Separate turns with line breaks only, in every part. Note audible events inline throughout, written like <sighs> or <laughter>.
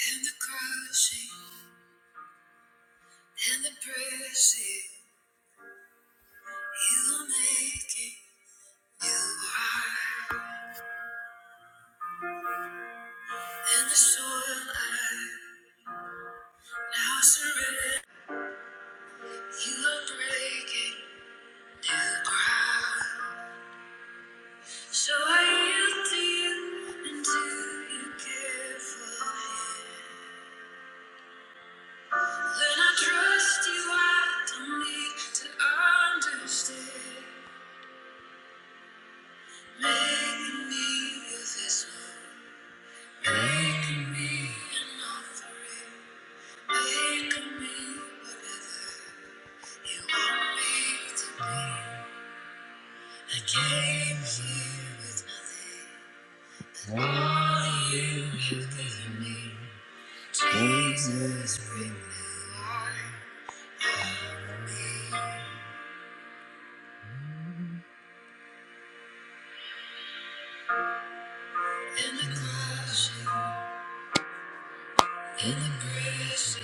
And the crushing and the pressing, you will make it. You are. And the soil I now surrender, you are breaking new ground. So I yield to you until you care for me. When I trust you, I don't need to understand. Making me of this world, making me an offering. I came here with nothing. All you have given me, Jesus, renew me. In the crushing, in the pressing,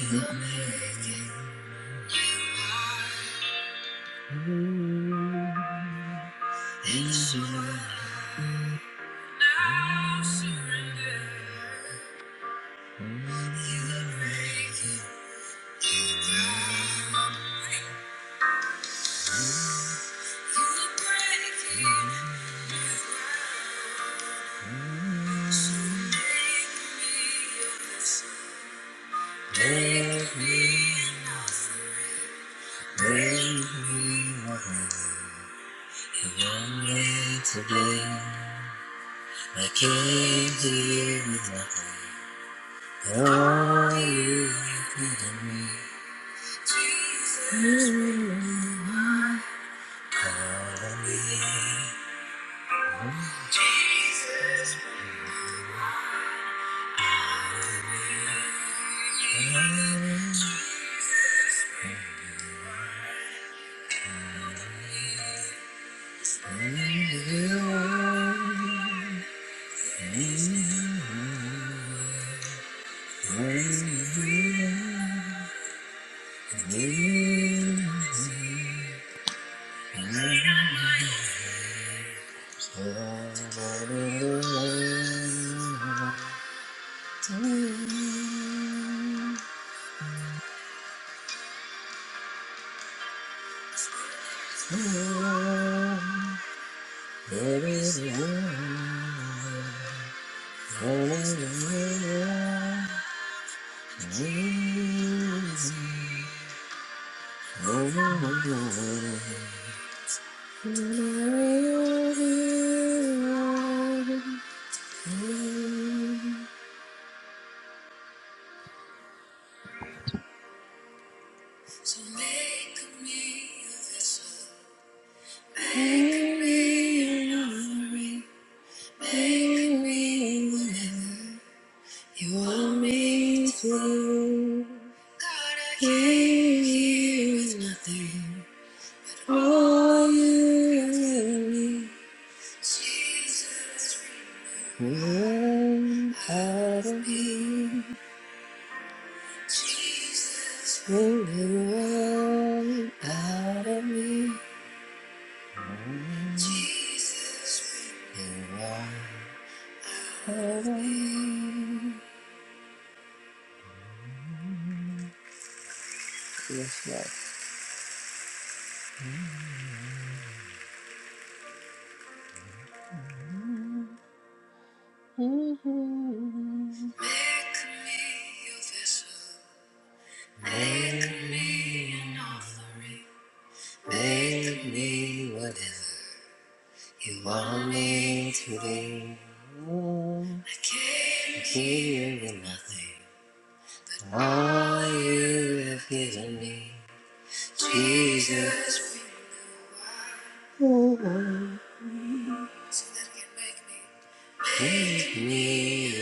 in the making, you are. In the now surrender. Today I came here with nothing. All you have given me. Jesus, really, my heart Hallelujah. So make me a vessel. Make me an offering. Make me what you want me to. God, I came here with nothing. All you give me. Jesus. When out of me, when you run out of me, You run out of me. Yes, Lord. Mhm. Make me an offering. Make me whatever you want me to be. Mm. I gave you nothing. All you have given me, Jesus, make me new, make me me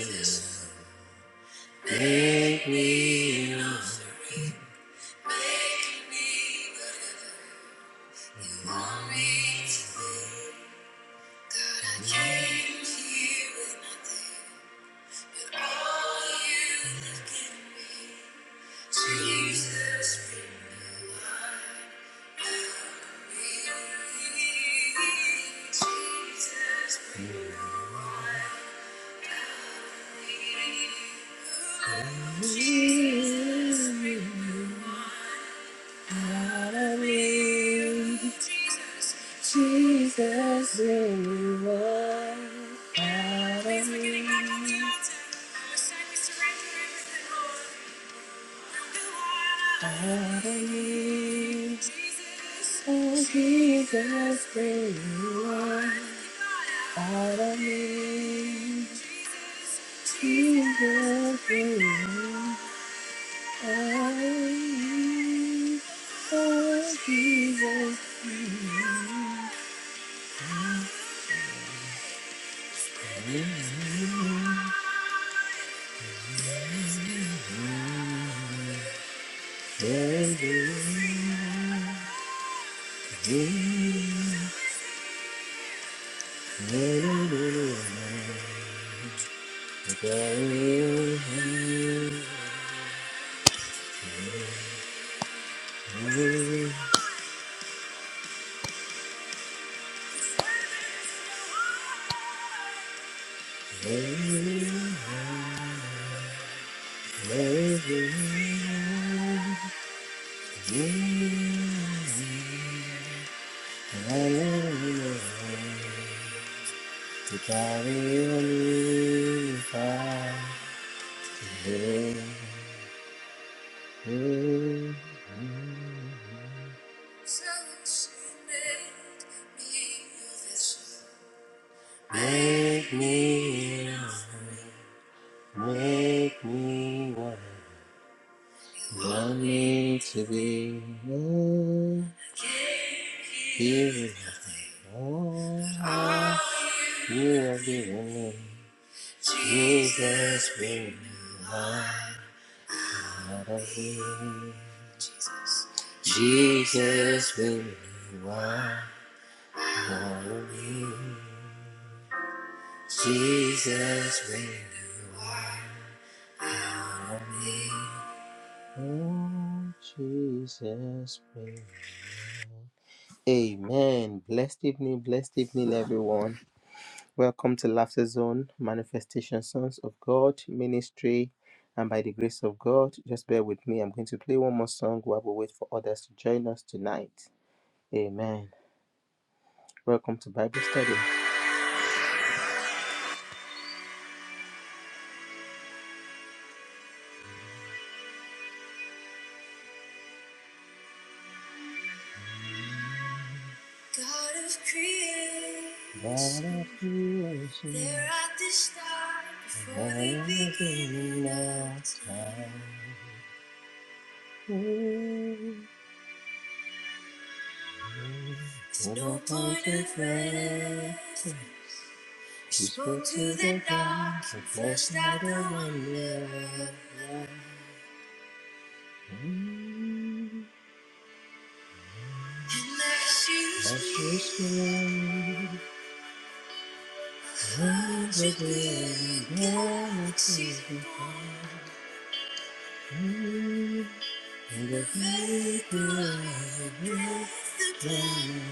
me me, to be. God, I came to you with All you have given me, Jesus, bring me, Jesus, a new. Jesus, you are out of me. I believe, oh Jesus, there you are. I believe, Jesus, there you are. I believe, oh Jesus, there you are. There you are. There you are. Make me, make me one. Love me to be mm, here in all you have given me. Jesus, Bring me out of here. Jesus, bring me out of here. Jesus, bring me. oh, Jesus, will Amen. Blessed evening, blessed evening, everyone. Welcome to Laughter Zone, Manifestation Sons of God Ministry. And by the grace of God, just bear with me. I'm going to play one more song while we wait for others to join us tonight. Amen. Welcome to Bible study. God of God creation, of creation, there at the start before the there is beginning no of of time. time. There's what no point point of of reference. She to the dark and fleshed out the wonder. Mm, And as you as she spoke, lines of the galaxies behind. And the vapor of your breath, the glance,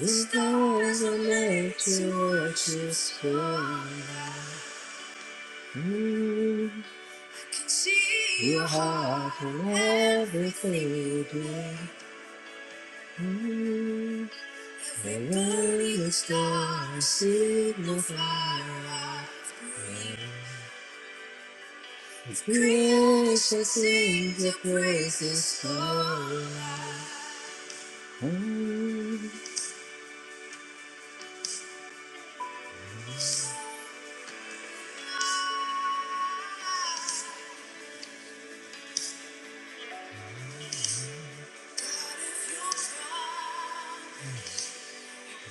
the stars are made to watch you soar. Your heart and everything you do. Alone the stars signify light. Creation sings the praises call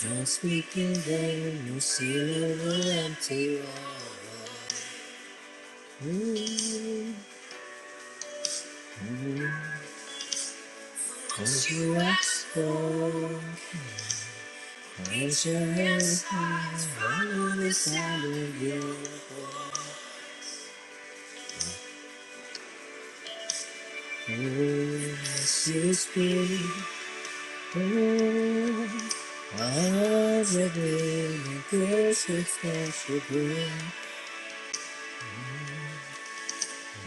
Don't speak in vain, no seal over empty wall Ooh, Cause you ask for, raise your hands high, follow the sound of you This is paper as a day, that this is special day.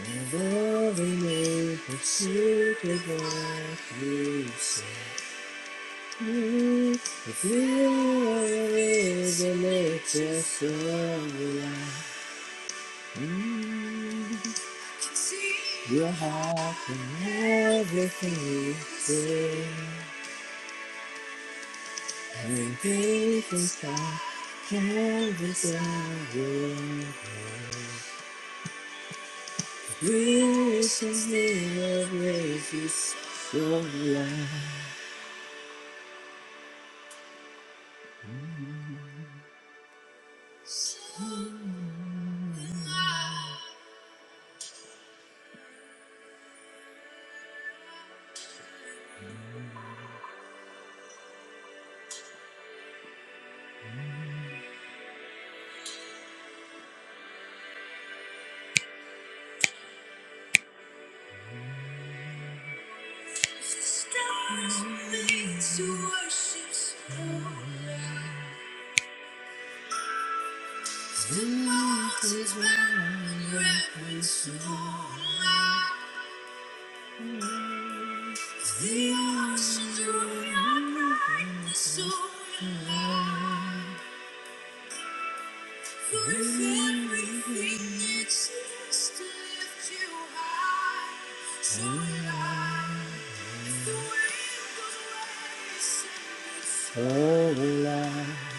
Never remain secret what you say. If you are with the latest of life, mm, you're happy in everything you say. And this is how heaven's hour. Grace is near, grace is your life. Stars made to worship so loud. Mountains round your reverence so loud. The oceans roar your brightness so loud. Oh, life, oh, life,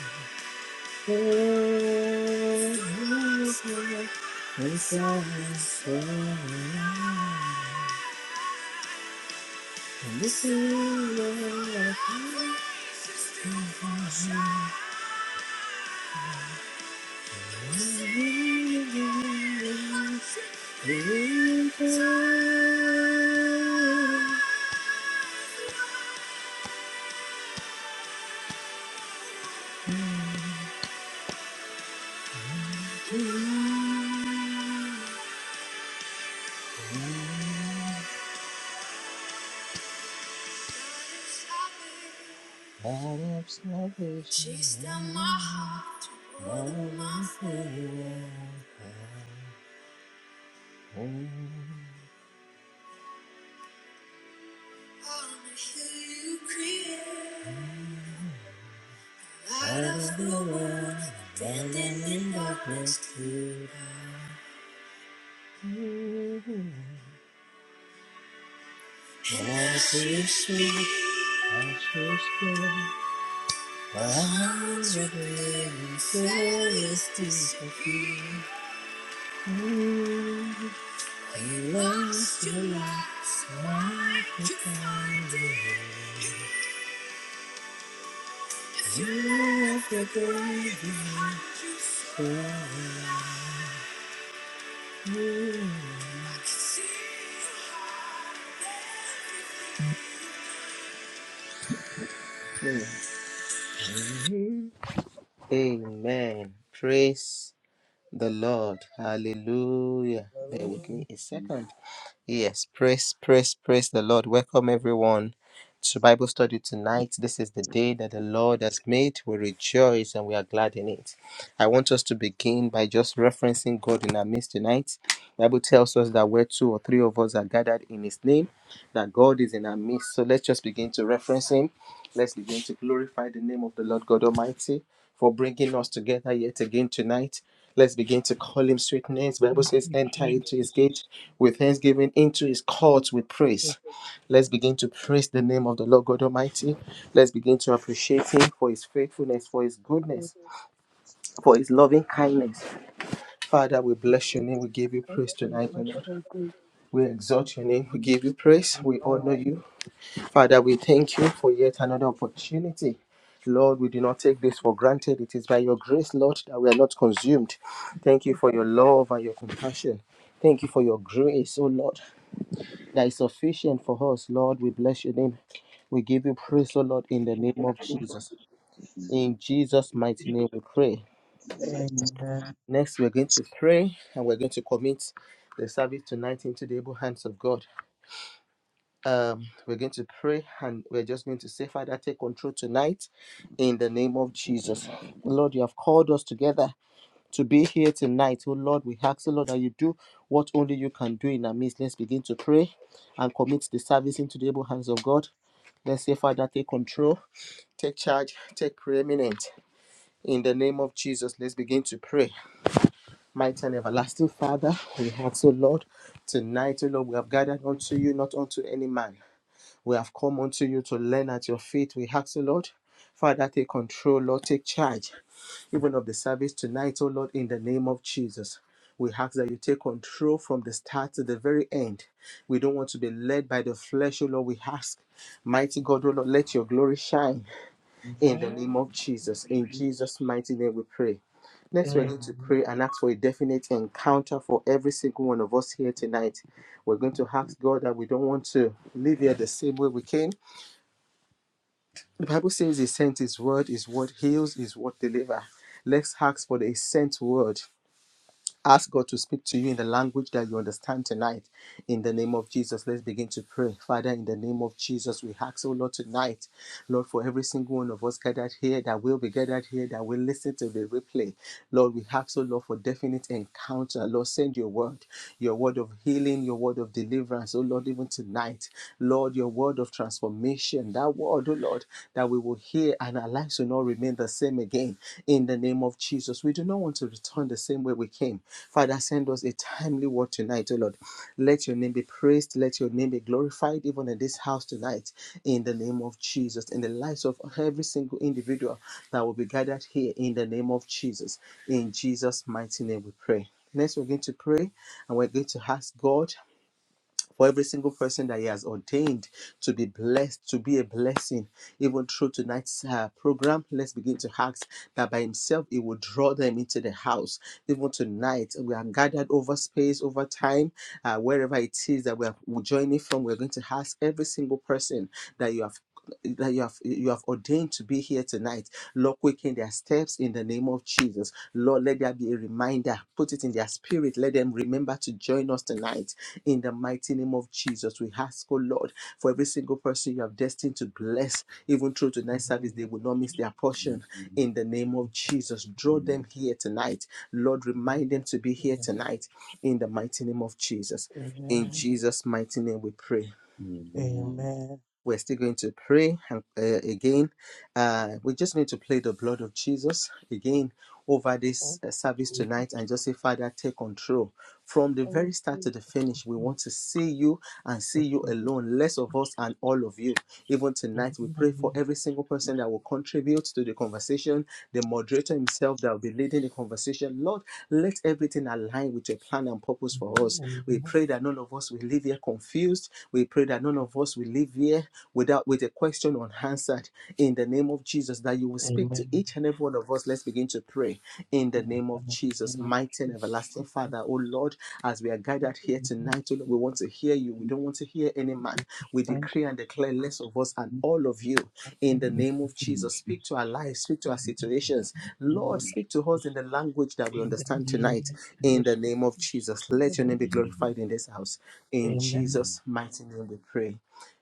oh, life. She's done my heart to order my foot. I'm you create. Light of the world, bending in darkness. And I see you speak. I see you speak. Eyes are green, forest is You lost your life, might you find it. You have the glory. Amen. Praise the Lord. Hallelujah. Bear
Hallelujah.
with me a second. Yes, praise, praise, praise the Lord. Welcome everyone to Bible study tonight. This is the day that the Lord has made. We rejoice and we are glad in it. I want us to begin by just referencing God in our midst tonight. The Bible tells us that where two or three of us are gathered in His name, that God is in our midst. So let's just begin to reference Him. Let's begin to glorify the name of the Lord God Almighty for bringing us together yet again tonight. Let's begin to call him sweetness. Bible
Thank
says,
you,
enter into his
Jesus.
gate with thanksgiving, into his courts with
Thank
praise. Let's begin to praise the name of the Lord God Almighty. Let's begin to appreciate him for his faithfulness, for his
you
goodness, for his loving kindness. Father, we
for
bless your
your
name. We give you
kindness,
praise
for your
tonight, O
much
Lord.
so
We exalt your name. We give you praise.
and
We
for
honor
in
you.
the
Father, we thank you for yet another opportunity. Lord, we do not take this for granted. It is by your grace, Lord, that we are not consumed. Thank you for your
gospel of
love and your compassion. Thank you for your grace, oh Lord, that is sufficient for us. Lord, we bless your name. We give you praise, oh Lord, in the name of
Jesus.
Jesus. In Jesus' mighty name, we pray.
Amen.
Next, we're going to pray and we're going to commit the service tonight into the able hands of God. um, we're going to pray and we're just going to say, Father, take control tonight in the name of Jesus. Lord, you have called us together to be here tonight. Oh Lord, we ask, oh Lord, that you do what only you can do in our midst. Let's begin to pray and commit the service into the able hands of God. Let's say, Father, take control, take charge, take preeminent. In the name of Jesus, let's begin to pray. Mighty and everlasting Father, we ask, oh Lord, tonight, oh Lord, we have gathered unto you, not unto any man. We have come unto you to learn at your feet. We ask, you, Lord, Father, take control, Lord, take charge, even of the service tonight, oh Lord, in the name of Jesus. We ask that you take control from the start to the very end. We don't want to be led by the flesh, O Lord. We ask, mighty God, O Lord, let your glory shine in the
Amen.
name of Jesus. In
Jesus.
Jesus' mighty name we pray. Next, we're going to
Amen.
pray and ask for a definite encounter for every single one of us here tonight. We're going to ask God that we don't want to live here the same way we came. The Bible says he sent his word, his word heals, his word delivers." Let's ask for the sent word. Ask God to speak to you in the language that you understand tonight. In the name of Jesus, let's begin to pray. Father, in the name of Jesus, we ask, oh Lord, tonight, Lord, for every single one of us gathered here, that will be gathered here, that will listen to the replay. Lord, we ask, oh Lord, for definite encounter. Lord, send your word, your word of healing, your word of deliverance, oh Lord, even tonight. Lord, your word of transformation, that word, oh Lord, that we will will hear and our lives will not remain the same again in the name of Jesus. We do not want to return the same way we came. Father, send us a timely word tonight, O Lord. Let your name be praised. Let your name be glorified even in this house tonight in the name of Jesus. In the lives of every single individual that will be gathered here in the name of Jesus. In Jesus' mighty name we pray. Next, we're going to pray and we're going to ask God for every single person that He has ordained to be blessed, to be a blessing. Even through tonight's uh, program, let's begin to ask that by Himself He will draw them into the house. Even tonight, we are gathered over space, over time, uh, wherever it is that we are joining from. We're going to ask every single person that you have that you have you have ordained to be here tonight. Lord, quicken their steps in the name of Jesus. Lord, let there be a reminder. Put it in their spirit. Let them remember to join us tonight in the mighty name of Jesus. We ask, oh Lord, for every single person you have destined to bless, even through
In
tonight's
the
service,
name
they
of
will not miss
Jesus.
their portion in the name of Jesus. Draw them here tonight. Lord,
Amen.
remind them to be here tonight in the mighty name of Jesus. In
Amen.
Jesus' mighty name we pray.
Amen.
We're still going to pray and, uh, again. Uh, we just need to play the blood of Jesus again over this
Thank
uh, service
Jesus.
tonight and just say, Father, take control. From the
I will
very start
praise
to the
the
finish, we
gospel
want to see you and
of
see you
Jesus.
alone, less of us and all of you. Even
In
tonight,
the
we pray for
name of
every single person that will contribute to the conversation the moderator himself that will be leading the conversation. Lord, let everything align with your plan and purpose for us.
the
We
name of
pray that none of us will leave here confused. We pray that none
Jesus.
of us will leave here without with a question unanswered. In the name of Jesus, that you will speak to
Amen.
each and every one of us. Let's begin to pray. In the
In the
name of Jesus,
name of
mighty and
Jesus
everlasting Father, oh Lord, as we are gathered here tonight, oh Lord, we want to hear you. We don't want to hear any man. We decree and declare less of us and all of you in the
Amen.
name of Jesus. Speak to our lives, speak to our situations. Lord, speak to us in the language that we understand tonight in the name of Jesus. Let your name be glorified in this house. In Jesus' mighty name we pray.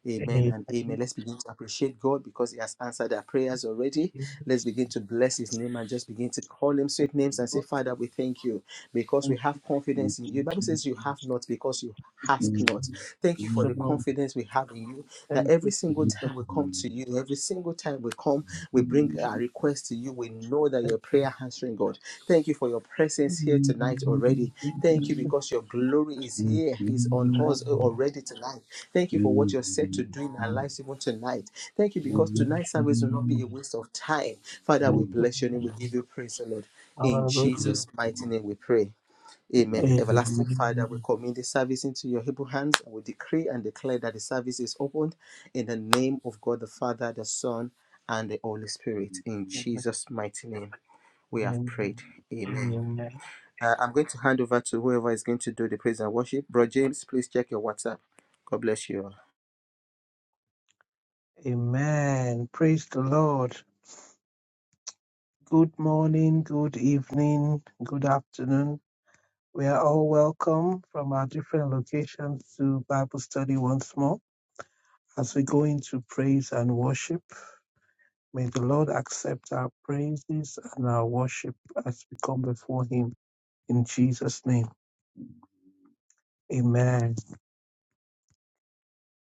Amen
Amen. Jesus.
and amen. Let's begin to appreciate God because He has answered our prayers already. Let's begin to bless his name and just begin to call him sweet names and say, Father, we thank you because we have confidence in you. The Bible says you have not because you ask not. Thank you for the
Lord,
confidence we have in you that
Thank you, Lord. Thank you,
every single
Jesus.
time we come to you, every single time we come, we bring our request to you. We know that your
Thank you,
prayer answering Thank God. Thank you for your presence here tonight already. Thank you
Jesus.
because your glory is here,
Thank
is on
you.
us already tonight. Thank you for what you're set to do in our lives even tonight. Thank you because tonight's service will not be a waste of time. Father, we
Thank you.
bless your name. We give you praise, O Lord. In
Hallelujah.
Jesus' mighty name we pray. Amen. Everlasting
Amen.
Father, we commit the service into your able hands and we decree and declare that the service is opened in the name of God the Father, the Son, and the Holy Spirit. In
Amen.
Jesus' mighty name. We have
Amen.
prayed. Amen.
Amen.
Uh, I'm going to hand over to whoever is going to do the praise and worship. Bro James, please check your WhatsApp. God bless you all.
Amen. Praise the Lord. Good morning, good evening, good afternoon. We are all welcome from our different locations to Bible study once more. As we go into praise and worship, may the Lord accept our praises and our worship as we come before Him in Jesus' name. Amen.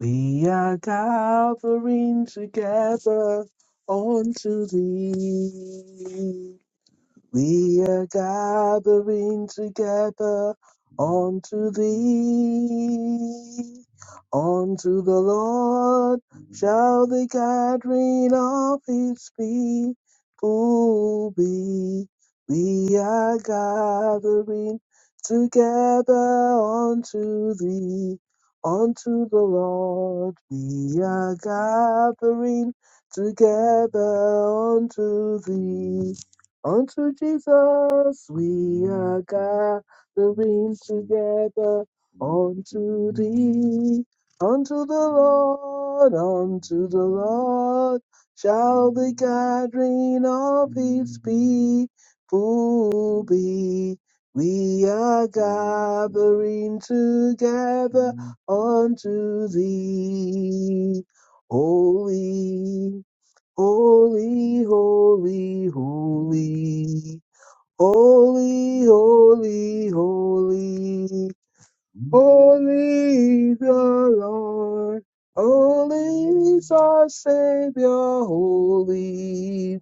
We are gathering together unto Thee. We are gathering together unto thee. Unto the Lord shall the gathering of his people be. We are gathering together unto thee. Unto the Lord we are gathering together unto thee. Unto Jesus we are gathering together. Unto thee, unto the Lord, unto the Lord shall the gathering of his people be. We are gathering together unto thee, holy. Holy, holy, holy, holy, holy, holy, holy is the Lord, holy is our Savior, holy,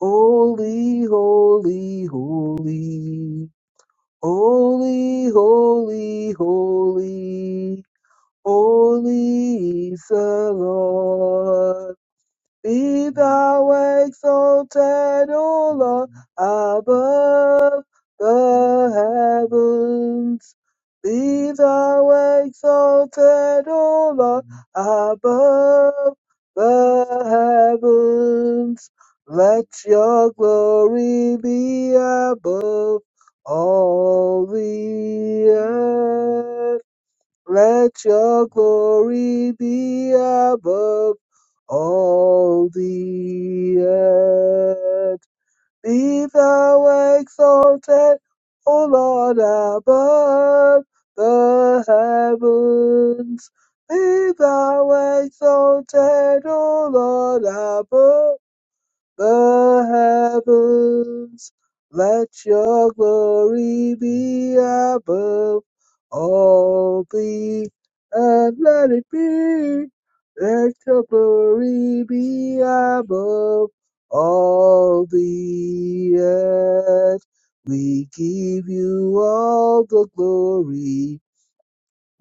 holy, holy, holy, holy, holy, holy, holy is the Lord. Be thou exalted, O Lord, above the heavens. Be thou exalted, O Lord, above the heavens. Let your glory be above all the earth. Let your glory be above all the earth. Be thou exalted, O Lord, above the heavens. Be thou exalted, O Lord, above the heavens. Let your glory be above all the and let it be. Let your glory be above all the earth. We give you all the glory,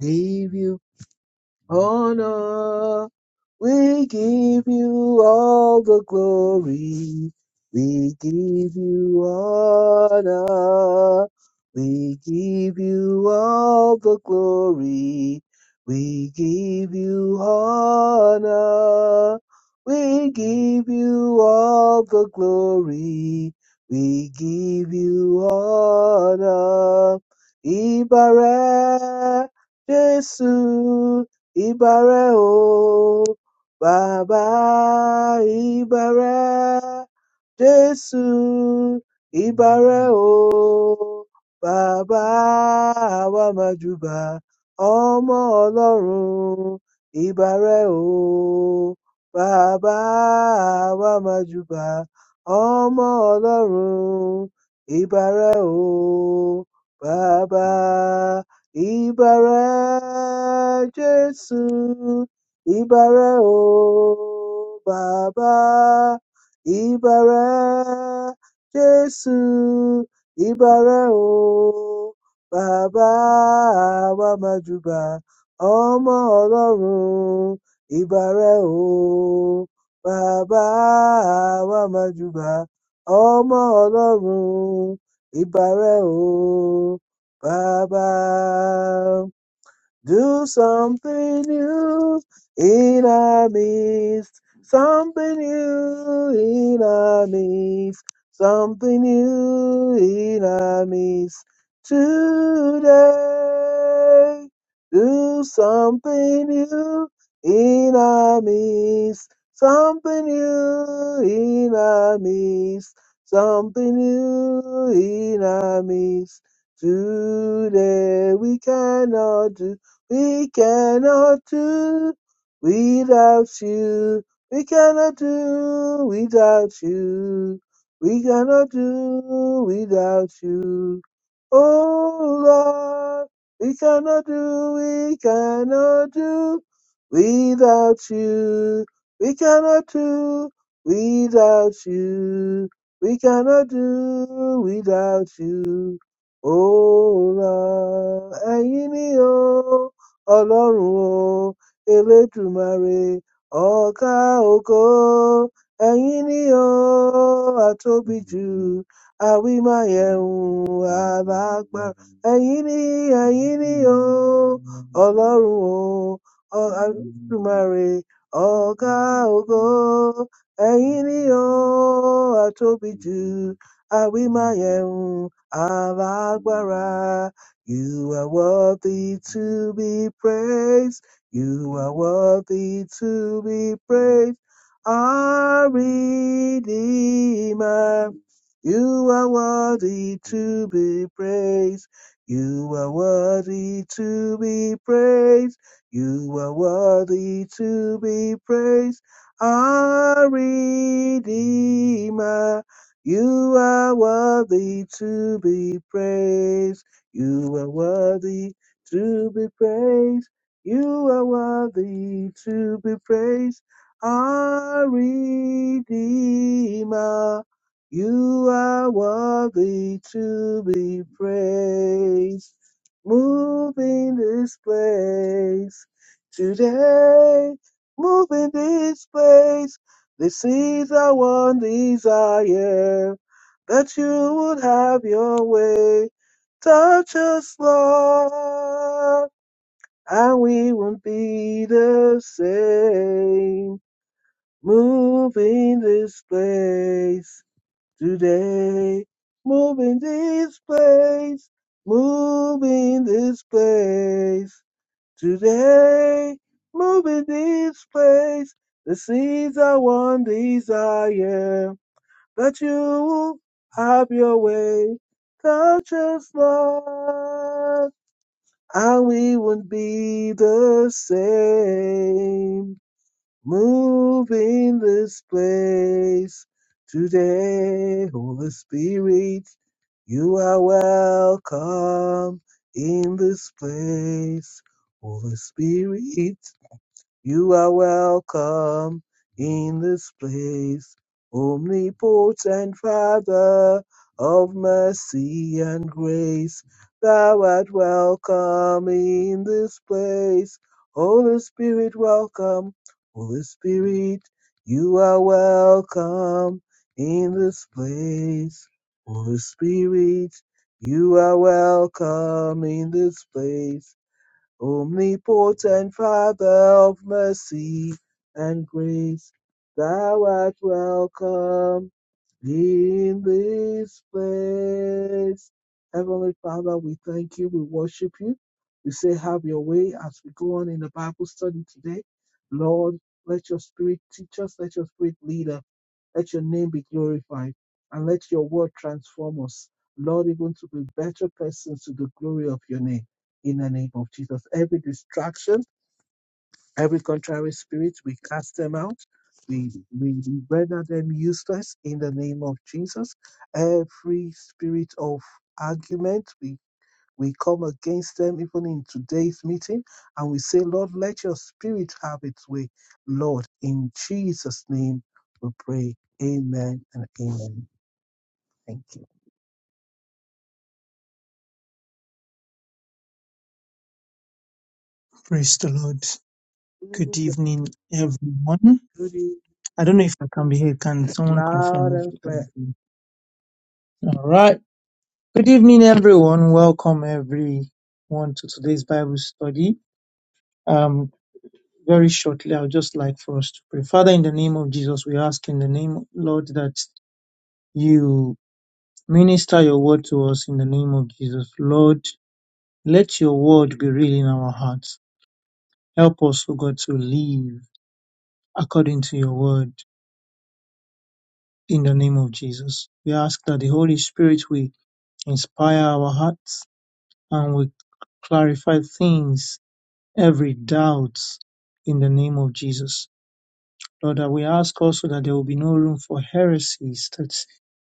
give you honor. We give you all the glory. We give you honor. We give you all the glory. We give you honor. We give you all the glory. We give you honor. Ibare, Jesus, Ibare, O. Baba Ibare, Jesu Ibare o, Baba àwa màjùbà, ọmọ Ọlọ́run Ibare o, Baba àwa màjùbà, ọmọ Ọlọ́run Ibare o, Baba Ibare Jesu. Ìbàrẹ̀ o bàbá, ìbàrẹ̀ Jésù, ìbàrẹ̀ o bàbá, wa majuba júbà ọmọ Ọlọ́run. Ìbàrẹ̀ o bàbá, wa majuba júbà ọmọ Ọlọ́run. Ìbàrẹ̀ o bàbá. Do something new in our midst. Something new in our midst. Something new in our midst. Today, do something new in our midst. Something new in our midst. Something new in our midst. Today we cannot do we cannot do without you. We cannot do without you. We cannot do without you. Oh Lord, we cannot do, we cannot do without you. We cannot do without you. We cannot do without you. Oh Lord, ẹ̀yin ni o ọlọ́run o elédùmarè ọ̀gá ògo ẹ̀yin ni o àtóbi jù àwímáyẹ̀hùn alágbára ẹ̀yin ni ẹ̀yin ni o ọlọ́run o ọ- elédùmarè ọ̀gá ògo ẹ̀yin ni o àtóbi jù àwímáyẹ̀hùn alágbára you are worthy to be praised. You are worthy to be praised. Our Redeemer. You are worthy to be praised. You are worthy to be praised. You are worthy to be praised. Our Redeemer. You are worthy to be praised. You are worthy to be praised. You are worthy to be praised. Our Redeemer, you are worthy to be praised. Move in this place today. Move in this place. This is our one desire that you would have your way. Touch us, Lord, and we won't be the same. Move in this place today. Move in this place. Move in this place today. Move in this place. This is our one desire that you have your way. Touch us, Lord, and we would be the same. Move in this place today, Holy Spirit. You are welcome in this place, Holy Spirit. You are welcome in this place, omnipotent Father of mercy and grace. Thou art welcome in this place, Holy Spirit, welcome, Holy Spirit. You are welcome in this place, Holy Spirit. You are welcome in this place. Omnipotent Father of mercy and grace, thou art welcome in this place. Heavenly Father, we thank you, we worship you. We say, Have your way as we go on in the Bible study today. Lord, let your spirit teach us, let your spirit lead us. Let your name be glorified and let your word transform us, Lord, even to be better persons to the glory of your name. In the name of Jesus, every distraction, every contrary spirit, we cast them out. We, we render them useless in the name of Jesus. Every spirit of argument, we we come against them even in today's meeting and we say, Lord, let your spirit have its way. Lord, in Jesus' name we pray. Amen and amen. Thank you.
Praise the Lord.
Ooh,
Good evening, everyone.
goody,
I don't know if I can be here. Can someone
Loud
confirm if
and
they can?
clear.
be heard? All right. Good evening, everyone. Welcome, everyone, to today's Bible study. Um, very shortly, I would just like for us to pray. Father, in the name of Jesus, we ask in the name, Lord, that you minister your word to us in the name of Jesus. Lord, let your word be real in our hearts. Help us, O God, to live according to your word. In the name of Jesus, we ask that the Holy Spirit will inspire our hearts and will clarify things, every doubt, in the name of Jesus. Lord, that we ask also that there will be no room for heresies, that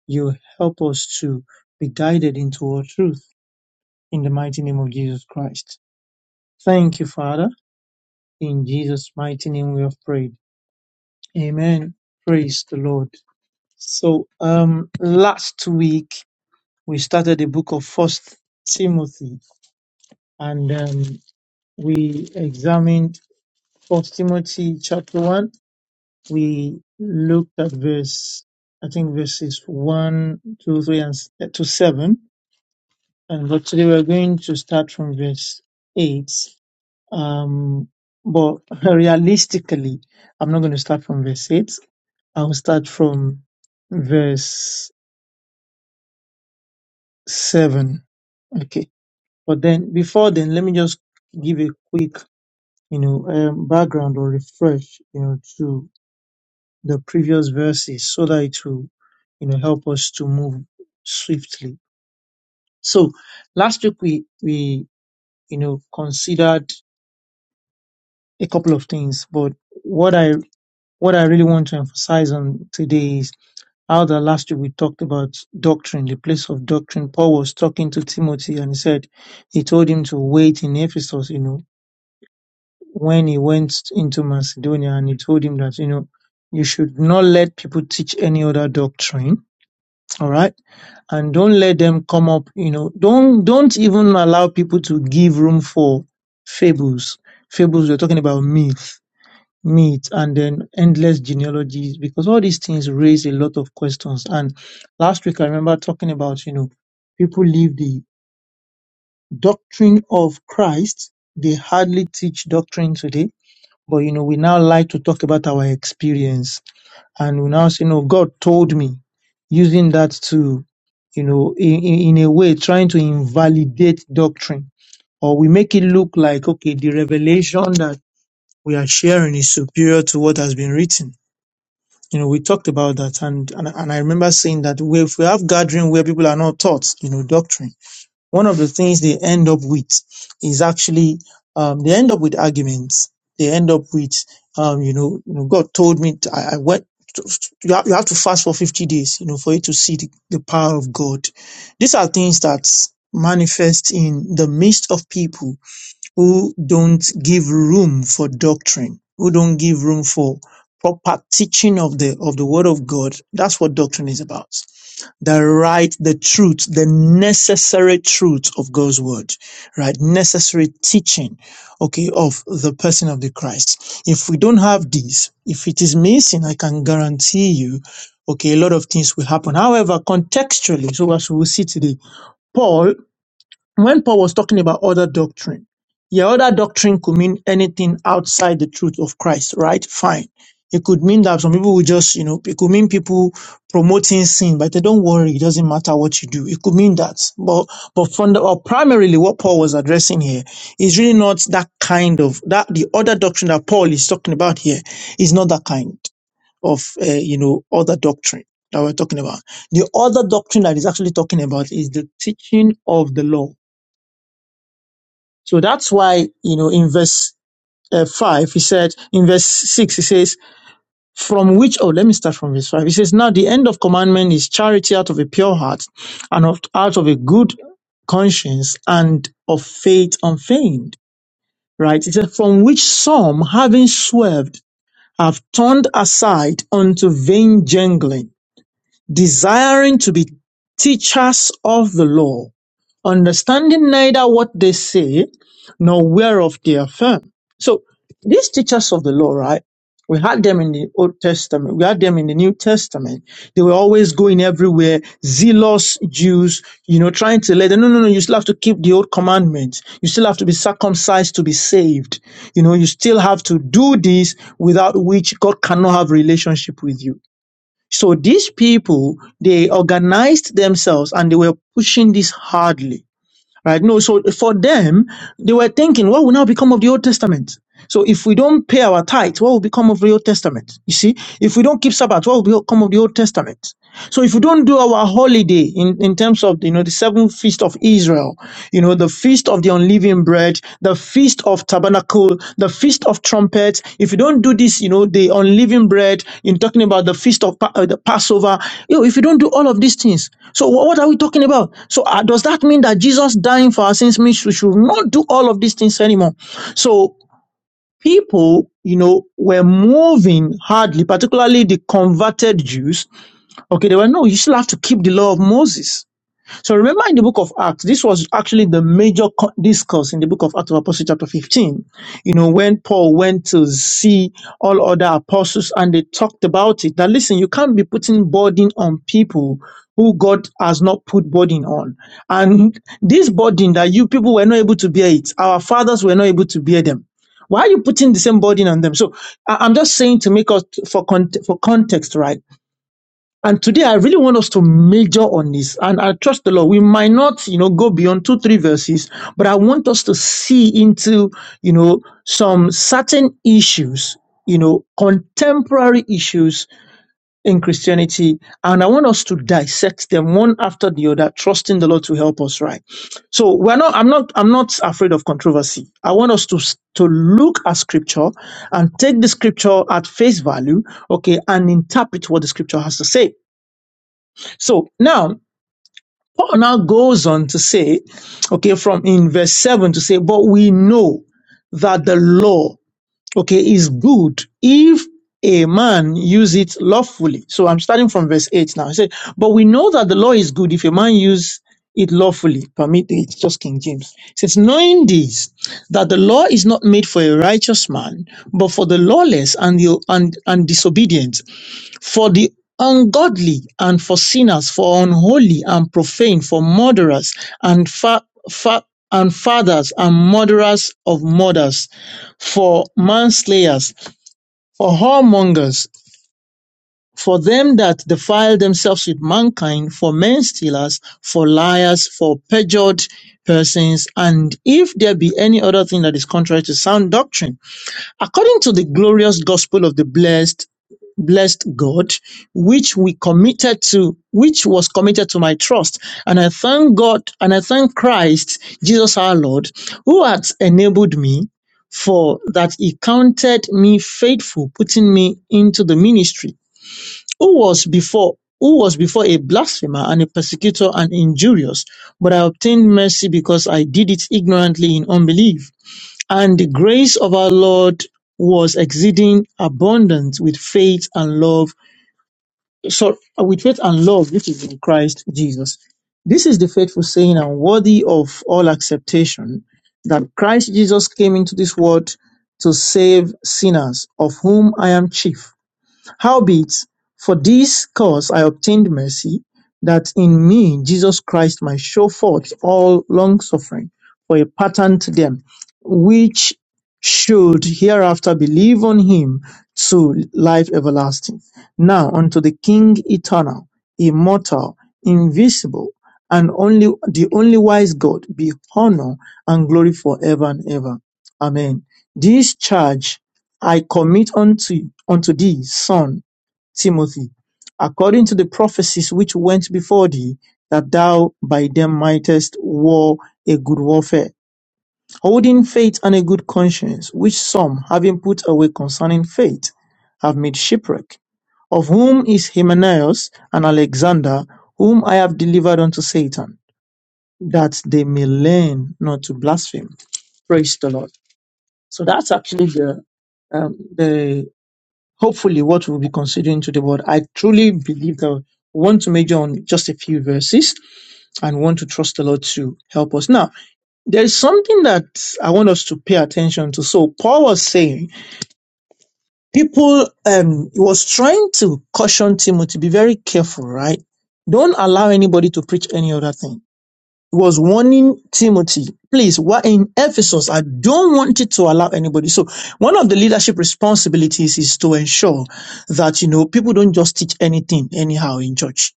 you help us to be guided into all truth, in the mighty name of Jesus Christ. Thank you, Father. In Jesus' mighty name we have prayed. Amen. Praise the Lord. So, um, last week we started the book of First Timothy, and um, we examined First Timothy chapter one. We looked at verse, I think verses one, two, three, and s- eh, to seven. And but today we're going to start from verse eight. Um, but <laughs> realistically, I'm not going to start from verse eight. I'll start from verse seven. Okay. But then before then, let me just give a quick you know, um, background or refresh, you know, to the previous verses so that it will, you know, help us to move swiftly. So last week we, we, you know, considered a couple of things, but what I, what I really want to emphasize on today is how the last week we talked about doctrine, the place of doctrine. Paul was talking to Timothy and he said, he told him to wait in Ephesus, you know, when he went into Macedonia and he told him that, you know, you should not let people teach any other doctrine. All right. And don't let them come up, you know, don't, don't even allow people to give room for fables. Fables, we're talking about myth, myth, and then endless genealogies, because all these things raise a lot of questions. And last week, I remember talking about, you know, people leave the doctrine of Christ. They hardly teach doctrine today but you know, we now like to talk about our experience and we now say, No, God told me, using that to, you know, in, in, in a way trying to invalidate doctrine. Or we make it look like, okay, the revelation that we are sharing is superior to what has been written. You know, we talked about that and, and, and I remember saying that we- if we have gathering where people are not taught, you know, doctrine one of the things they end up with is actually um, they end up with arguments. They end up with um, you know, you know, God told me to, I, I went. To, you, have, you have to fast for fifty days, you know, for you to see the, the power of God. These are things that manifest in the midst of people who don't give room for doctrine, who don't give room for proper teaching of the of the Word of God. That's what doctrine is about the right, the truth, the necessary truth of God's word, right? Necessary teaching, okay, of the person of the Christ. If we don't have this, if it is missing, I can guarantee you, okay, a lot of things will happen. However, contextually, so as we will see today, Paul? when Paul was talking about other doctrine, yeah, other doctrine could mean anything outside the truth of Christ, right? Fine. It could mean that some people will just, you know, it could mean people promoting sin, but they don't worry, it doesn't matter what you do. It could mean that. But but from the or primarily what Paul was addressing here is really not that kind of that the other doctrine that Paul is talking about here is not that kind of uh, you know other doctrine that we're talking about. The other doctrine that he's actually talking about is the teaching of the law so that's why, you know, in verse uh, 5, he said, in verse 6, he says, from which, oh, let me start from verse 5. He says, now the end of commandment is charity out of a pure heart and of, out of a good conscience and of faith unfeigned, right? He said, from which some, having swerved, have turned aside unto vain jangling desiring to be teachers of the law, understanding neither what they say nor whereof they affirm. So these teachers of the law, right? We had them in the Old Testament. We had them in the New Testament. They were always going everywhere, zealous Jews, you know, trying to let them, no, no, no, you still have to keep the old commandments. You still have to be circumcised to be saved. You know, you still have to do this without which God cannot have relationship with you so these people, they organized themselves and they were pushing this hardly, right? No, so for them, they were thinking, what will now become of the Old Testament? So if we don't pay our tithes, what will become of the Old Testament? You see, if we don't keep Sabbath, what will become of the Old Testament? So if we don't do our holiday in, in terms of you know the seventh feast of Israel, you know, the feast of the unleavened bread, the feast of tabernacle, the feast of trumpets, if you don't do this, you know, the unleavened bread, in talking about the feast of Pa- uh, the Passover, you know, if you don't do all of these things, so wha- what are we talking about? So uh, does that mean that Jesus dying for our sins means we should not do all of these things anymore? So people, you know, were moving hardly, particularly the converted Jews Okay, they were no, you still have to keep the law of Moses. So remember in the book of Acts, this was actually the major co- discourse in the book of Acts of Apostles, chapter 15. You know, when Paul went to see all other apostles and they talked about it, that listen, you can't be putting burden on people who God has not put burden on. And this burden that you people were not able to bear it, our fathers were not able to bear them. Why are you putting the same burden on them? So I- I'm just saying to make us for con- for context, right? And today I really want us to major on this. And I trust the Lord. We might not, you know, go beyond two, three verses, but I want us to see into, you know, some certain issues, you know, contemporary issues in Christianity. And I want us to dissect them one after the other, trusting the Lord to help us, right? So we're not, I'm not, I'm not afraid of controversy. I want us to, s- to look at scripture and take the scripture at face value, okay, and interpret what the scripture has to say. So now, Paul now goes on to say, okay, from in verse 7 to say, but we know that the law, okay, is good if a man use it lawfully. So I'm starting from verse 8 now. He said, but we know that the law is good if a man use it lawfully. Permit it's just King James. He says, knowing this, that the law is not made for a righteous man, but for the lawless and the and, and disobedient for the ungodly and for sinners for unholy and profane for murderers and fa- fa- and fathers and murderers of murders for manslayers for whoremongers for them that defile themselves with mankind for men stealers for liars for perjured persons and if there be any other thing that is contrary to sound doctrine according to the glorious gospel of the blessed blessed God, which we committed to, which was committed to my trust. And I thank God and I thank Christ, Jesus our Lord, who has enabled me for that he counted me faithful, putting me into the ministry. Who was before who was before a blasphemer and a persecutor and injurious, but I obtained mercy because I did it ignorantly in unbelief. And the grace of our Lord was exceeding abundant with faith and love so uh, with faith and love which is in Christ Jesus. This is the faithful saying and worthy of all acceptation that Christ Jesus came into this world to save sinners, of whom I am chief. Howbeit, for this cause I obtained mercy, that in me Jesus Christ might show forth all longsuffering for a pattern to them, which should hereafter believe on him to life everlasting. Now unto the King eternal, immortal, invisible, and only the only wise God be honor and glory forever and ever. Amen. This charge I commit unto unto thee, Son, Timothy, according to the prophecies which went before thee, that thou by them mightest war a good warfare, holding faith and a good conscience, which some, having put away concerning faith, have made shipwreck. Of whom is Hymenaeus and Alexander, whom I have delivered unto Satan, that they may learn not to blaspheme. Praise the Lord. So that's actually the um, the hopefully what we'll be considering today, but I truly believe that we want to major on just a few verses and want to trust the Lord to help us. Now, there is something that I want us to pay attention to. So Paul was saying people um he was trying to caution Timothy, be very careful, right? Don't allow anybody to preach any other thing was warning Timothy, please, we're in Ephesus. I don't want it to allow anybody. So one of the leadership responsibilities is to ensure that, you know, people don't just teach anything anyhow in church.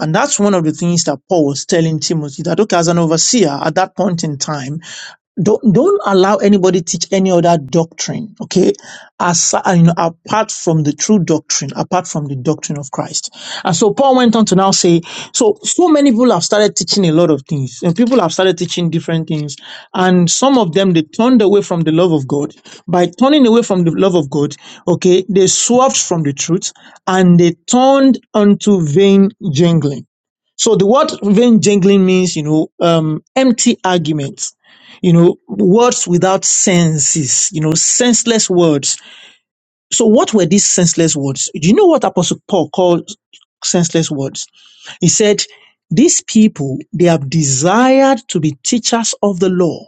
And that's one of the things that Paul was telling Timothy that, okay, as an overseer at that point in time, don't don't allow anybody teach any other doctrine okay as uh, you know apart from the true doctrine apart from the doctrine of christ and so paul went on to now say so so many people have started teaching a lot of things and people have started teaching different things and some of them they turned away from the love of god by turning away from the love of god okay they swerved from the truth and they turned unto vain jangling so the word vain jangling means, you know, um, empty arguments, you know, words without senses, you know, senseless words. So what were these senseless words? Do you know what Apostle Paul called senseless words? He said, these people, they have desired to be teachers of the law,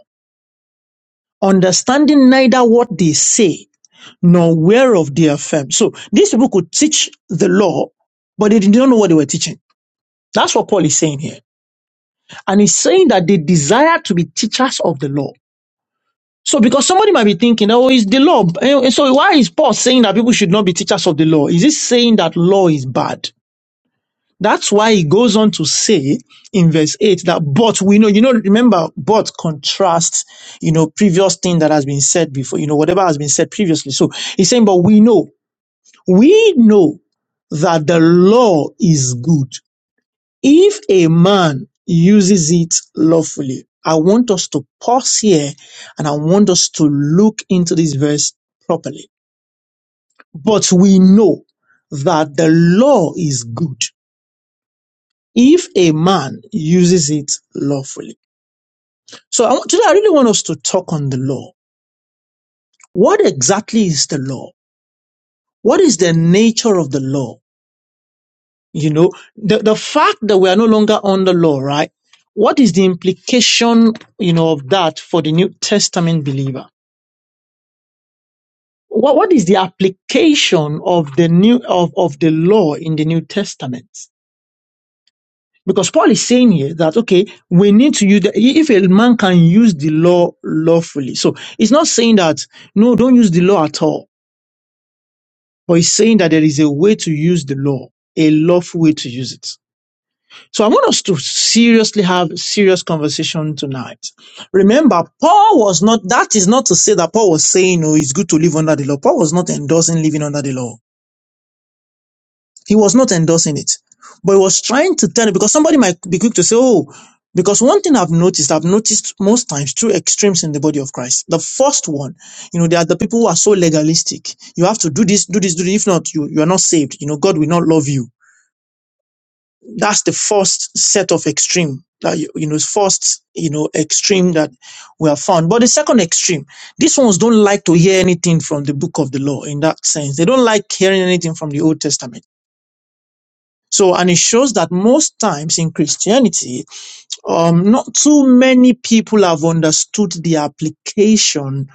understanding neither what they say nor whereof they affirm. So these people could teach the law, but they didn't know what they were teaching. That's what Paul is saying here. And he's saying that they desire to be teachers of the law. So because somebody might be thinking, oh, it's the law. And so why is Paul saying that people should not be teachers of the law? Is he saying that law is bad? That's why he goes on to say in verse 8 that but we know, you know, remember, but contrasts, you know, previous thing that has been said before, you know, whatever has been said previously. So he's saying, but we know, we know that the law is good if a man uses it lawfully, I want us to pause here and I want us to look into this verse properly. But we know that the law is good if a man uses it lawfully. So I want, today I really want us to talk on the law. What exactly is the law? What is the nature of the law? You know, the, the fact that we are no longer under law, right? What is the implication, you know, of that for the New Testament believer? What, what is the application of the new, of, of the law in the New Testament? Because Paul is saying here that, okay, we need to use, the, if a man can use the law lawfully. So it's not saying that, no, don't use the law at all, but it's saying that there is a way to use the law, a lawful way to use it. So I want us to seriously have a serious conversation tonight. Remember, Paul was not, that is not to say that Paul was saying, oh, it's good to live under the law. Paul was not endorsing living under the law. He was not endorsing it. But he was trying to tell you, because somebody might be quick to say, oh, because one thing I've noticed, I've noticed most times two extremes in the body of Christ. The first one, you know, there are the people who are so legalistic. You have to do this, do this, do this. If not, you, you are not saved. You know, God will not love you. that's the first set of extreme that you, you know first you know extreme that we have found but the second extreme these ones don't like to hear anything from the book of the law in that sense they don't like hearing anything from the old testament so and it shows that most times in christianity um not too many people have understood the application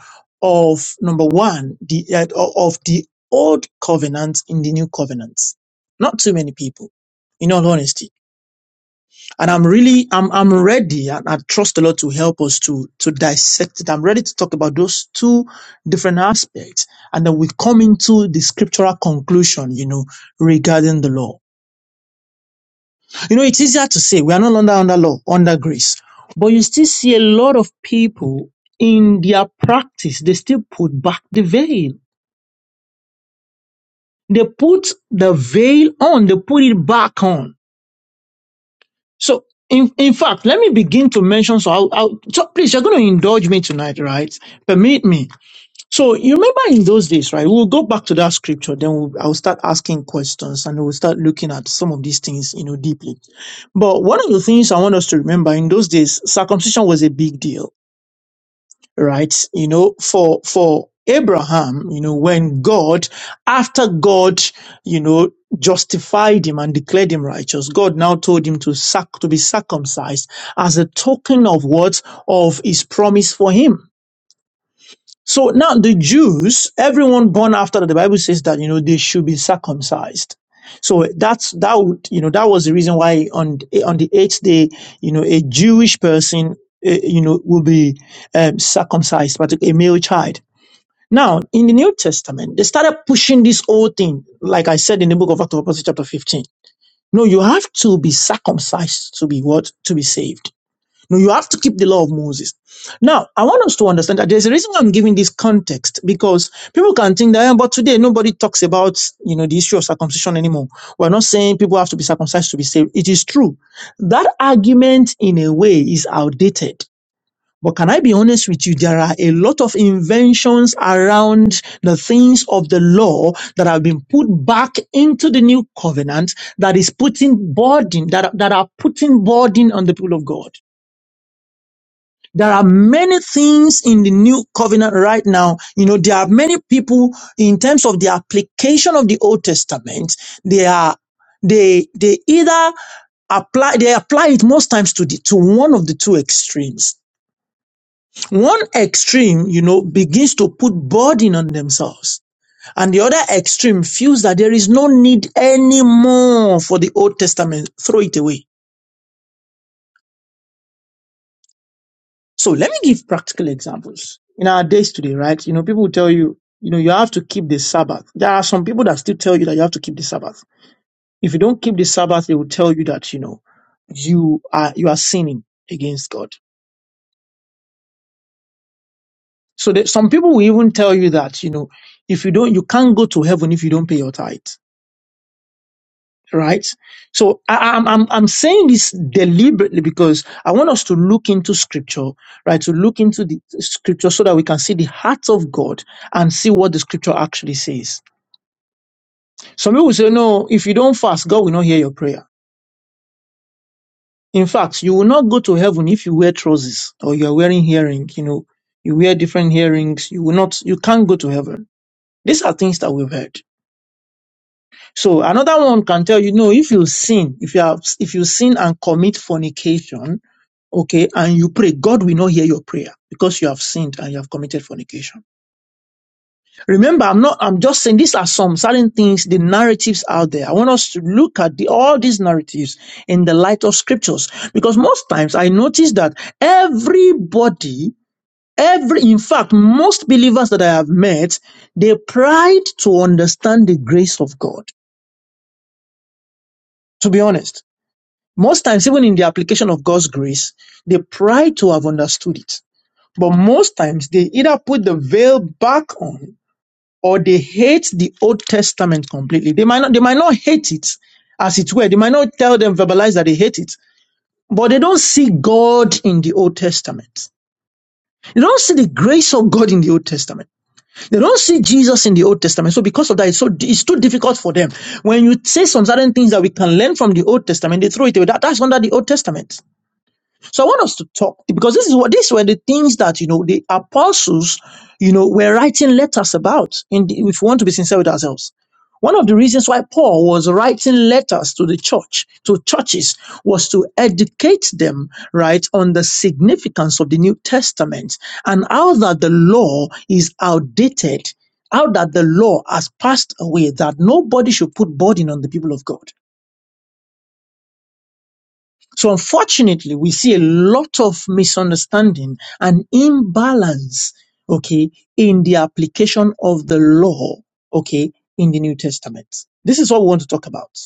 of number one the uh, of the old covenant in the new covenant not too many people in all honesty and I'm really, I'm, I'm ready and I trust the Lord to help us to, to dissect it. I'm ready to talk about those two different aspects. And then we come into the scriptural conclusion, you know, regarding the law. You know, it's easier to say we are no longer under law, under grace, but you still see a lot of people in their practice, they still put back the veil. They put the veil on, they put it back on So, in, in fact, let me begin to mention. So, I'll, I'll so please, you're going to indulge me tonight, right? Permit me. So, you remember in those days, right? We'll go back to that scripture, then we'll, I'll start asking questions and we'll start looking at some of these things, you know, deeply. But one of the things I want us to remember in those days, circumcision was a big deal right? You know, for, for Abraham, you know, when God, after God, you know, justified him and declared him righteous, God now told him to sac, to be circumcised as a token of what? Of his promise for him so now the Jews, everyone born after that, the Bible says that, you know, they should be circumcised. So that's, that would, you know, that was the reason why on, on the eighth day, you know, a Jewish person, eh, you know, will be um, circumcised, but a male child. Now, in the New Testament, they started pushing this whole thing, like I said in the book of Acts, of Apostles, chapter 15. No, you have to be circumcised to be what? To be saved. No, you have to keep the law of Moses. Now, I want us to understand that there's a reason why I'm giving this context because people can think that, "Eh, but today nobody talks about, you know, the issue of circumcision anymore. We're not saying people have to be circumcised to be saved. It is true. That argument, in a way, is outdated. But can I be honest with you? There are a lot of inventions around the things of the law that have been put back into the new covenant that is putting burden, that, that are putting burden on the people of God. There are many things in the new covenant right now. You know, there are many people in terms of the application of the Old Testament. They are, they, they either apply, they apply it most times to the, to one of the two extremes. One extreme, you know, begins to put burden on themselves. And the other extreme feels that there is no need anymore for the Old Testament. Throw it away So let me give practical examples. In our days today, right? You know, people will tell you, you know, you have to keep the Sabbath. There are some people that still tell you that you have to keep the Sabbath. If you don't keep the Sabbath, they will tell you that, you know, you are, you are sinning against God. So that some people will even tell you that, you know, if you don't, you can't go to heaven if you don't pay your tithe. right? So I, I'm, I'm, I'm saying this deliberately because I want us to look into scripture, right? To look into the scripture so that we can see the heart of God and see what the scripture actually says. Some people say, no, if you don't fast, God will not hear your prayer. In fact, you will not go to heaven if you wear trousers or you are wearing hearing, you know, you wear different hearings. You will not, you can't go to heaven. These are things that we've heard. So another one can tell you, no, if you sin, if you have, if you sin and commit fornication, okay, and you pray, God will not hear your prayer because you have sinned and you have committed fornication. Remember, I'm not, I'm just saying these are some certain things, the narratives out there. I want us to look at the, all these narratives in the light of scriptures because most times I notice that everybody Every, in fact, most believers that I have met, they pride to understand the grace of God. To be honest, Most times, even in the application of God's grace, they try to have understood it. But most times, they either put the veil back on or they hate the Old Testament completely. They might not, they might not hate it as it were. They might not tell them, verbalize that they hate it, but they don't see God in the Old Testament. They don't see the grace of God in the Old Testament. They don't see Jesus in the Old Testament. So because of that, it's so it's too difficult for them. When you say some certain things that we can learn from the Old Testament, they throw it away. That, that's under the Old Testament. So I want us to talk because this is what these were the things that you know the apostles, you know, were writing letters about. In the, if we want to be sincere with ourselves, one of the reasons why Paul was writing letters to the church, to churches, was to educate them right on the significance of the New Testament and how that the law is outdated, how that the law has passed away, that nobody should put burden on the people of God. So unfortunately, we see a lot of misunderstanding and imbalance, okay, in the application of the law, okay, in the New Testament. This is what we want to talk about.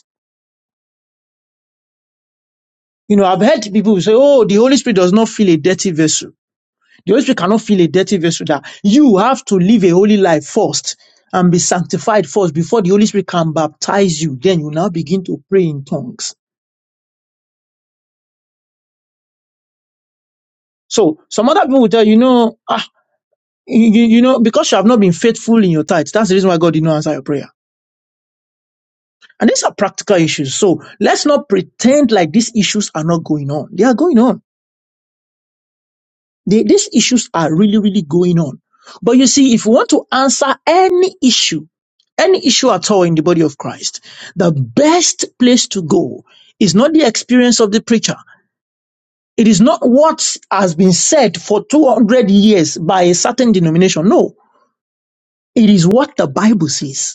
You know, I've heard people say, oh, the Holy Spirit does not fill a dirty vessel. The Holy Spirit cannot fill a dirty vessel that you have to live a holy life first and be sanctified first before the Holy Spirit can baptize you. Then you now begin to pray in tongues. So some other people will tell you, you know, ah, You, you you know, because you have not been faithful in your tithes, that's the reason why God did not answer your prayer. And these are practical issues. So let's not pretend like these issues are not going on. They are going on. They, these issues are really, really going on. But you see, if you want to answer any issue, any issue at all in the body of Christ, the best place to go is not the experience of the preacher. It is not what has been said for 200 years by a certain denomination. No, it is what the Bible says.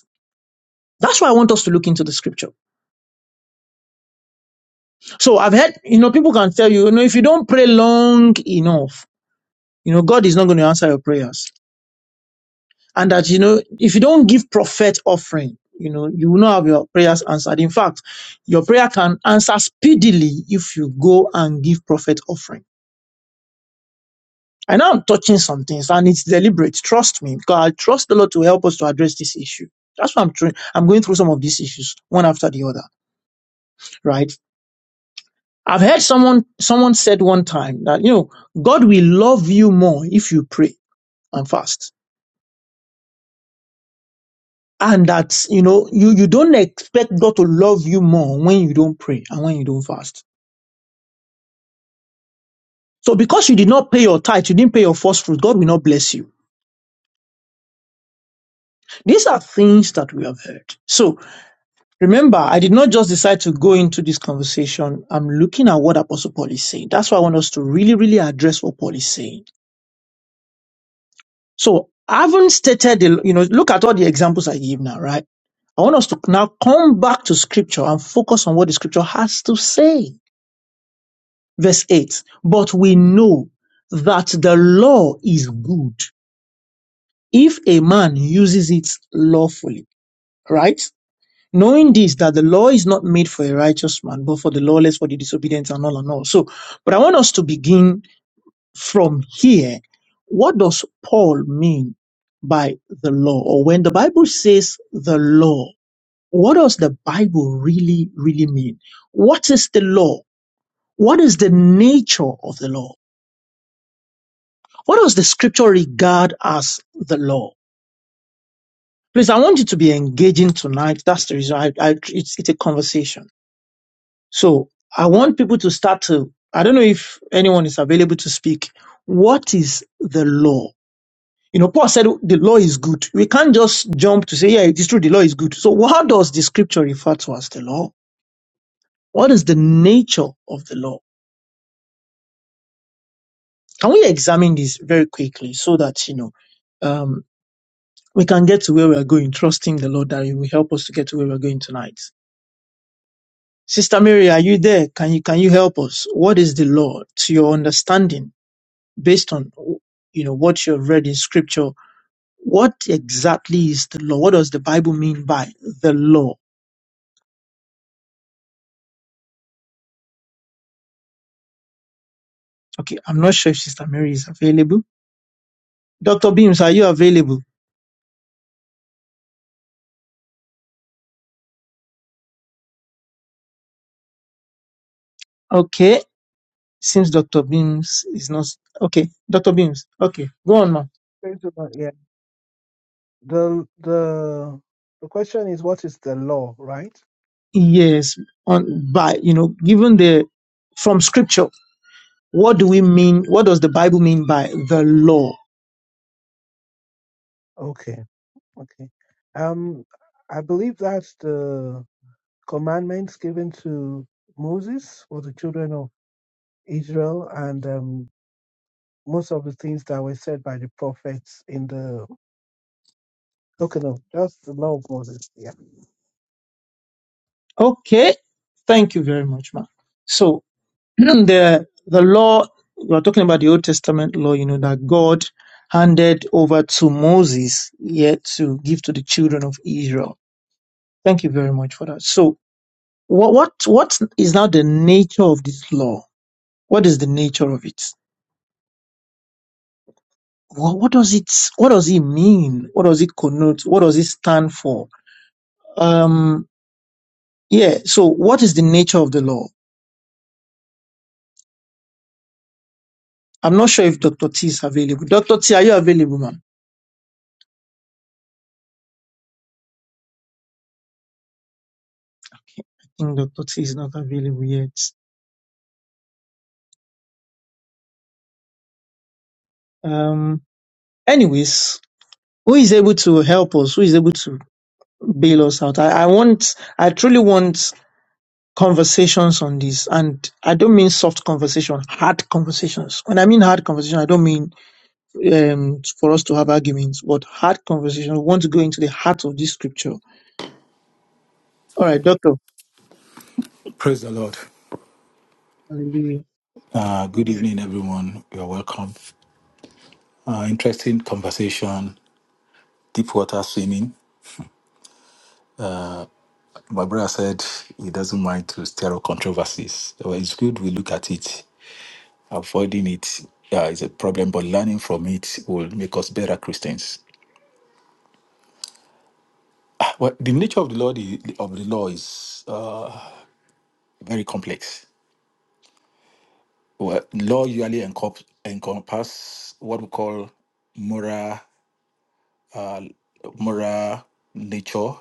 That's why I want us to look into the scripture. So I've heard, you know, people can tell you, you know, if you don't pray long enough, you know, God is not going to answer your prayers. And that, you know, if you don't give prophet offering, you know, you will not have your prayers answered. In fact, your prayer can answer speedily if you go and give prophet offering. I know I'm touching some things and it's deliberate. Trust me, because I trust the Lord to help us to address this issue. That's why I'm trying. I'm going through some of these issues one after the other, right? I've heard someone someone said one time that you know God will love you more if you pray and fast. And that you know you, you don't expect God to love you more when you don't pray and when you don't fast. So because you did not pay your tithe, you didn't pay your first fruit, God will not bless you. These are things that we have heard. So remember, I did not just decide to go into this conversation. I'm looking at what Apostle Paul is saying. That's why I want us to really, really address what Paul is saying. So I haven't stated the, you know, look at all the examples I give now, right? I want us to now come back to scripture and focus on what the scripture has to say. Verse 8. But we know that the law is good if a man uses it lawfully, right? Knowing this, that the law is not made for a righteous man, but for the lawless, for the disobedient, and all and all. So, but I want us to begin from here. What does Paul mean by the law? Or when the Bible says the law, what does the Bible really, really mean? What is the law? What is the nature of the law? What does the scripture regard as the law? Please, I want you to be engaging tonight. That's the reason I, I, it's, it's a conversation. So I want people to start to, I don't know if anyone is available to speak. What is the law? You know, Paul said the law is good. We can't just jump to say, yeah, it is true, the law is good. So what does the scripture refer to as the law? What is the nature of the law? Can we examine this very quickly so that, you know, um, we can get to where we are going, trusting the Lord that He will help us to get to where we are going tonight. Sister Mary, are you there? Can you, can you help us? What is the law to your understanding based on, you know, what you've read in scripture? What exactly is the law? What does the Bible mean by the law? Okay. I'm not sure if Sister Mary is available. Dr. Beams, are you available? Okay. Since Dr. Beams is not, okay. Dr. Beams. Okay. Go on, ma.
Praise the Lord. Yeah. The, the, the question is, what is the law, right?
Yes, on by you know, given the from scripture, what do we mean? What does the Bible mean by the law?
Okay. Okay. Um, I believe that's the commandments given to Moses for the children of Israel. And um, most of the things that were said by the prophets in the okay no just the law of moses yeah
Okay, thank you very much, Mark. So <clears throat> the the law we're talking about the Old Testament law, you know, that God handed over to Moses yet to give to the children of Israel. Thank you very much for that. So what what what is now the nature of this law? What is the nature of it? What, what does it? What does it mean? What does it connote? What does it stand for? Um, yeah. So, what is the nature of the law? I'm not sure if Dr. T is available. Dr. T, are you available, ma'am? Okay, I think Dr. T is not available yet. Um, anyways, who is able to help us? Who is able to bail us out? I, I want, I truly want conversations on this. And I don't mean soft conversation, hard conversations. When I mean hard conversation, I don't mean um, for us to have arguments, but hard conversation. We want to go into the heart of this scripture. All right, Doctor.
Praise the Lord.
Hallelujah.
Uh, good evening, everyone. You're welcome. Uh, interesting conversation, deep water swimming. My brother said he doesn't mind to stir up controversies. Well, it's good we look at it. Avoiding it uh, is a problem, but learning from it will make us better Christians. Well, the nature of the law, the, of the law is uh, very complex. Well, law usually encom- encompass what we call moral, moral nature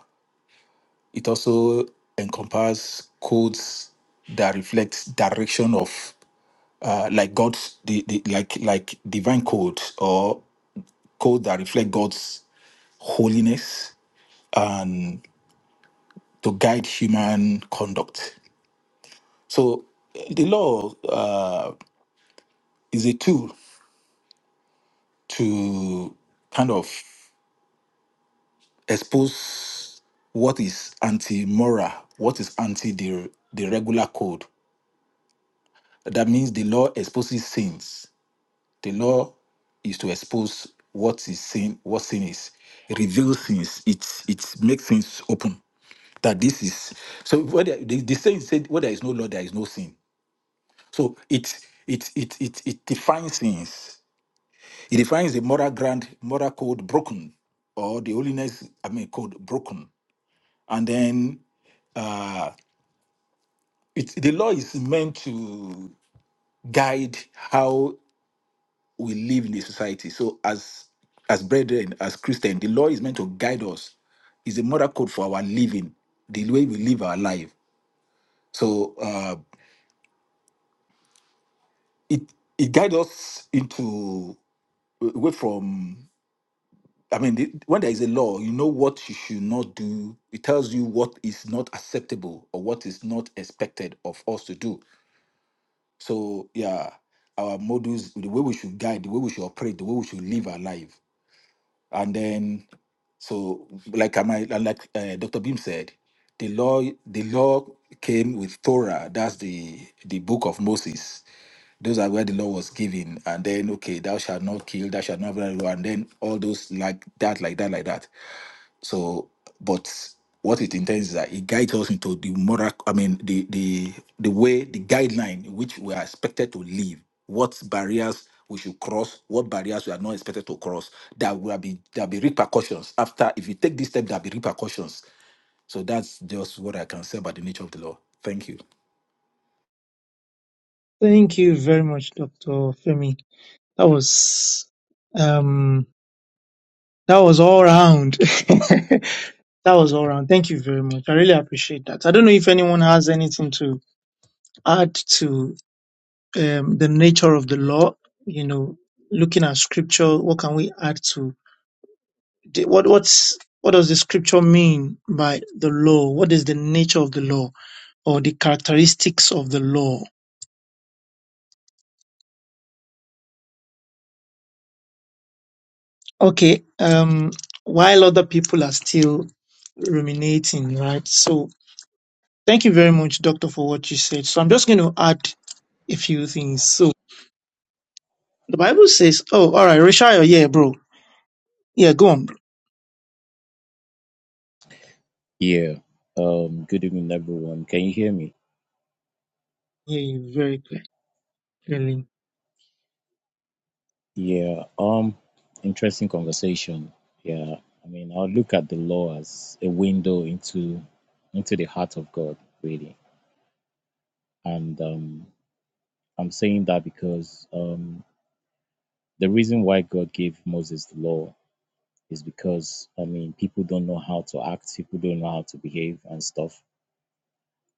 It also encompasses codes that reflect direction of uh, like God's the, the like like divine code or code that reflect God's holiness and to guide human conduct. So the law uh, is a tool to kind of expose what is anti-moral, what is anti the, the regular code. That means the law exposes sins The law is to expose what is sin, what sin is, reveal sins. It it makes things open. That this is so. Whether the, the saying said, where there is no law, there is no sin. So it it it it it defines things. It defines the moral ground, moral code broken, or the holiness. I mean, code broken, and then uh, it, the law is meant to guide how we live in a society. So as as brethren, as Christian, the law is meant to guide us. It's a moral code for our living, the way we live our life. So uh, it it guides us into away from. I mean, the, when there is a law, you know what you should not do. It tells you what is not acceptable or what is not expected of us to do. So yeah, our models, the way we should guide, the way we should operate, the way we should live our life. and then so like am I and like uh, Dr. Beam said, the law the law came with Torah. That's the the book of Moses. Those are where the law was given, and then okay, thou shalt not kill, thou shalt not blah, blah, blah, and then all those like that, like that, like that. So, but what it intends is that it guides us into the moral, I mean, the the the way, the guideline in which we are expected to live, what barriers we should cross, what barriers we are not expected to cross, that will be there'll be repercussions after if you take this step, there'll be repercussions. So that's just what I can say about the nature of the law. Thank you.
Thank you very much, Doctor Femi. That was um, that was all round. <laughs> that was all round. Thank you very much. I really appreciate that. I don't know if anyone has anything to add to um, the nature of the law. You know, looking at scripture, what can we add to the- what what's what does the scripture mean by the law? What is the nature of the law or the characteristics of the law? Okay, um, while other people are still ruminating, right? So thank you very much, Doctor, for what you said. So I'm just going to add a few things. So the Bible says, "Oh, all right, Rishaya, yeah, bro, yeah, go on, bro.
Yeah. Um, good evening, everyone. Can you hear me?
yeah, you very clear, clearly.
Yeah. Um, interesting conversation. Yeah. I mean, I'll look at the law as a window into into the heart of God, really. And um, I'm saying that because um, the reason why God gave Moses the law is because I mean, people don't know how to act, people don't know how to behave and stuff.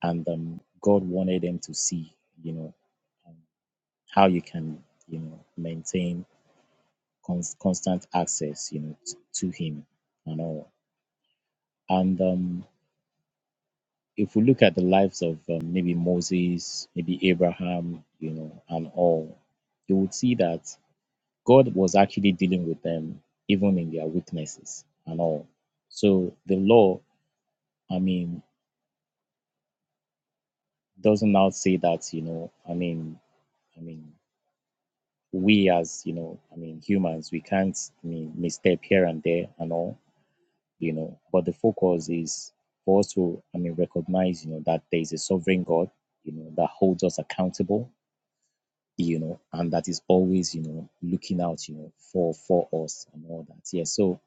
And um, God wanted them to see, you know, um, how you can, you know, maintain cons- constant access, you know, t- to Him and all. And um, if we look at the lives of um, maybe Moses, maybe Abraham, you know, and all, you would see that God was actually dealing with them even in their weaknesses and all. So the law, I mean, doesn't now say that, you know, I mean, I mean, we as you know, I mean, humans, we can't I mean, misstep here and there and all you know, but the focus is for us to, I mean, recognize, you know, that there is a sovereign God, you know, that holds us accountable, you know, and that is always, you know, looking out, you know, for for us and all that. Yeah. So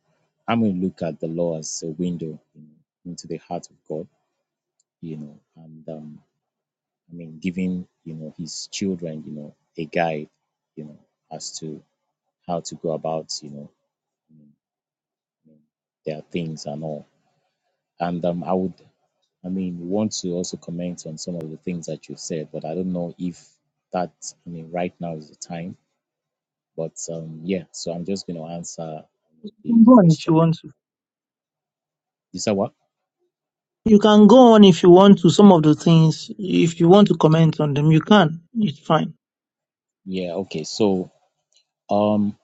I'm going to look at the law as a window you know, into the heart of God, you know, and um, I mean, giving, you know, his children, you know, a guide, you know, as to how to go about, you know, their things and all. And um, I would I mean, we want to also comment on some of the things that you said, but I don't know if that, I mean, right now is the time. But um, yeah, so I'm just going to answer
You
the
can Go on if you
question.
want to.
You said what?
You can go on if you want to. Some of the things, if you want to comment on them, you can. It's fine."
Yeah, okay. So, um,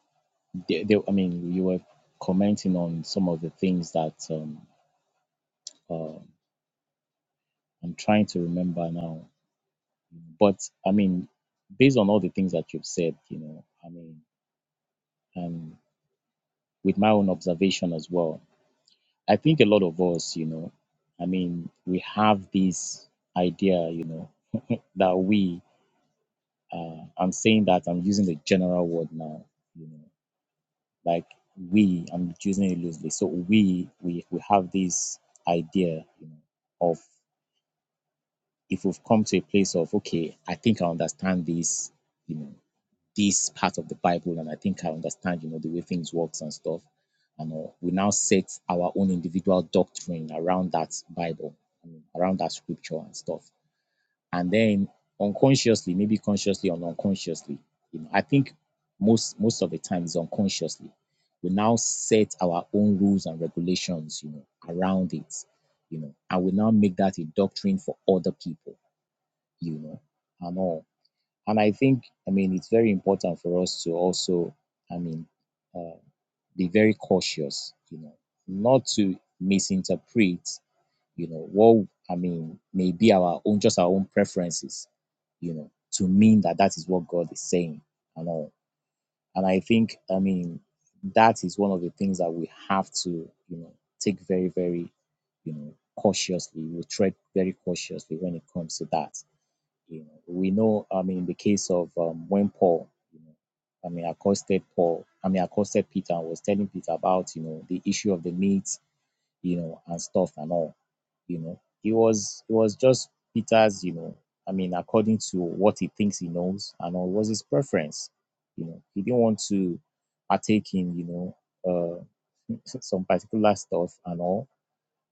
they, they, I mean, you were commenting on some of the things that um, uh, I'm trying to remember now. But I mean, based on all the things that you've said, you know, I mean, and with my own observation as well, I think a lot of us, you know, I mean, we have this idea, you know, that we, uh, I'm saying that I'm using the general word now, you know, like we, I'm using it loosely. So we, we, we have this idea, you know, of if we've come to a place of, okay, I think I understand this, you know, this part of the Bible, and I think I understand, you know, the way things works and stuff. And uh, we now set our own individual doctrine around that Bible, I mean, around that scripture and stuff. And then unconsciously, maybe consciously or unconsciously, you know, I think most most of the time is unconsciously. We now set our own rules and regulations, you know, around it, you know, and we now make that a doctrine for other people, you know, and all. And I think, I mean, it's very important for us to also, I mean, uh, be very cautious, you know, not to misinterpret, you know, what, I mean, maybe our own, just our own preferences, you know, to mean that that is what God is saying and all. And I think, I mean, that is one of the things that we have to, you know, take very, very, you know, cautiously. We tread very cautiously when it comes to that you know, we know, I mean, in the case of um, when Paul, you know, I mean, accosted Paul, I mean, accosted Peter and was telling Peter about, you know, the issue of the meat, you know, and stuff and all, you know, it was, it was just Peter's, you know, I mean, according to what he thinks he knows and all, it was his preference, you know, he didn't want to partake in, you know, uh, some particular stuff and all.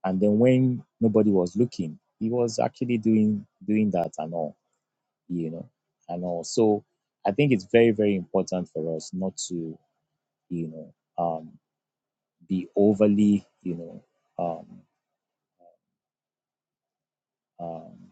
And then when nobody was looking, he was actually doing doing that and all you know, and all. So I think it's very, very important for us not to, you know, um, be overly, you know, um, um,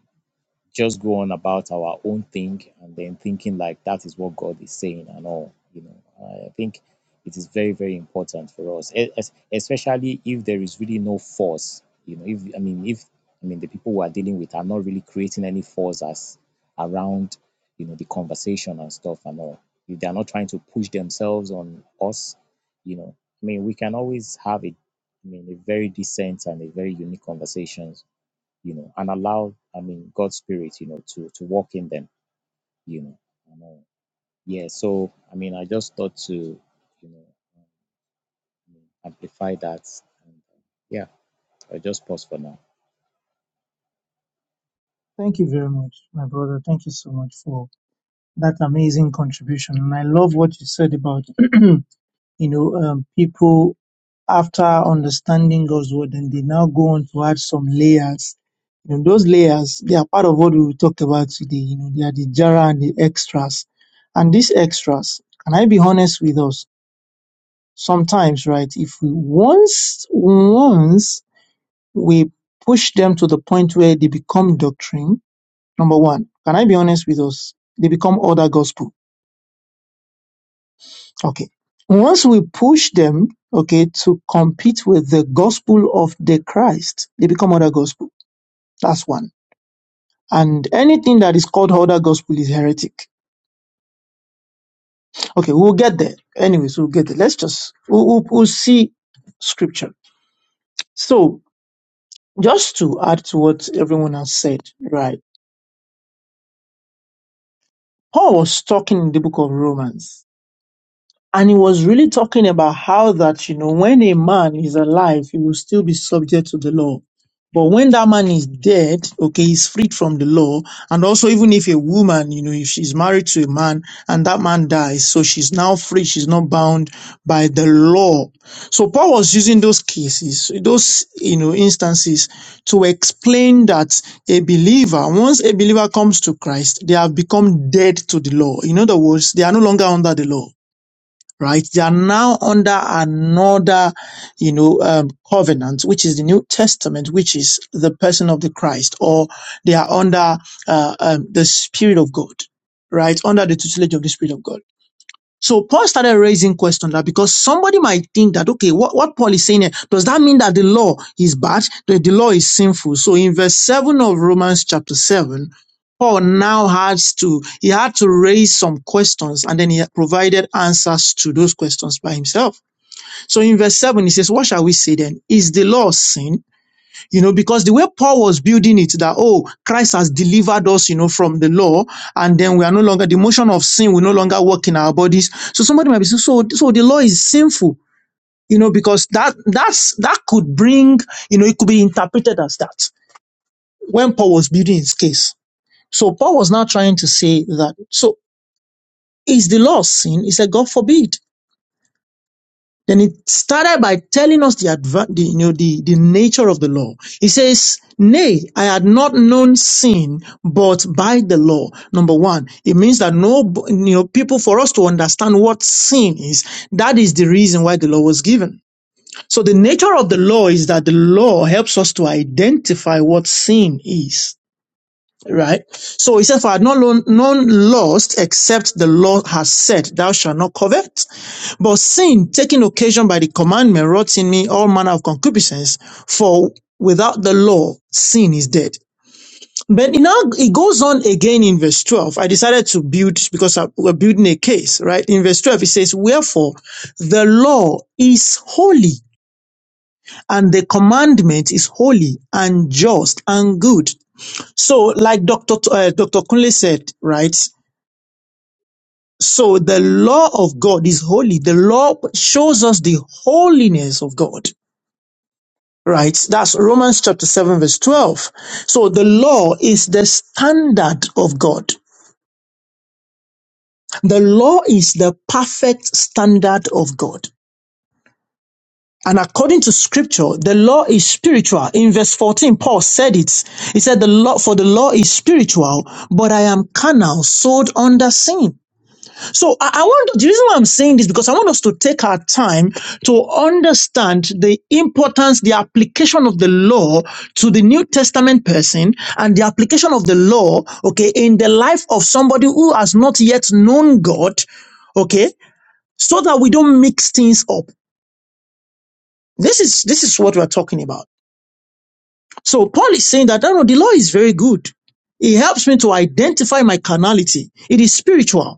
just go on about our own thing and then thinking like that is what God is saying and all. You know, I think it is very, very important for us, e- es- especially if there is really no force. You know, if I mean, if I mean the people we are dealing with are not really creating any force as around, you know, the conversation and stuff and all. If they are not trying to push themselves on us, you know, I mean, we can always have a, I mean, a very decent and a very unique conversations you know, and allow, I mean, God's spirit, you know, to to walk in them, you know. And, uh, yeah, so I mean, I just thought to, you know, I mean, amplify that. And, uh, yeah, I just pause for now.
Thank you very much, my brother. Thank you so much for that amazing contribution. And I love what you said about, <clears throat> you know, um, people after understanding God's word, and they now go on to add some layers. You know, those layers, they are part of what we will talk about today. You know, they are the jara and the extras. And these extras, can I be honest with us? sometimes, right, if we once, once we push them to the point where they become doctrine, number one, can I be honest with us? They become other gospel. Okay. Once we push them, okay, to compete with the gospel of the Christ, they become other gospel. That's one. And anything that is called other gospel is heretic. Okay, we'll get there. Anyways, we'll get there. Let's just, we'll, we'll, we'll see scripture. So Just to add to what everyone has said, right? Paul was talking in the book of Romans. And he was really talking about how that, you know, when a man is alive, he will still be subject to the law. But when that man is dead, okay, he's freed from the law. And also, even if a woman, you know, if she's married to a man and that man dies, so she's now free, she's not bound by the law. So Paul was using those cases, those, you know, instances to explain that a believer, once a believer comes to Christ, they have become dead to the law. In other words, they are no longer under the law right? They are now under another, you know, um, covenant, which is the New Testament, which is the person of the Christ, or they are under uh, um, the Spirit of God, right? Under the tutelage of the Spirit of God. So Paul started raising question that because somebody might think that, okay, what, what Paul is saying here, does that mean that the law is bad? That the law is sinful? So in verse 7 of Romans chapter 7, Paul now has to, he had to raise some questions and then he provided answers to those questions by himself. So in verse 7, he says, what shall we say then? Is the law sin? You know, because the way Paul was building it, that, oh, Christ has delivered us, you know, from the law, and then we are no longer, the motion of sin will no longer work in our bodies. So somebody might be saying, so, so the law is sinful, you know, because that, that's, that could bring, you know, it could be interpreted as that when Paul was building his case. So Paul was now trying to say that, so is the law sin? He said, God forbid. Then it started by telling us the, adva- the, you know, the, the nature of the law. He says, Nay, I had not known sin, but by the law. Number one, it means that no, you know, people for us to understand what sin is, that is the reason why the law was given. So the nature of the law is that the law helps us to identify what sin is. Right? So he said, For I had not lo- known lust except the law has said, Thou shalt not covet. But sin, taking occasion by the commandment, wrought in me all manner of concupiscence, for without the law, sin is dead. But now it goes on again in verse 12. I decided to build because I- we're building a case, right? In verse 12, it says, Wherefore the law is holy, and the commandment is holy and just and good. So, like Dr. T- Uh, Dr. Kunle said, right? So, the law of God is holy. The law shows us the holiness of God, right? That's Romans chapter 7, verse 12. So, the law is the standard of God. The law is the perfect standard of God. And according to scripture, the law is spiritual. In verse 14, Paul said it. He said, the law, for the law is spiritual, but I am carnal, sold under sin. So I, I want the reason why I'm saying this because I want us to take our time to understand the importance, the application of the law to the New Testament person and the application of the law, okay, in the life of somebody who has not yet known God, okay, so that we don't mix things up. This is this is what we're talking about. So Paul is saying that I know the law is very good. It helps me to identify my carnality. It is spiritual.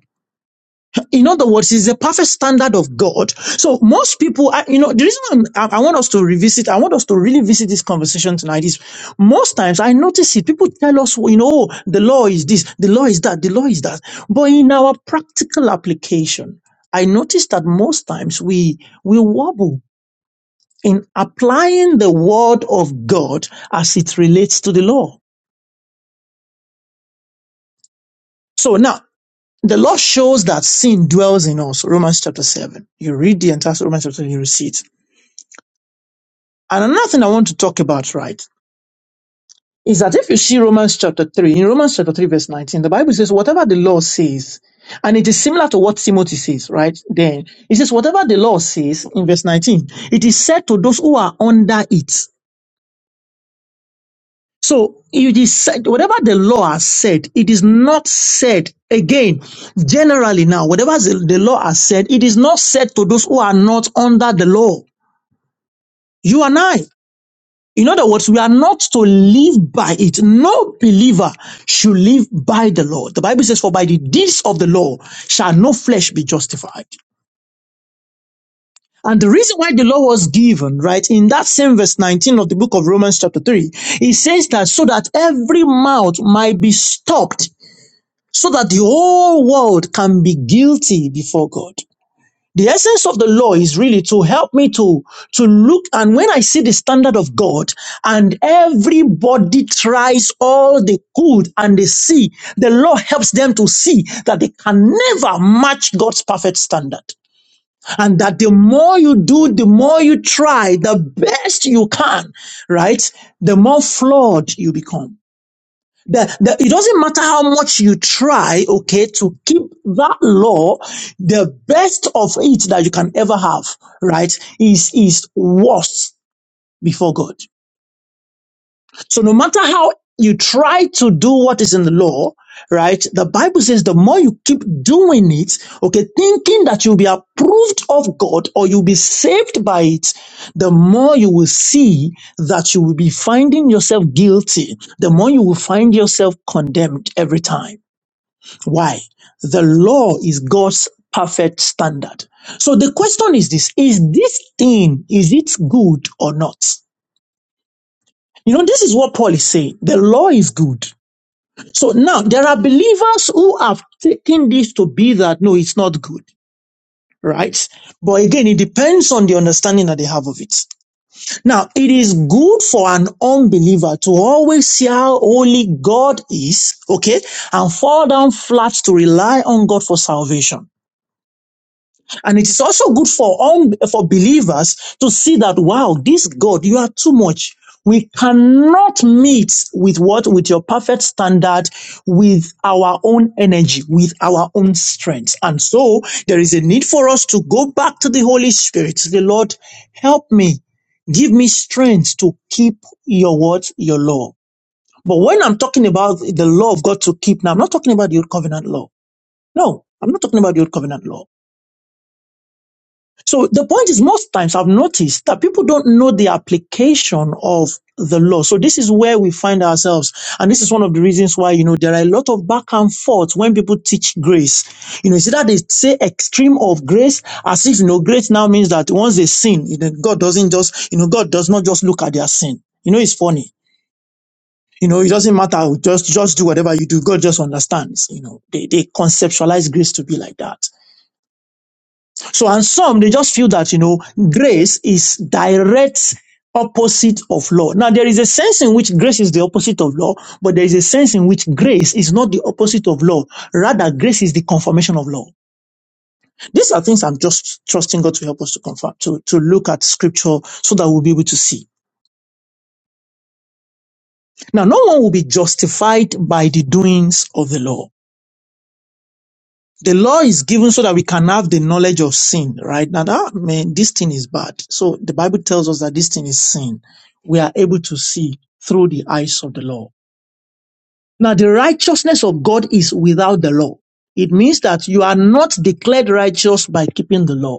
In other words, it's a perfect standard of God. So most people, I- you know, the reason I'm- I, I want us to revisit, I want us to really visit this conversation tonight is most times I notice it. People tell us, you know, "Oh, the law is this, the law is that, the law is that. But in our practical application, I notice that most times we, we wobble in applying the word of God as it relates to the law. So now, the law shows that sin dwells in us. Romans chapter 7. You read the entire Romans chapter 7, you will see it. And another thing I want to talk about, right, is that if you see Romans chapter 3, in Romans chapter 3, verse 19, the Bible says, whatever the law says, and it is similar to what Timothy says, right? Then it says, whatever the law says in verse 19, it is said to those who are under it. So it is said, whatever the law has said, it is not said again. Generally now, whatever the the law has said, it is not said to those who are not under the law. You and I. In other words, we are not to live by it. No believer should live by the law. The Bible says, for by the deeds of the law shall no flesh be justified. And the reason why the law was given, right, in that same verse 19 of the book of Romans chapter 3, it says that so that every mouth might be stopped, so that the whole world can be guilty before God. The essence of the law is really to help me to, to look and when I see the standard of God and everybody tries all they could and they see, the law helps them to see that they can never match God's perfect standard. And that the more you do, the more you try, the best you can, right? The more flawed you become. The, the, it doesn't matter how much you try, okay, to keep that law, the best of it that you can ever have, right, is, is worse before God. So no matter how you try to do what is in the law, right? The Bible says the more you keep doing it, okay, thinking that you'll be approved of God or you'll be saved by it, the more you will see that you will be finding yourself guilty, the more you will find yourself condemned every time. Why? The law is God's perfect standard. So the question is this, is this thing, is it good or not? You know, this is what Paul is saying. The law is good. So now there are believers who have taken this to be that no, it's not good, right? But again, it depends on the understanding that they have of it. Now, it is good for an unbeliever to always see how holy God is, okay, and fall down flat to rely on God for salvation. And it is also good for un- for believers to see that wow, this God, you are too much. We cannot meet with what with your perfect standard, with our own energy, with our own strength. And so there is a need for us to go back to the Holy Spirit. to The Lord, help me. Give me strength to keep your word, your law. But when I'm talking about the law of God to keep, now I'm not talking about the old covenant law. No, I'm not talking about the old covenant law. So the point is, most times I've noticed that people don't know the application of the law. So this is where we find ourselves. And this is one of the reasons why, you know, there are a lot of back and forth when people teach grace. You know, it's either they say extreme of grace as if, you know, grace now means that once they sin, you know, God doesn't just, you know, God does not just look at their sin. You know, it's funny. You know, it doesn't matter. Just, just do whatever you do. God just understands. You know, they, they conceptualize grace to be like that. So, and some they just feel that you know grace is direct opposite of law. Now, there is a sense in which grace is the opposite of law, but there is a sense in which grace is not the opposite of law. Rather, grace is the confirmation of law. These are things I'm just trusting God to help us to confirm, to, to look at scripture so that we'll be able to see. Now, no one will be justified by the doings of the law. The law is given so that we can have the knowledge of sin, right? Now, that, man, this thing is bad. So the Bible tells us that this thing is sin. We are able to see through the eyes of the law. Now, the righteousness of God is without the law. It means that you are not declared righteous by keeping the law.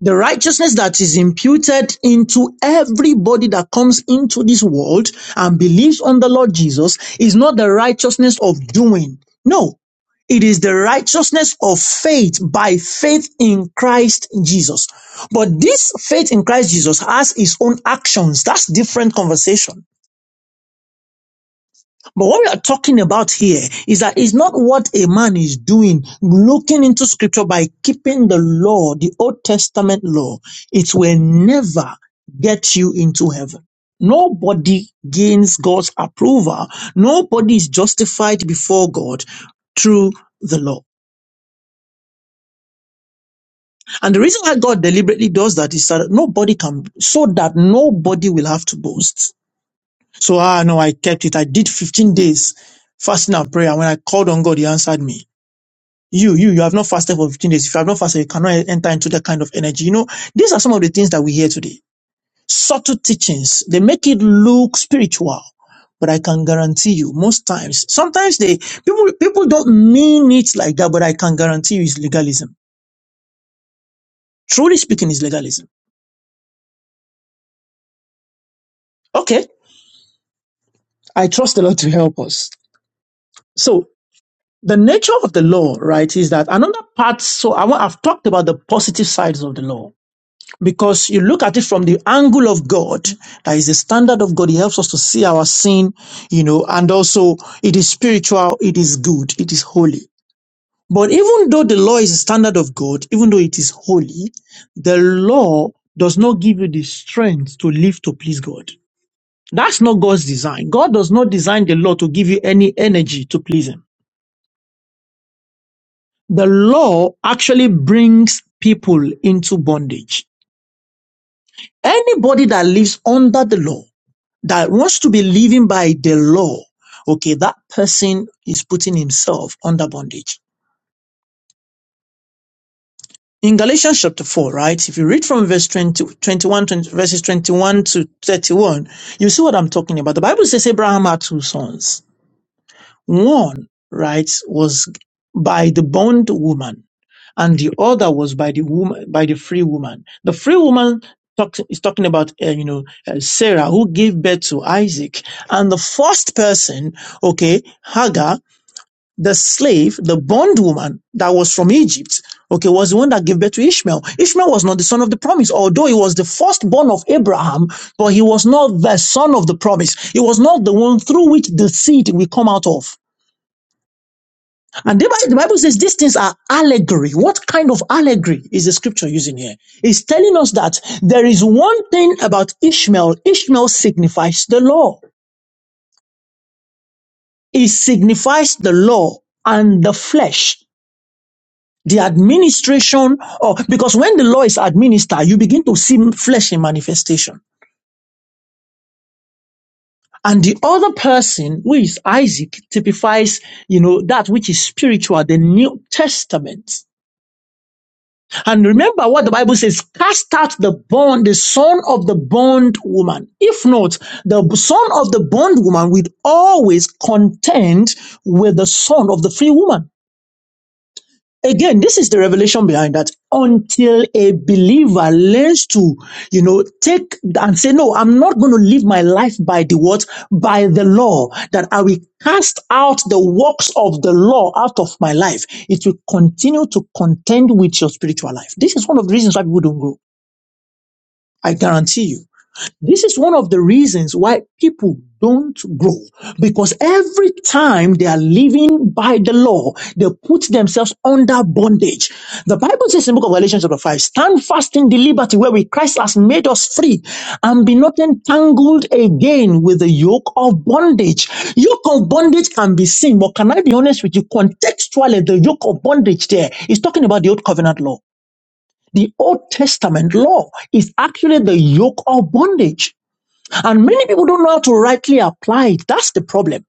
The righteousness that is imputed into everybody that comes into this world and believes on the Lord Jesus is not the righteousness of doing. No, it is the righteousness of faith by faith in Christ Jesus. But this faith in Christ Jesus has its own actions. That's different conversation. But what we are talking about here is that it's not what a man is doing, looking into scripture by keeping the law, the Old Testament law. It will never get you into heaven. Nobody gains God's approval. Nobody is justified before God through the law. And the reason why God deliberately does that is that nobody can, so that nobody will have to boast. So, ah, no, I kept it. I did 15 days fasting and prayer. When I called on God, He answered me. You, you, you have not fasted for 15 days. If you have not fasted, you cannot enter into that kind of energy. You know, these are some of the things that we hear today. Subtle teachings. They make it look spiritual. But I can guarantee you, most times, sometimes they, people, people don't mean it like that, but I can guarantee you it's legalism. Truly speaking, it's legalism. Okay. I trust the Lord to help us. So the nature of the law, right, is that another part, so I want, I've talked about the positive sides of the law because you look at it from the angle of God, that is the standard of God. It helps us to see our sin, you know, and also it is spiritual, it is good, it is holy. But even though the law is a standard of God, even though it is holy, the law does not give you the strength to live to please God. That's not God's design. God does not design the law to give you any energy to please Him. The law actually brings people into bondage. Anybody that lives under the law that wants to be living by the law, okay, that person is putting himself under bondage. In Galatians chapter 4, right, if you read from verse 20, 21, twenty, verses 21 to 31, you see what I'm talking about. The Bible says Abraham had two sons. One, writes, was by the bond woman, and the other was by the woman, by the free woman. The free woman talks, is talking about, uh, you know, uh, Sarah who gave birth to Isaac, and the first person, okay, Hagar, the slave, the bond woman that was from Egypt, okay, was the one that gave birth to Ishmael. Ishmael was not the son of the promise, although he was the firstborn of Abraham, but he was not the son of the promise. He was not the one through which the seed will come out of. And the Bible, the Bible says these things are allegory. What kind of allegory is the scripture using here? It's telling us that there is one thing about Ishmael. Ishmael signifies the law. It signifies the law and the flesh. The administration or because when the law is administered, you begin to see flesh in manifestation. And the other person, who is Isaac, typifies, you know, that which is spiritual, the New Testament. And remember what the Bible says, cast out the bond, the son of the bond woman. If not, the son of the bond woman will always contend with the son of the free woman again this is the revelation behind that until a believer learns to you know take and say no i'm not going to live my life by the what by the law that i will cast out the works of the law out of my life it will continue to contend with your spiritual life this is one of the reasons why people don't grow i guarantee you this is one of the reasons why people don't grow because every time they are living by the law, they put themselves under bondage. The Bible says in the book of Galatians chapter 5, stand fast in the liberty wherewith Christ has made us free and be not entangled again with the yoke of bondage. Yoke of bondage can be seen, but can I be honest with you? Contextually, the yoke of bondage there is talking about the old covenant law. The Old Testament law is actually the yoke of bondage. And many people don't know how to rightly apply it. That's the problem.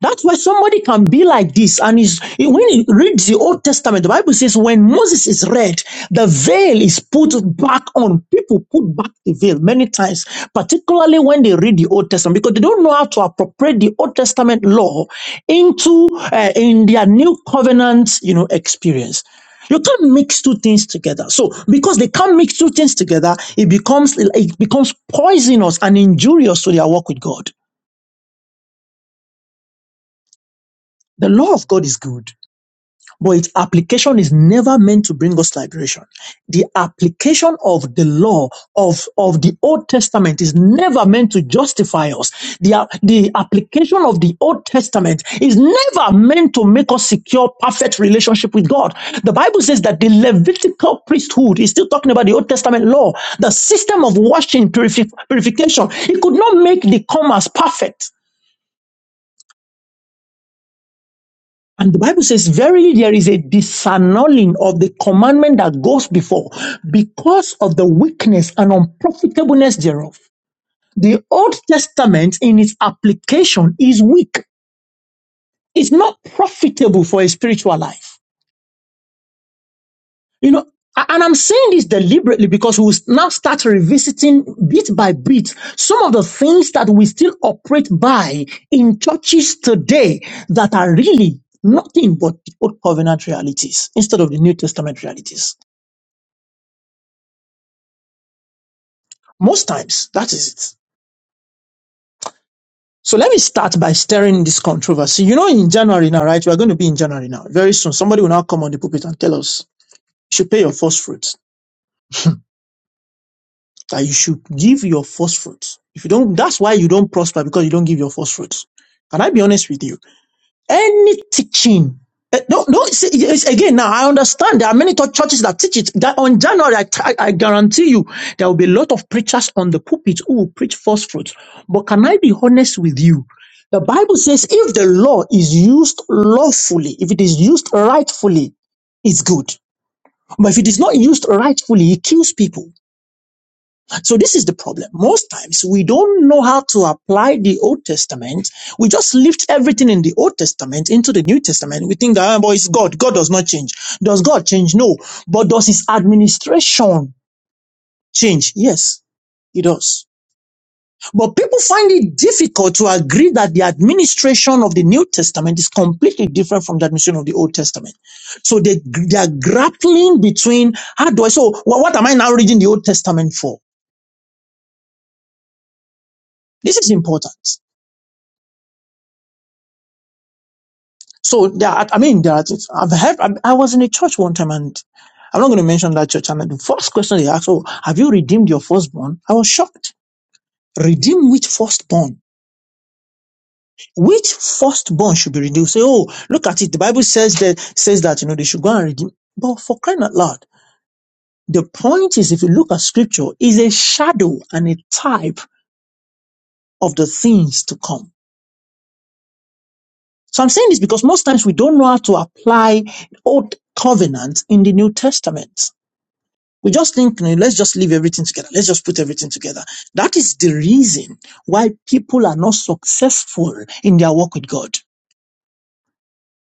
That's why somebody can be like this. And is when you read the Old Testament, the Bible says when Moses is read, the veil is put back on. People put back the veil many times, particularly when they read the Old Testament, because they don't know how to appropriate the Old Testament law into uh, in their new covenant, you know, experience. You can't mix two things together. So because they can't mix two things together, it becomes it becomes poisonous and injurious to their work with God. The law of God is good. but its application is never meant to bring us liberation. The application of the law of, of the Old Testament is never meant to justify us. The, a- the application of the Old Testament is never meant to make us secure perfect relationship with God. The Bible says that the Levitical priesthood is still talking about the Old Testament law, the system of washing, purifi- purification. It could not make the commerce perfect. And the Bible says, verily there is a disannulling of the commandment that goes before because of the weakness and unprofitableness thereof. The Old Testament in its application is weak. It's not profitable for a spiritual life. You know, a- and I'm saying this deliberately because we'll now start revisiting bit by bit some of the things that we still operate by in churches today that are really nothing but the old covenant realities instead of the New Testament realities. Most times, that is it. So let me start by stirring this controversy. You know, in January now, right? We are going to be in January now. Very soon, somebody will now come on the pulpit and tell us you should pay your first fruit. that you should give your first fruits. If you don't, that's why you don't prosper because you don't give your first fruits. Can I be honest with you? Any teaching, eh, no, no. It's, it's- again, now I understand there are many tou- churches that teach it. That on January, I, t- I guarantee you, there will be a lot of preachers on the pulpit who will preach first fruits. But can I be honest with you? The Bible says, if the law is used lawfully, if it is used rightfully, it's good. But if it is not used rightfully, it kills people. So this is the problem. Most times we don't know how to apply the Old Testament. We just lift everything in the Old Testament into the New Testament. We think that, oh, but it's God. God does not change. Does God change? No. But does his administration change? Yes, it does. But people find it difficult to agree that the administration of the New Testament is completely different from the administration of the Old Testament. So they, they are grappling between how do I, so wha- what am I now reading the Old Testament for? This is important. So there, are- I mean, there. Are, I've had. I I was in a church one time, and I'm not going to mention that church. And the first question they asked, "Oh, have you redeemed your firstborn?" I was shocked. Redeem which firstborn? Which firstborn should be redeemed? Say, "Oh, look at it. The Bible says that says that you know they should go and redeem." But for crying out loud, the point is, if you look at Scripture, is a shadow and a type of the things to come. So I'm saying this because most times we don't know how to apply Old Covenant in the New Testament. We just think, "No, let's just leave everything together. Let's just put everything together. That is the reason why people are not successful in their work with God.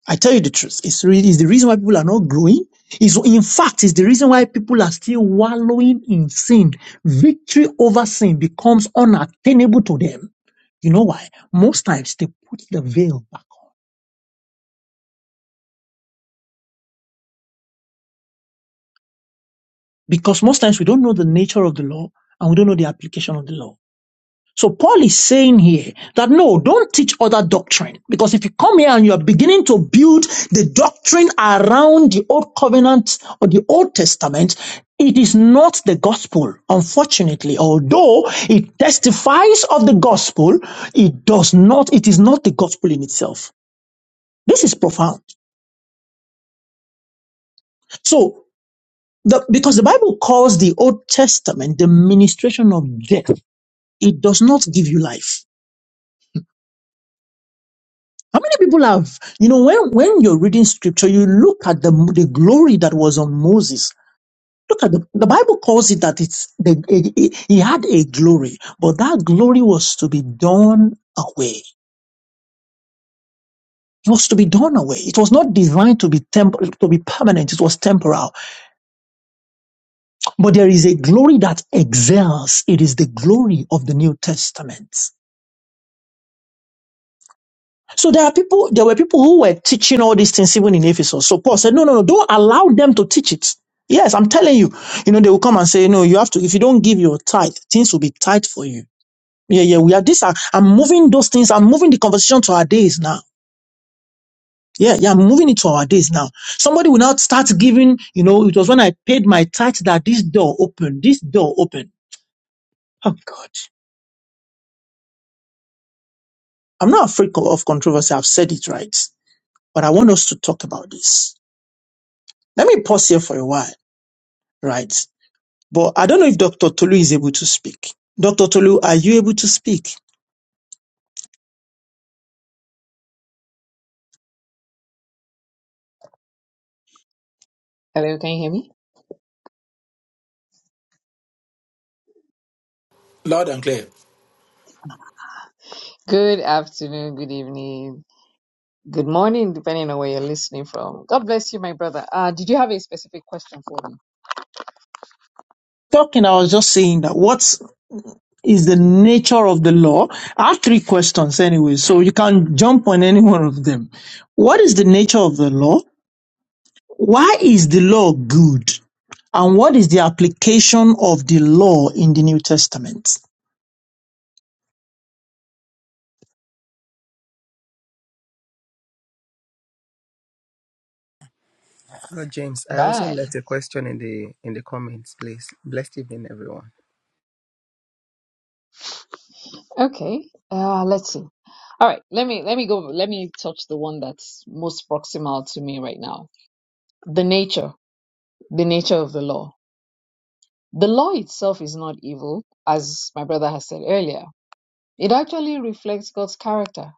I tell you the truth. It's really it's the reason why people are not growing. Is in fact, it's the reason why people are still wallowing in sin. Victory over sin becomes unattainable to them. You know why? Most times they put the veil back on because most times we don't know the nature of the law and we don't know the application of the law. So Paul is saying here that no, don't teach other doctrine. Because if you come here and you are beginning to build the doctrine around the old covenant or the old testament, it is not the gospel, unfortunately. Although it testifies of the gospel, it does not, it is not the gospel in itself. This is profound. So the, because the Bible calls the Old Testament the ministration of death, it does not give you life. How many people have, you know, when, when you're reading scripture, you look at the, the glory that was on Moses. Look at the, the Bible calls it that it's, the, it- it- he had a glory, but that glory was to be done away. It was to be done away. It was not designed to be temp- to be permanent. It was temporal. But there is a glory that excels. It is the glory of the New Testament. So there are people, there were people who were teaching all these things even in Ephesus. So Paul said, no, no, no, don't allow them to teach it. Yes, I'm telling you. You know, they will come and say, no, you have to, if you don't give your tithe, things will be tight for you. Yeah, yeah, we are this. Are, I'm moving those things. I'm moving the conversation to our days now. Yeah, yeah, I'm moving it to our days now. Somebody will not start giving, you know, it was when I paid my tithe that this door opened, this door opened. Oh God. I'm not afraid of controversy. I've said it right, but I want us to talk about this. Let me pause here for a while right? But I don't know if Dr. Tolu is able to speak. Dr. Tolu, are you able to speak?
Hello, can you hear me?
Loud and clear.
Good afternoon, good evening, good morning, depending on where you're listening from. God bless you, my brother. Uh, did you have a specific question for me?
Talking, I was just saying that what is the nature of the law? I have three questions anyway, so you can jump on any one of them. What is the nature of the law? Why is the law good? And what is the application of the law in the New Testament?
Bro James. I also
Bye.
left a question in the in the comments, please. Blessed evening, everyone.
Okay. Uh, let's see. All right. Let me let me go. Let me touch the one that's most proximal to me right now. The nature, the nature of the law. The law itself is not evil, as my brother has said earlier. It actually reflects God's character,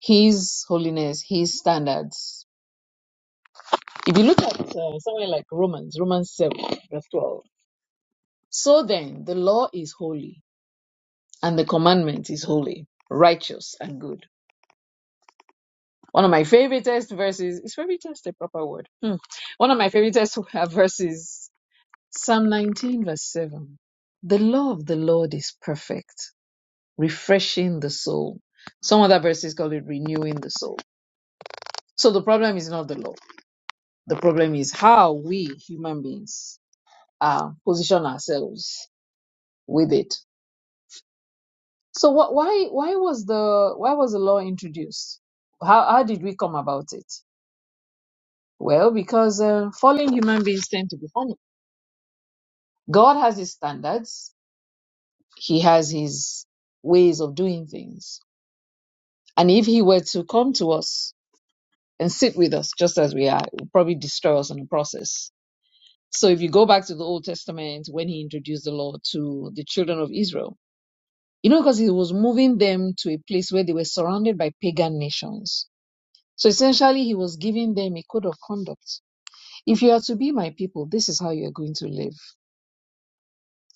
His holiness, His standards. If you look at uh, somewhere like Romans, Romans 7, verse 12. So then, the law is holy, and the commandment is holy, righteous, and good. One of my favoriteest verses, is favorite test a proper word? Hmm. One of my favoriteest <laughs> verses, Psalm 19, verse 7. The law of the Lord is perfect, refreshing the soul. Some other verses call it renewing the soul. So the problem is not the law. The problem is how we human beings uh, position ourselves with it. So wh- why why was the why was the law introduced? How how did we come about it? Well, because uh, fallen human beings tend to be funny. God has His standards. He has His ways of doing things. And if He were to come to us and sit with us just as we are, it would probably destroy us in the process. So if you go back to the Old Testament when He introduced the law to the children of Israel, you know, because He was moving them to a place where they were surrounded by pagan nations So essentially, he was giving them a code of conduct. If you are to be my people, this is how you are going to live.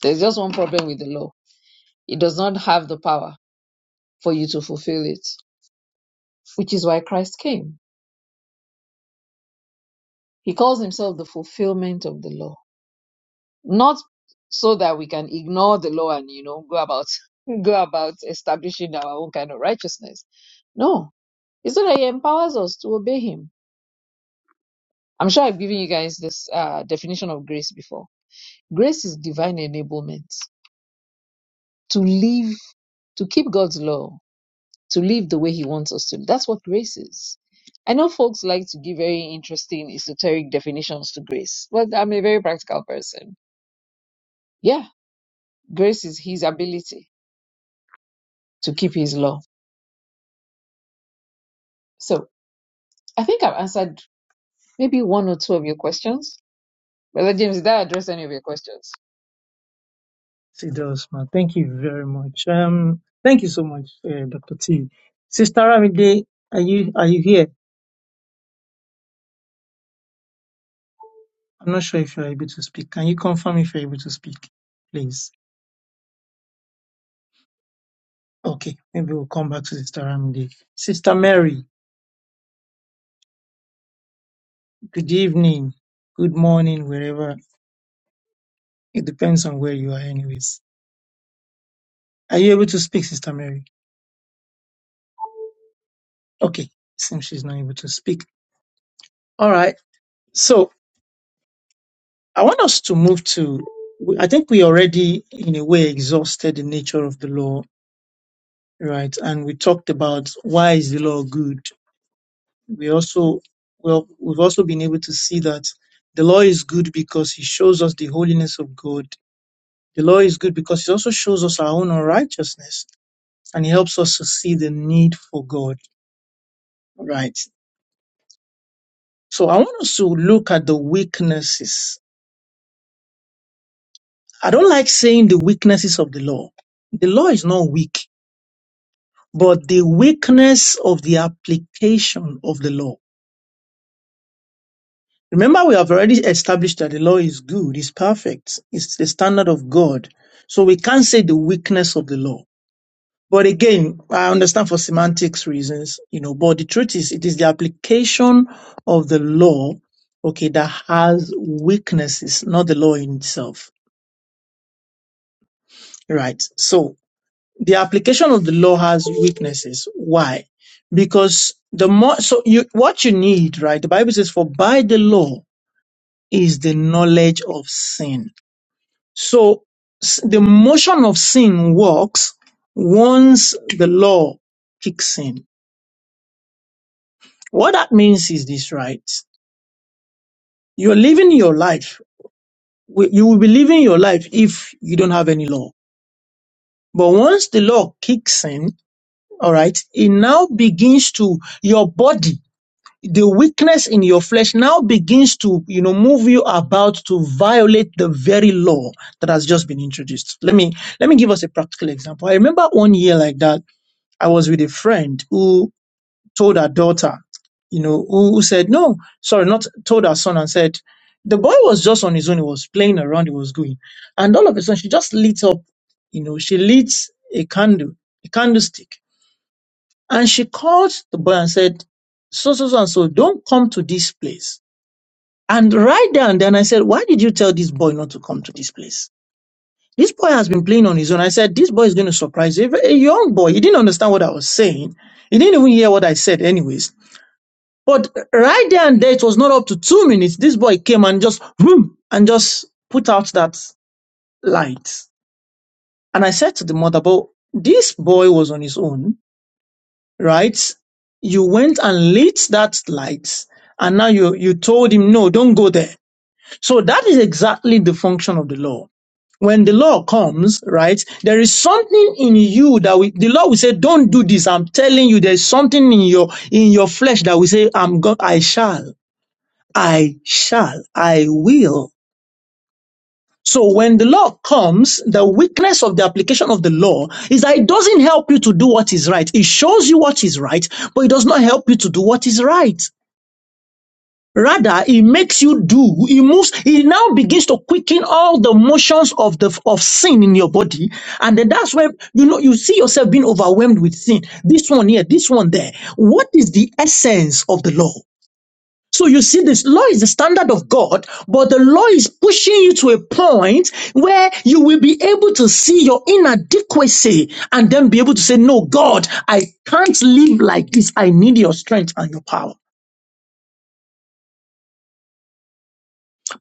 There's just one problem with the law it does not have the power for you to fulfill it, which is why Christ came. He calls himself the fulfillment of the law, not so that we can ignore the law and you know go about <laughs> go about establishing our own kind of righteousness. No, it's so that he empowers us to obey him. I'm sure I've given you guys this uh, definition of grace before. Grace is divine enablement to live, to keep God's law, to live the way He wants us to. That's what grace is. I know folks like to give very interesting esoteric definitions to grace, but I'm a very practical person. Yeah, grace is His ability to keep His law. So I think I've answered maybe one or two of your questions. Brother James, did I address any of your questions?
Sister Osman, thank you very much. Um, thank you so much, uh, Dr. T. Sister Ramide, are you are you here? I'm not sure if you're able to speak. Can you confirm if you're able to speak, please? Okay, maybe we'll come back to Sister Ramide. Sister Mary, good evening, good morning, wherever it depends on where you are, anyways. Are you able to speak, Sister Mary? Okay, seems she's not able to speak. All right. So I want us to move to, I think we already in a way exhausted the nature of the law, right? And we talked about why is the law good. We also, well, we've also been able to see that the law is good because it shows us the holiness of God. The law is good because it also shows us our own unrighteousness and it helps us to see the need for God, right? So I want us to look at the weaknesses. I don't like saying the weaknesses of the law. The law is not weak but the weakness of the application of the law. Remember, we have already established that the law is good, is perfect, it's the standard of God. So we can't say the weakness of the law. But again, I understand for semantics reasons, you know, but the truth is it is the application of the law, okay, that has weaknesses, not the law in itself. Right. So the application of the law has weaknesses. Why? Because the more, so you, what you need, right? The Bible says, for by the law is the knowledge of sin. So s- the motion of sin works once the law kicks in. What that means is this, right? You're living your life. wi- You will be living your life if you don't have any law. But once the law kicks in, all right, it now begins to your body the weakness in your flesh now begins to you know move you about to violate the very law that has just been introduced let me let me give us a practical example i remember one year like that i was with a friend who told her daughter you know who, who said no sorry not told her son and said the boy was just on his own he was playing around he was going and all of a sudden she just lit up you know she lit a candle a candlestick and she called the boy and said, so, so, so, and so, don't come to this place. And right there and then I said, why did you tell this boy not to come to this place? This boy has been playing on his own. I said, this boy is going to surprise you. A young boy, he didn't understand what I was saying. He didn't even hear what I said anyways. But right there and there, it was not up to two minutes. This boy came and just, boom, and just put out that light. And I said to the mother, but this boy was on his own right? You went and lit that light, and now you, you told him, no, don't go there. So that is exactly the function of the law. When the law comes, right, there is something in you that we, the law will say, don't do this. I'm telling you, there's something in your, in your flesh that will say, I'm God, I shall, I shall, I will. So when the law comes, the weakness of the application of the law is that it doesn't help you to do what is right. It shows you what is right, but it does not help you to do what is right. Rather, it makes you do, it moves, it now begins to quicken all the motions of the, of sin in your body. And then that's where, you know, you see yourself being overwhelmed with sin. This one here, this one there. What is the essence of the law? So you see, this law is the standard of God, but the law is pushing you to a point where you will be able to see your inadequacy and then be able to say, no, God, I can't live like this. I need your strength and your power.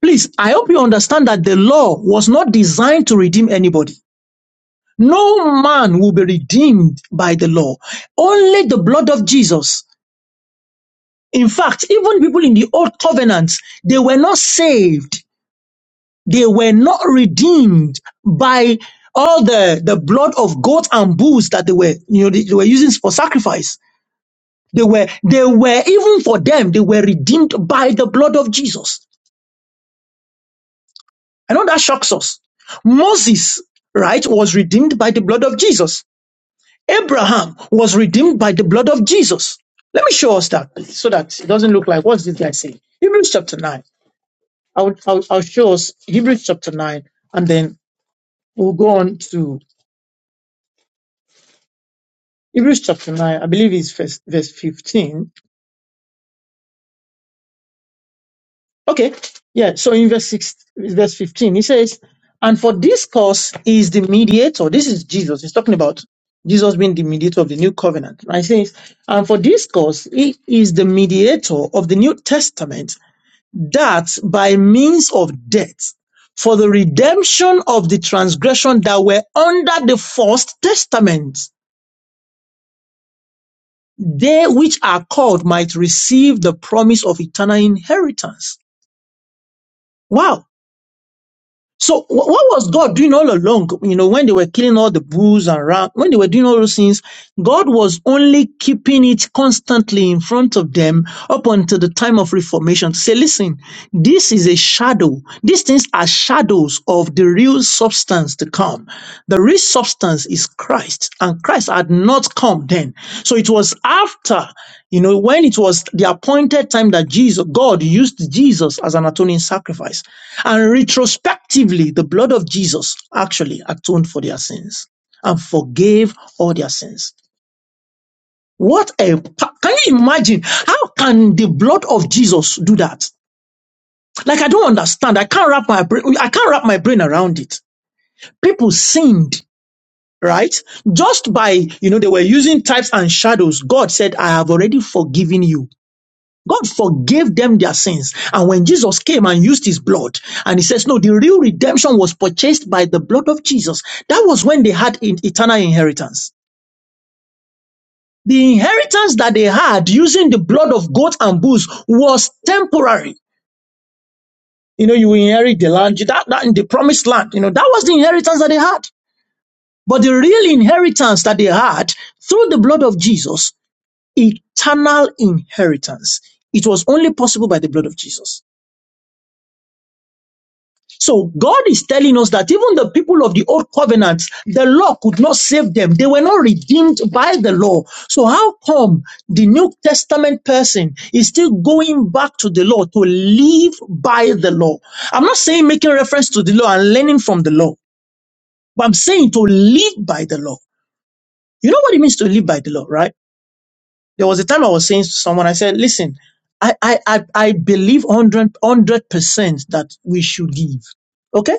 Please, I hope you understand that the law was not designed to redeem anybody. No man will be redeemed by the law. Only the blood of Jesus. In fact, even people in the old covenant, they were not saved They were not redeemed by all the, the blood of goats and bulls that they were, you know, they, they were using for sacrifice. They were, they were, even for them, they were redeemed by the blood of Jesus. I know that shocks us. Moses, right, was redeemed by the blood of Jesus. Abraham was redeemed by the blood of Jesus. Let me show us that please, so that it doesn't look like what's this guy saying? Hebrews chapter 9. I'll, I'll, I'll show us Hebrews chapter 9 and then we'll go on to Hebrews chapter 9, I believe it's verse, verse 15. Okay. Yeah. So in verse 6, verse 15, he says, and for this cause is the mediator. This is Jesus. He's talking about Jesus being the mediator of the new covenant. Right? He says, and for this cause he is the mediator of the new testament that by means of death for the redemption of the transgression that were under the first testament They which are called might receive the promise of eternal inheritance. Wow. So wh- what was God doing all along? You know, when they were killing all the bulls and ram, when they were doing all those things, God was only keeping it constantly in front of them up until the time of reformation to say, listen, this is a shadow. These things are shadows of the real substance to come. The real substance is Christ and Christ had not come then. So it was after you know, when it was the appointed time that Jesus, God used Jesus as an atoning sacrifice, and retrospectively, the blood of Jesus actually atoned for their sins and forgave all their sins. What a pa- can you imagine? How can the blood of Jesus do that? Like I don't understand. I can't wrap my brain. I can't wrap my brain around it. People sinned, right? Just by you know they were using types and shadows. God said, "I have already forgiven you." God forgave them their sins. And when Jesus came and used his blood, and he says, No, the real redemption was purchased by the blood of Jesus. That was when they had in- eternal inheritance. The inheritance that they had using the blood of goats and bulls was temporary. You know, you inherit the land, that, that in the promised land. You know, that was the inheritance that they had. But the real inheritance that they had through the blood of Jesus, eternal inheritance. It was only possible by the blood of Jesus. So God is telling us that even the people of the old covenant, the law could not save them. They were not redeemed by the law. So how come the New Testament person is still going back to the law to live by the law? I'm not saying making reference to the law and learning from the law, but I'm saying to live by the law. You know what it means to live by the law, right? There was a time I was saying to someone, I said, listen, I, I, I, I believe 100, percent that we should give." Okay?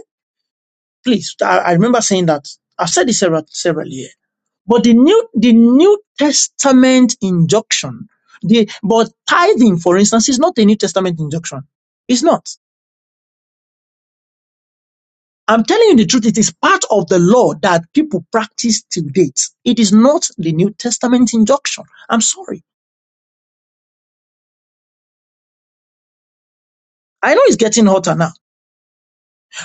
Please, I, I remember saying that. I've said this several, several years. But the New, the New Testament injunction, the, but tithing, for instance, is not a New Testament injunction. It's not. I'm telling you the truth. It is part of the law that people practice to date. It is not the New Testament injunction. I'm sorry. I know it's getting hotter now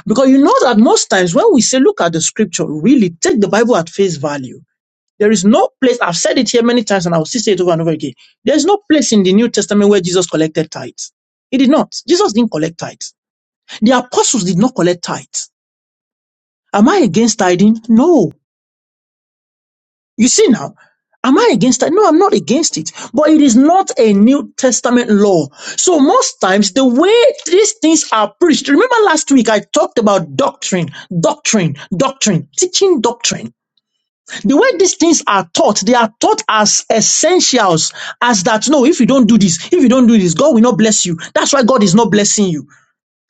because you know that most times when we say look at the scripture, really take the Bible at face value. There is no place, I've said it here many times and I'll still say it over and over again. There is no place in the New Testament where Jesus collected tithes. He did not. Jesus didn't collect tithes. The apostles did not collect tithes. Am I against tithing? No. You see now, am I against it? No, I'm not against it. But it is not a New Testament law. So most times the way these things are preached, remember last week I talked about doctrine, doctrine, doctrine, teaching doctrine. The way these things are taught, they are taught as essentials, as that no, if you don't do this, if you don't do this, God will not bless you. That's why God is not blessing you.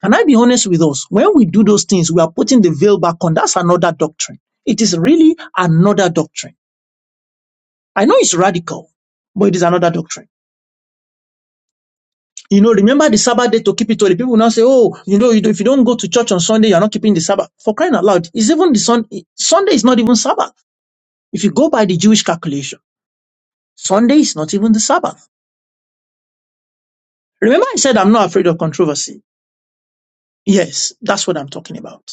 Can I be honest with us? When we do those things, we are putting the veil back on. That's another doctrine. It is really another doctrine. I know it's radical, but it is another doctrine. You know, remember the Sabbath day to keep it holy. People now say, oh, you know, if you don't go to church on Sunday, you're not keeping the Sabbath. For crying out loud, it's even the sun, Sunday is not even Sabbath. If you go by the Jewish calculation, Sunday is not even the Sabbath. Remember I said I'm not afraid of controversy. Yes, that's what I'm talking about.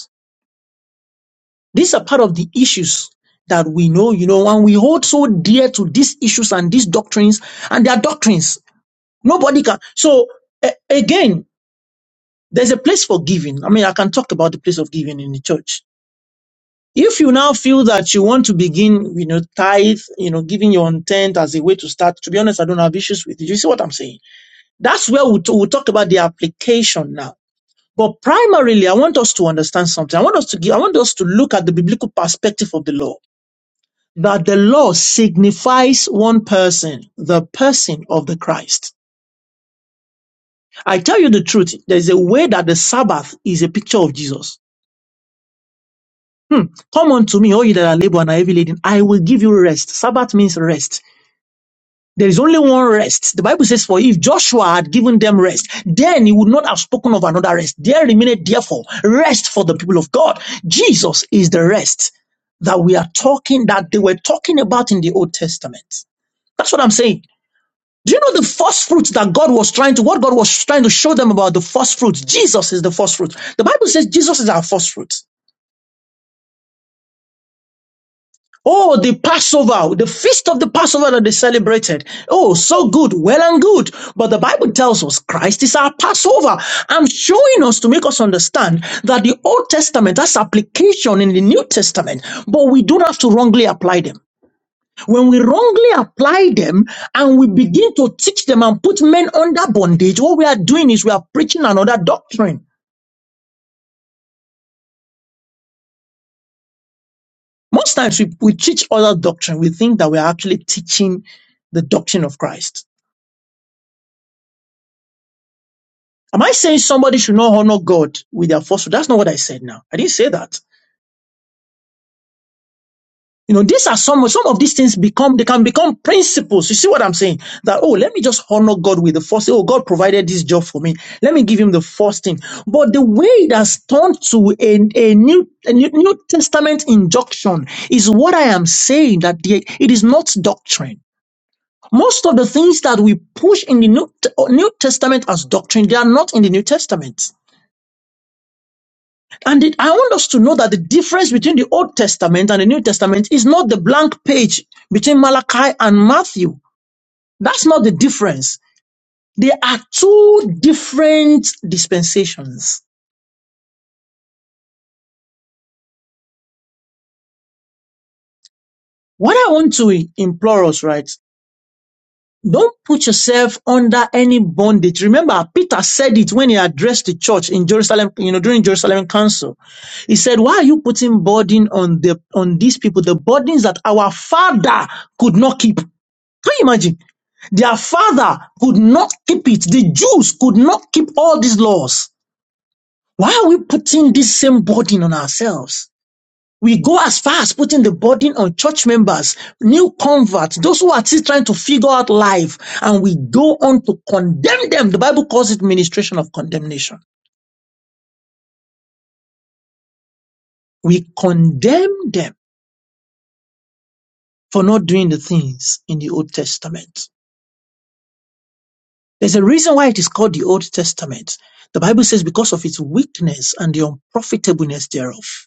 These are part of the issues that we know, you know, and we hold so dear to these issues and these doctrines and their doctrines. Nobody can. So a- again, there's a place for giving. I mean, I can talk about the place of giving in the church. If you now feel that you want to begin, you know, tithe, you know, giving your intent as a way to start, to be honest, I don't have issues with it. You see what I'm saying? That's where we t- we'll talk about the application now But primarily, I want us to understand something. I want us to give, I want us to look at the biblical perspective of the law. That the law signifies one person, the person of the Christ. I tell you the truth, there's a way that the Sabbath is a picture of Jesus. Hmm. Come unto me, all you that are labor and are heavy laden. I will give you rest. Sabbath means rest. There is only one rest. The Bible says, For if Joshua had given them rest, then he would not have spoken of another rest. There remained therefore rest for the people of God. Jesus is the rest that we are talking, that they were talking about in the Old Testament. That's what I'm saying. Do you know the first fruits that God was trying to, what God was trying to show them about the first fruits? Jesus is the first fruit. The Bible says Jesus is our first fruit. Oh, the Passover, the feast of the Passover that they celebrated. Oh, so good, well and good. But the Bible tells us Christ is our Passover. I'm showing us to make us understand that the Old Testament has application in the New Testament, but we don't have to wrongly apply them. When we wrongly apply them and we begin to teach them and put men under bondage, what we are doing is we are preaching another doctrine. Most times we, we teach other doctrine. We think that we are actually teaching the doctrine of Christ. Am I saying somebody should not honor God with their falsehood? That's not what I said now. I didn't say that. You know, these are some some of these things become they can become principles. You see what I'm saying? That oh, let me just honor God with the first. thing. Oh, God provided this job for me. Let me give Him the first thing. But the way it has turned to a, a new a new, new Testament injunction is what I am saying that the, it is not doctrine. Most of the things that we push in the New, New Testament as doctrine, they are not in the New Testament. And it, I want us to know that the difference between the Old Testament and the New Testament is not the blank page between Malachi and Matthew. That's not the difference. They are two different dispensations. What I want to implore us, right? Don't put yourself under any bondage. Remember, Peter said it when he addressed the church in Jerusalem, you know, during Jerusalem Council. He said, Why are you putting burden on the on these people? The burdens that our father could not keep. Can you imagine? Their father could not keep it. The Jews could not keep all these laws. Why are we putting this same burden on ourselves? We go as far as putting the burden on church members, new converts, those who are still trying to figure out life, and we go on to condemn them. The Bible calls it ministration of condemnation. We condemn them for not doing the things in the Old Testament. There's a reason why it is called the Old Testament. The Bible says because of its weakness and the unprofitableness thereof.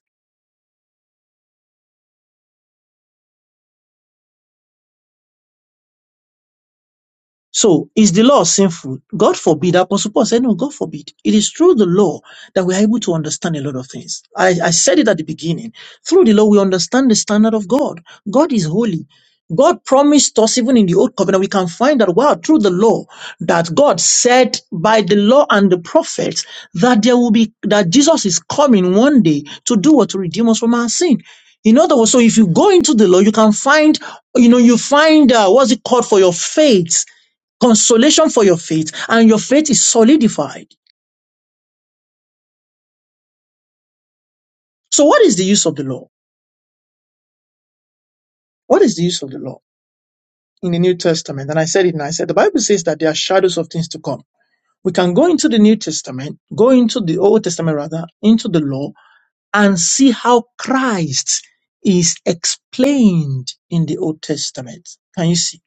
So is the law sinful? God forbid. Apostle Paul said, no, God forbid. It is through the law that we are able to understand a lot of things. I, I said it at the beginning. Through the law, we understand the standard of God. God is holy. God promised us, even in the Old Covenant, we can find that, wow, through the law, that God said by the law and the prophets that there will be, that Jesus is coming one day to do what? To redeem us from our sin. In other words, so if you go into the law, you can find, you know, you find, uh, what's it called for your faith consolation for your faith, and your faith is solidified. So, what is the use of the law? What is the use of the law in the New Testament? And I said it, and I said the Bible says that there are shadows of things to come. We can go into the New Testament, go into the Old Testament rather, into the law, and see how Christ is explained in the Old Testament. Can you see?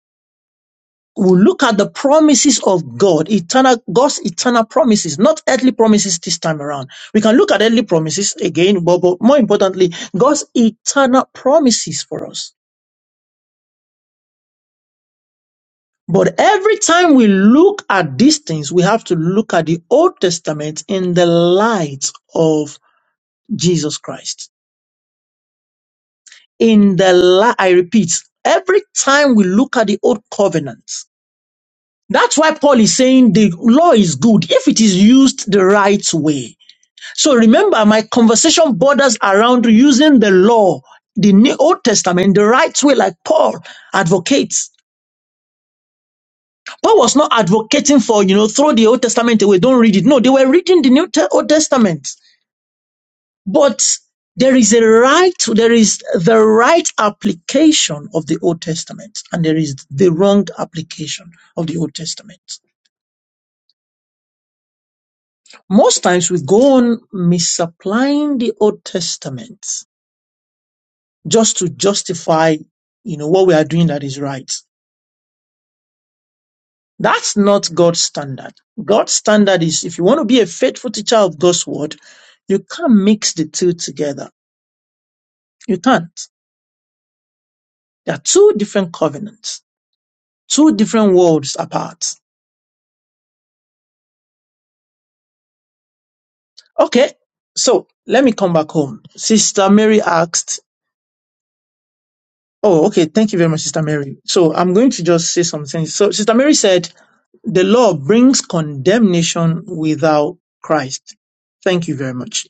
we look at the promises of God, eternal, God's eternal promises, not earthly promises this time around. We can look at earthly promises again, but, but more importantly, God's eternal promises for us. But every time we look at these things, we have to look at the Old Testament in the light of Jesus Christ. In the light, I repeat, every time we look at the Old Covenant, that's why Paul is saying the law is good if it is used the right way. So remember, my conversation borders around using the law, the New Old Testament, the right way, like Paul advocates. Paul was not advocating for, you know, throw the Old Testament away, don't read it. No, they were reading the New Te- Old Testament. But there is a right, there is the right application of the Old Testament, and there is the wrong application of the Old Testament. Most times we go on misapplying the Old Testament just to justify, you know, what we are doing that is right. That's not God's standard. God's standard is if you want to be a faithful teacher of God's word, you can't mix the two together. You can't. There are two different covenants, two different worlds apart. Okay. So let me come back home. Sister Mary asked, Oh, okay. Thank you very much, Sister Mary. So I'm going to just say something. So Sister Mary said, the law brings condemnation without Christ. Thank you very much.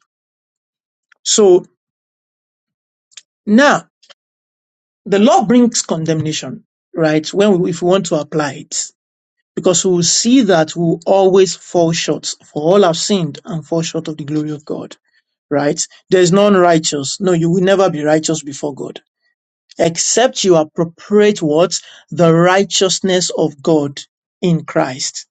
So now the law brings condemnation, right? When we, if we want to apply it, because we will see that we will always fall short. For all have sinned and fall short of the glory of God, right? There is none righteous. No, you will never be righteous before God, except you appropriate what the righteousness of God in Christ.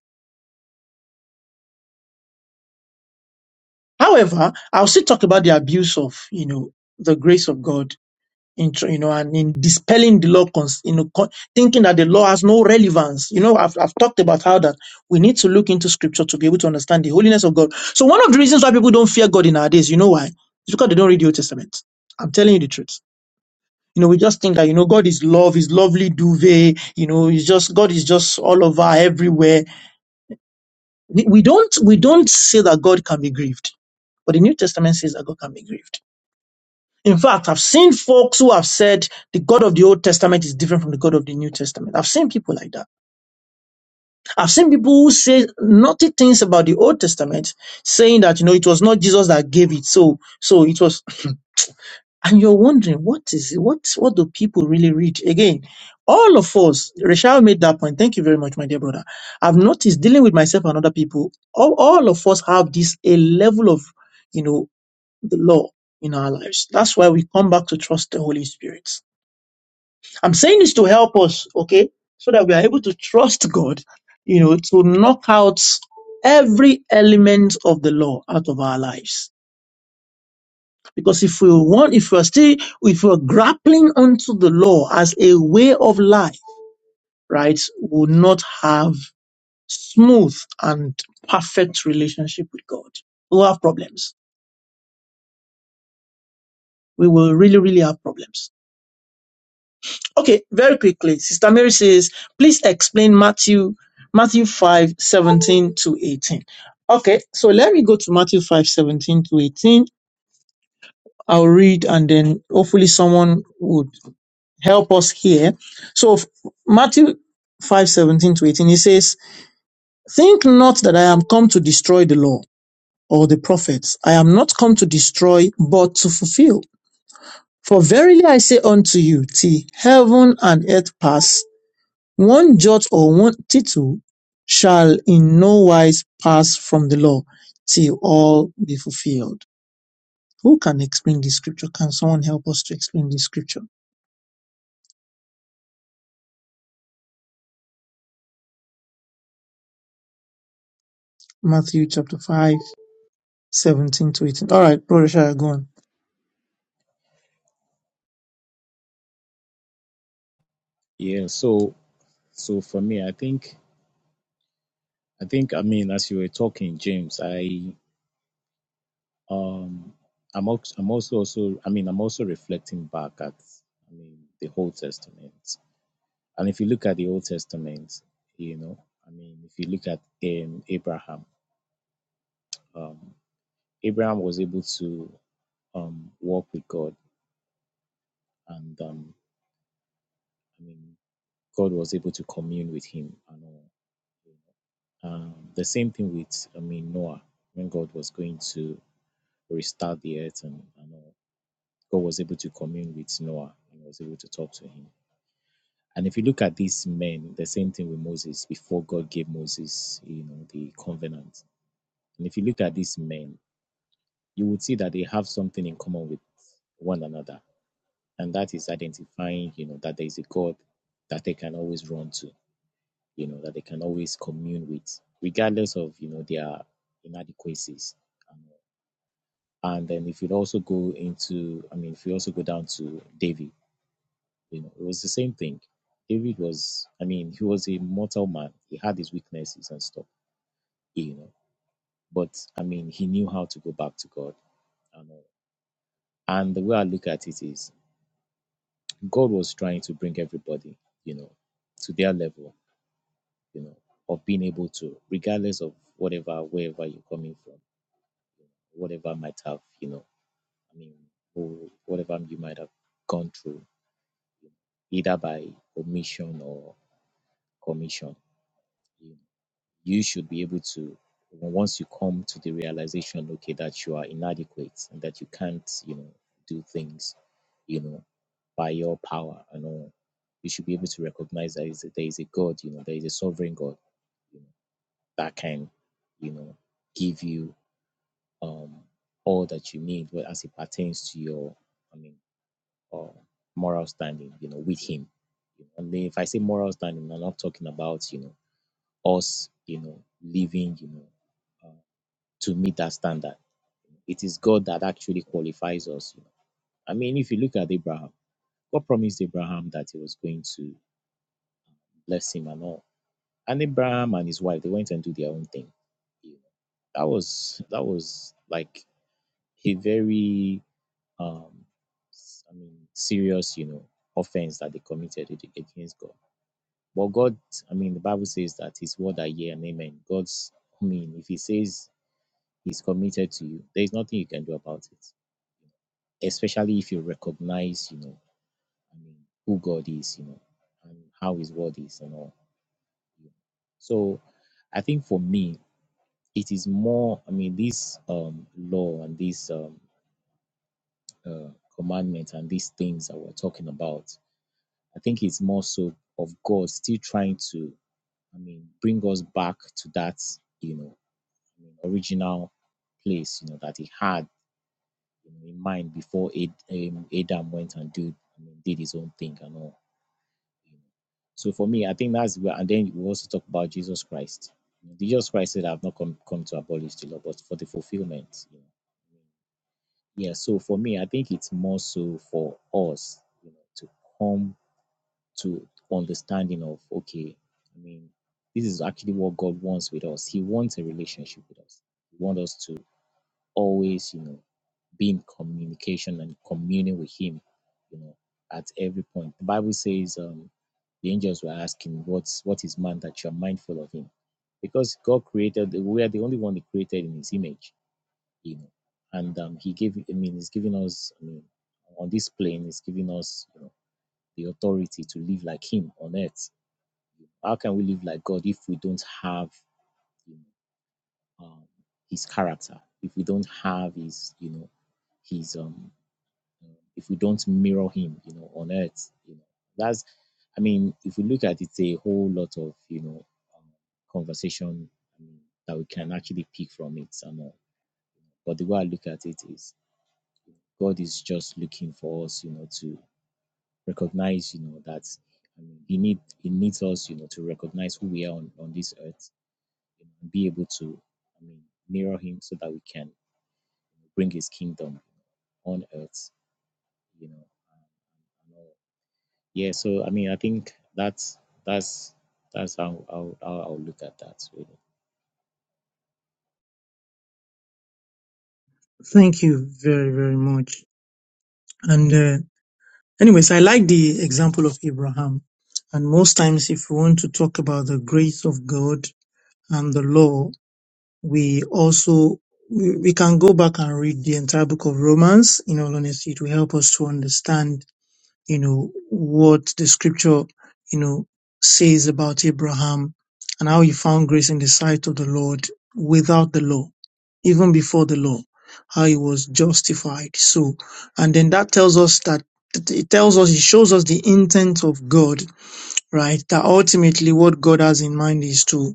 However, I'll still talk about the abuse of, you know, the grace of God in tr- you know and in dispelling the law cons- you know con- thinking that the law has no relevance you know I've, I've talked about how that we need to look into scripture to be able to understand the holiness of god so one of the reasons why people don't fear god in our days you know why it's because they don't read the old testament i'm telling you the truth you know we just think that you know god is love is lovely duvet you know it's just god is just all over everywhere we we don't we don't say that god can be grieved but the new testament says that god can be grieved In fact, I've seen folks who have said the God of the Old Testament is different from the God of the New Testament. I've seen people like that. I've seen people who say naughty things about the Old Testament, saying that, you know, it was not Jesus that gave it. So, so it was, and you're wondering, what is it? What, what do people really read? Again, all of us, Rachel made that point. Thank you very much, my dear brother. I've noticed dealing with myself and other people, all, all of us have this, a level of, you know, the law in our lives. That's why we come back to trust the Holy Spirit I'm saying this to help us, okay? So that we are able to trust God, you know, to knock out every element of the law out of our lives. Because if we want, if we're still, if we're grappling onto the law as a way of life, right, we'll not have smooth and perfect relationship with God. We'll have problems. We will really, really have problems. Okay, very quickly. Sister Mary says, please explain Matthew Matthew 5 17 to 18. Okay, so let me go to Matthew 5 17 to 18. I'll read and then hopefully someone would help us here. So f- Matthew 5 17 to 18, he says, Think not that I am come to destroy the law or the prophets. I am not come to destroy, but to fulfill. For verily I say unto you, till heaven and earth pass, One jot or one tittle shall in no wise pass from the law till all be fulfilled. Who can explain this scripture? Can someone help us to explain this scripture? Matthew chapter 5, 17 to 18. All right, Brother Shah, go on.
Yeah, so so for me, I think I think I mean, as you were talking, James, I um, I'm also, I'm also also I mean, I'm also reflecting back at I mean the Old Testament, and if you look at the Old Testament, you know, I mean, if you look at um, Abraham. um, Abraham was able to um, walk with God, and um, I mean, God was able to commune with him and all. Um, the same thing with, I mean, Noah when God was going to restart the earth and, and all. God was able to commune with Noah and was able to talk to him. And if you look at these men, the same thing with Moses before God gave Moses, you know, the covenant. And if you look at these men, you would see that they have something in common with one another and that is identifying you know that there is a god that they can always run to you know that they can always commune with regardless of you know their inadequacies um, and then if you also go into i mean if you also go down to david you know it was the same thing david was i mean he was a mortal man he had his weaknesses and stuff you know but i mean he knew how to go back to god and And the way I look at it is, God was trying to bring everybody, you know, to their level you know, of being able to, regardless of whatever, wherever you're coming from, whatever might have, you know, I mean, or whatever you might have gone through, either by omission or commission, you, you should be able to, once you come to the realization, okay, that you are inadequate and that you can't, you know, do things, you know, by your power and all, you should be able to recognize that is- there is a God, you know, there is a sovereign God, you know, that can, you know, give you um, all that you need well, as it pertains to your, I mean, uh, moral standing, you know, with Him. And if I say moral standing, I'm not talking about, you know, us, you know, living, you know, uh, to meet that standard. It is God that actually qualifies us. You know. I mean, if you look at Abraham, God promised Abraham that He was going to bless him and all. And Abraham and his wife, they went and do their own thing. You know, that was that was like a very um s- I mean serious, you know, offense that they committed ag- against God. But God, I mean, the Bible says that His word are yeah and amen. God's, I mean, if He says He's committed to you, there is nothing you can do about it. Especially if you recognize, you know, I mean, who God is, you know, and how His word is, and all. So, I think for me, it is more. I mean, this um law and this um uh, commandment and these things that we're talking about I think it's more so of God still trying to, I mean, bring us back to that, you know, I mean, original place, you know, that He had in mind before Ad, um, Adam went and did, I mean, did his own thing and all. You know. So for me, I think that's where, and then we also talk about Jesus Christ. You know, Jesus Christ said, "I've not come come to abolish the law, but for the fulfillment." You know. Yeah. So for me, I think it's more so for us, you know, to come to understanding of okay, I mean, this is actually what God wants with us. He wants a relationship with us. He wants us to always, you know, be in communication and communing with Him, you know, at every point. The Bible says um, the angels were asking, "What's what is man that you are mindful of him?" Because God created, we are the only one He created in His image, you know, and um, He gave. I mean, He's giving us. I mean, on this plane, He's giving us. you know the authority to live like Him on earth. How can we live like God if we don't have you know, um, His character? If we don't have His, you know, His, um, uh, if we don't mirror Him, you know, on earth, you know, that's, I mean, if we look at it, it's a whole lot of, you know, um, conversation I that we can actually pick from it and all. But the way I look at it is, God is just looking for us, you know, to recognize, you know, that um, he need he needs us, you know, to recognize who we are on, on this earth, and be able to, I mean, mirror him so that we can bring his kingdom on earth, you know. Yeah, so I mean, I think that's that's that's how how, how I'll look at that. Really.
Thank you very, very much. And uh, anyways, I like the example of Abraham. And most times, if we want to talk about the grace of God and the law, we also we, we can go back and read the entire book of Romans. In all honesty, it will help us to understand, you know, what the scripture, you know, says about Abraham and how he found grace in the sight of the Lord without the law, even before the law, how he was justified. So, and then that tells us that it tells us, it shows us the intent of God, right? That ultimately what God has in mind is to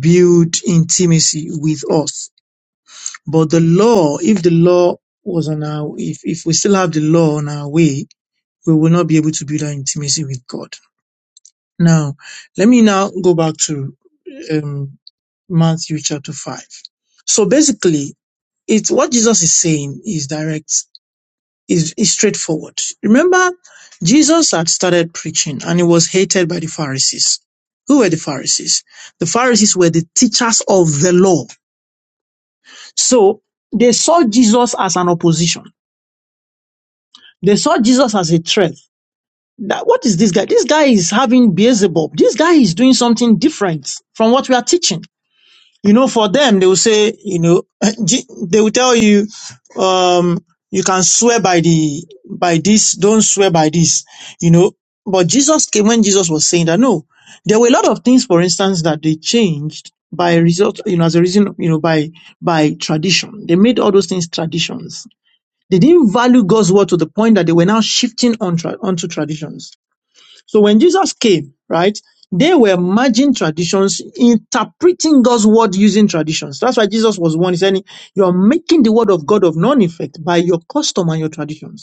build intimacy with us but the law, if the law was on our, if, if we still have the law on our way, we will not be able to build our intimacy with God. Now, let me now go back to um, Matthew chapter 5. So basically, it's what Jesus is saying is direct, is, is straightforward. Remember, Jesus had started preaching and he was hated by the Pharisees. Who were the Pharisees? The Pharisees were the teachers of the law. So they saw Jesus as an opposition They saw Jesus as a threat. That, what is this guy? This guy is having Beelzebub. This guy is doing something different from what we are teaching. You know, for them, they will say, you know, <laughs> Je- they will tell you, um, you can swear by the, by this, don't swear by this, you know. But Jesus came when Jesus was saying that, no, there were a lot of things, for instance, that they changed by result, you know, as a reason, you know, by, by tradition. They made all those things traditions they didn't value God's word to the point that they were now shifting on tra- onto traditions. So when Jesus came, right, they were merging traditions, interpreting God's word using traditions. That's why Jesus was one. He said, You're making the word of God of none effect by your custom and your traditions.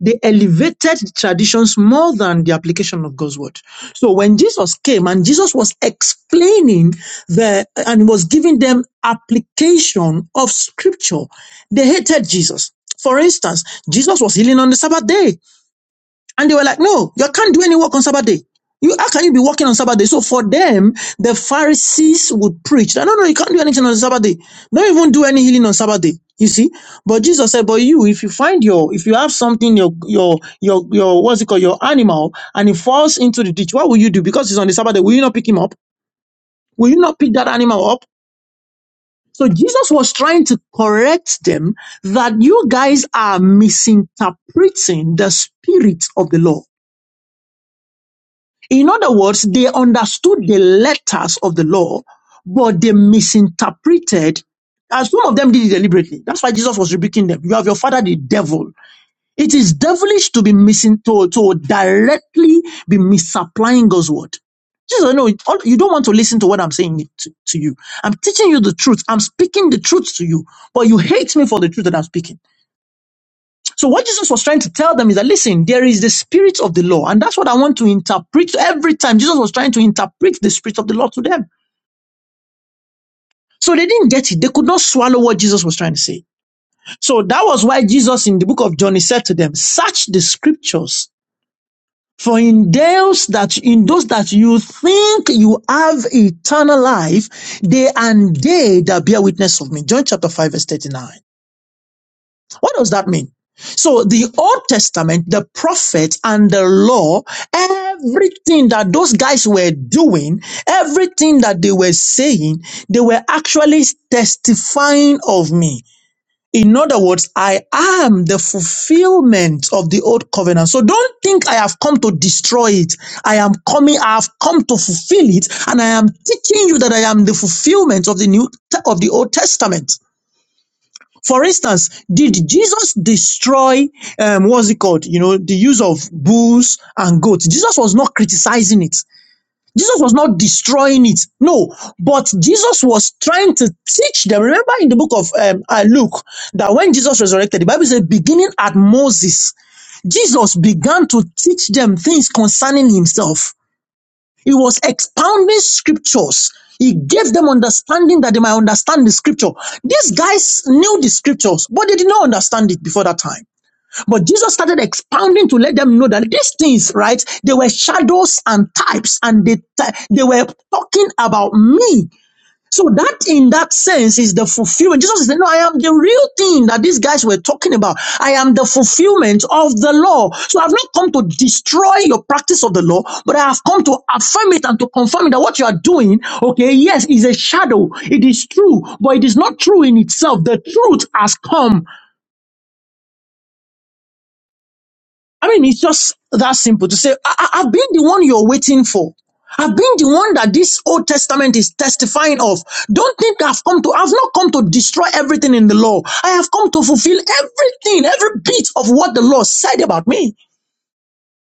They elevated traditions more than the application of God's word. So when Jesus came and Jesus was explaining the and was giving them application of scripture, they hated Jesus. For instance, Jesus was healing on the Sabbath day and they were like, no, you can't do any work on Sabbath day. You, how can you be working on Sabbath day? So for them, the Pharisees would preach that, no, no, you can't do anything on the Sabbath day. Don't even do any healing on Sabbath day. You see? But Jesus said, but you, if you find your, if you have something, your, your, your, your, what's it called, your animal, and it falls into the ditch, what will you do? Because it's on the Sabbath day, will you not pick him up? Will you not pick that animal up? So Jesus was trying to correct them that you guys are misinterpreting the spirit of the law. In other words, they understood the letters of the law, but they misinterpreted. And some of them did it deliberately. That's why Jesus was rebuking them. You have your father, the devil. It is devilish to be missing to, to directly be misapplying God's word. Jesus, no, you don't want to listen to what I'm saying to, to you. I'm teaching you the truth. I'm speaking the truth to you, but you hate me for the truth that I'm speaking. So what Jesus was trying to tell them is that listen, there is the spirit of the law, and that's what I want to interpret every time. Jesus was trying to interpret the spirit of the law to them. So they didn't get it. They could not swallow what Jesus was trying to say. So that was why Jesus in the book of John he said to them, search the scriptures. For in those that, in those that you think you have eternal life, they and they that bear witness of me. John chapter 5 verse 39. What does that mean? So the Old Testament, the prophets and the law, everything that those guys were doing, everything that they were saying, they were actually testifying of me. In other words, I am the fulfillment of the old covenant. So don't think I have come to destroy it. I am coming, I have come to fulfill it, and I am teaching you that I am the fulfillment of the new of the Old Testament. For instance, did Jesus destroy um, what's it called? You know, the use of bulls and goats. Jesus was not criticizing it. Jesus was not destroying it. No, but Jesus was trying to teach them. Remember in the book of um, uh, Luke that when Jesus resurrected, the Bible says, beginning at Moses, Jesus began to teach them things concerning himself. He was expounding scriptures. He gave them understanding that they might understand the scripture. These guys knew the scriptures, but they did not understand it before that time. But Jesus started expounding to let them know that these things, right, they were shadows and types, and they, they were talking about me so that in that sense is the fulfillment. Jesus is saying, No, I am the real thing that these guys were talking about. I am the fulfillment of the law. So I've not come to destroy your practice of the law, but I have come to affirm it and to confirm it that what you are doing, okay, yes, is a shadow. It is true, but it is not true in itself. The truth has come. I mean, it's just that simple to say, I- I- I've been the one you're waiting for. I've been the one that this Old Testament is testifying of. Don't think I've come to, I've not come to destroy everything in the law. I have come to fulfill everything, every bit of what the law said about me.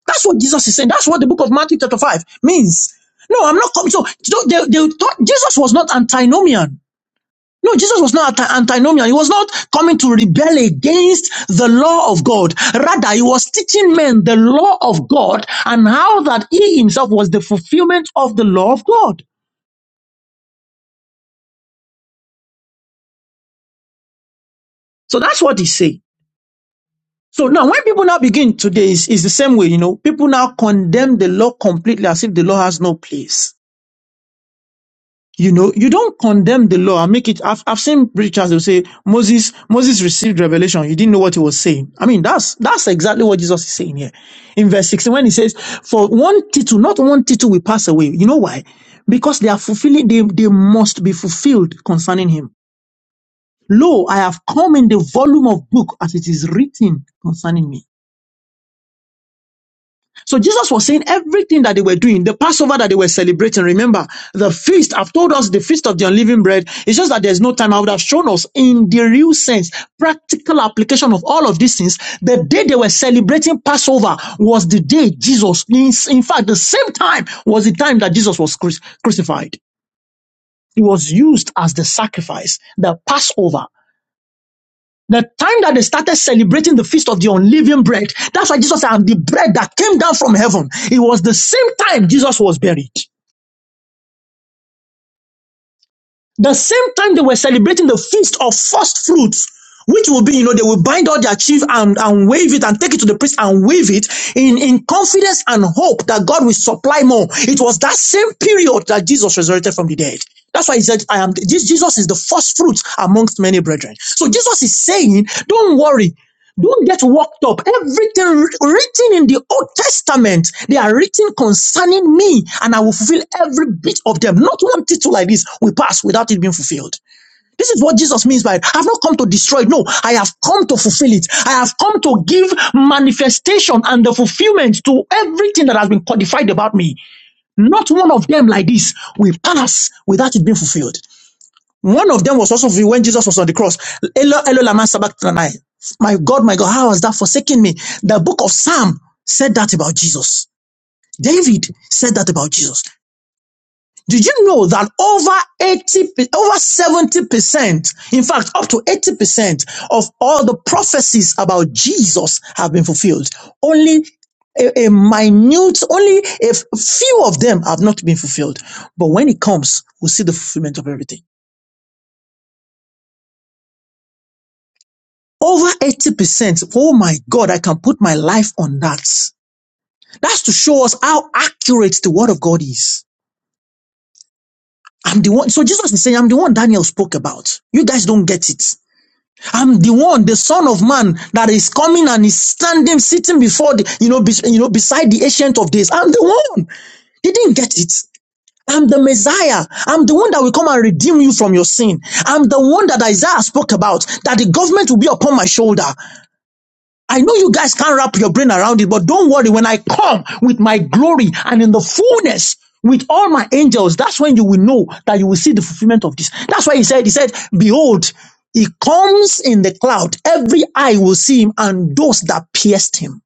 That's what Jesus is saying. That's what the book of Matthew chapter 5 means. No, I'm not coming. So, so they, they thought Jesus was not antinomian. No, Jesus was not antinomian. He was not coming to rebel against the law of God. Rather, he was teaching men the law of God and how that he himself was the fulfillment of the law of God. So that's what he said. So now when people now begin today is the same way, you know, people now condemn the law completely as if the law has no place. You know, you don't condemn the law and make it. I've, I've seen preachers who say Moses Moses received revelation. He didn't know what he was saying. I mean, that's that's exactly what Jesus is saying here in verse 16 when he says, "For one tittle, not one tittle will pass away." You know why? Because they are fulfilling. They they must be fulfilled concerning him. Lo, I have come in the volume of book as it is written concerning me. So Jesus was saying everything that they were doing, the Passover that they were celebrating. Remember, the feast, I've told us the feast of the unleavened bread. It's just that there's no time. I would have shown us in the real sense, practical application of all of these things. The day they were celebrating Passover was the day Jesus, in, in fact, the same time was the time that Jesus was cruci- crucified. It was used as the sacrifice, the Passover the time that they started celebrating the feast of the unleavened bread, that's why Jesus said, I'm the bread that came down from heaven. It was the same time Jesus was buried. The same time they were celebrating the feast of first fruits, which will be, you know, they will bind all their chief and, and wave it and take it to the priest and wave it in, in confidence and hope that God will supply more. It was that same period that Jesus resurrected from the dead. That's why he said, I am, this, Jesus is the first fruit amongst many brethren. So Jesus is saying, don't worry. Don't get worked up. Everything written in the Old Testament, they are written concerning me, and I will fulfill every bit of them. Not one title like this will pass without it being fulfilled. This is what Jesus means by it. I've not come to destroy it. No, I have come to fulfill it. I have come to give manifestation and the fulfillment to everything that has been codified about me. Not one of them like this will pass without it being fulfilled. One of them was also when Jesus was on the cross. Elo, Elo, lama sabachthani. My God, my God, how has that forsaken me? The book of Psalm said that about Jesus. David said that about Jesus. Did you know that over 80, over 70%, in fact, up to 80% of all the prophecies about Jesus have been fulfilled? Only a, a minute, only a few of them have not been fulfilled. But when it comes, we'll see the fulfillment of everything. Over 80%. Oh my God, I can put my life on that. That's to show us how accurate the word of God is. I'm the one. So Jesus is saying, I'm the one Daniel spoke about. You guys don't get it. I'm the one, the son of man that is coming and is standing, sitting before the, you know, be, you know, beside the ancient of days. I'm the one. They didn't get it. I'm the Messiah. I'm the one that will come and redeem you from your sin. I'm the one that Isaiah spoke about, that the government will be upon my shoulder. I know you guys can't wrap your brain around it, but don't worry. When I come with my glory and in the fullness with all my angels, that's when you will know that you will see the fulfillment of this. That's why he said, he said, behold, he comes in the cloud. Every eye will see him and those that pierced him.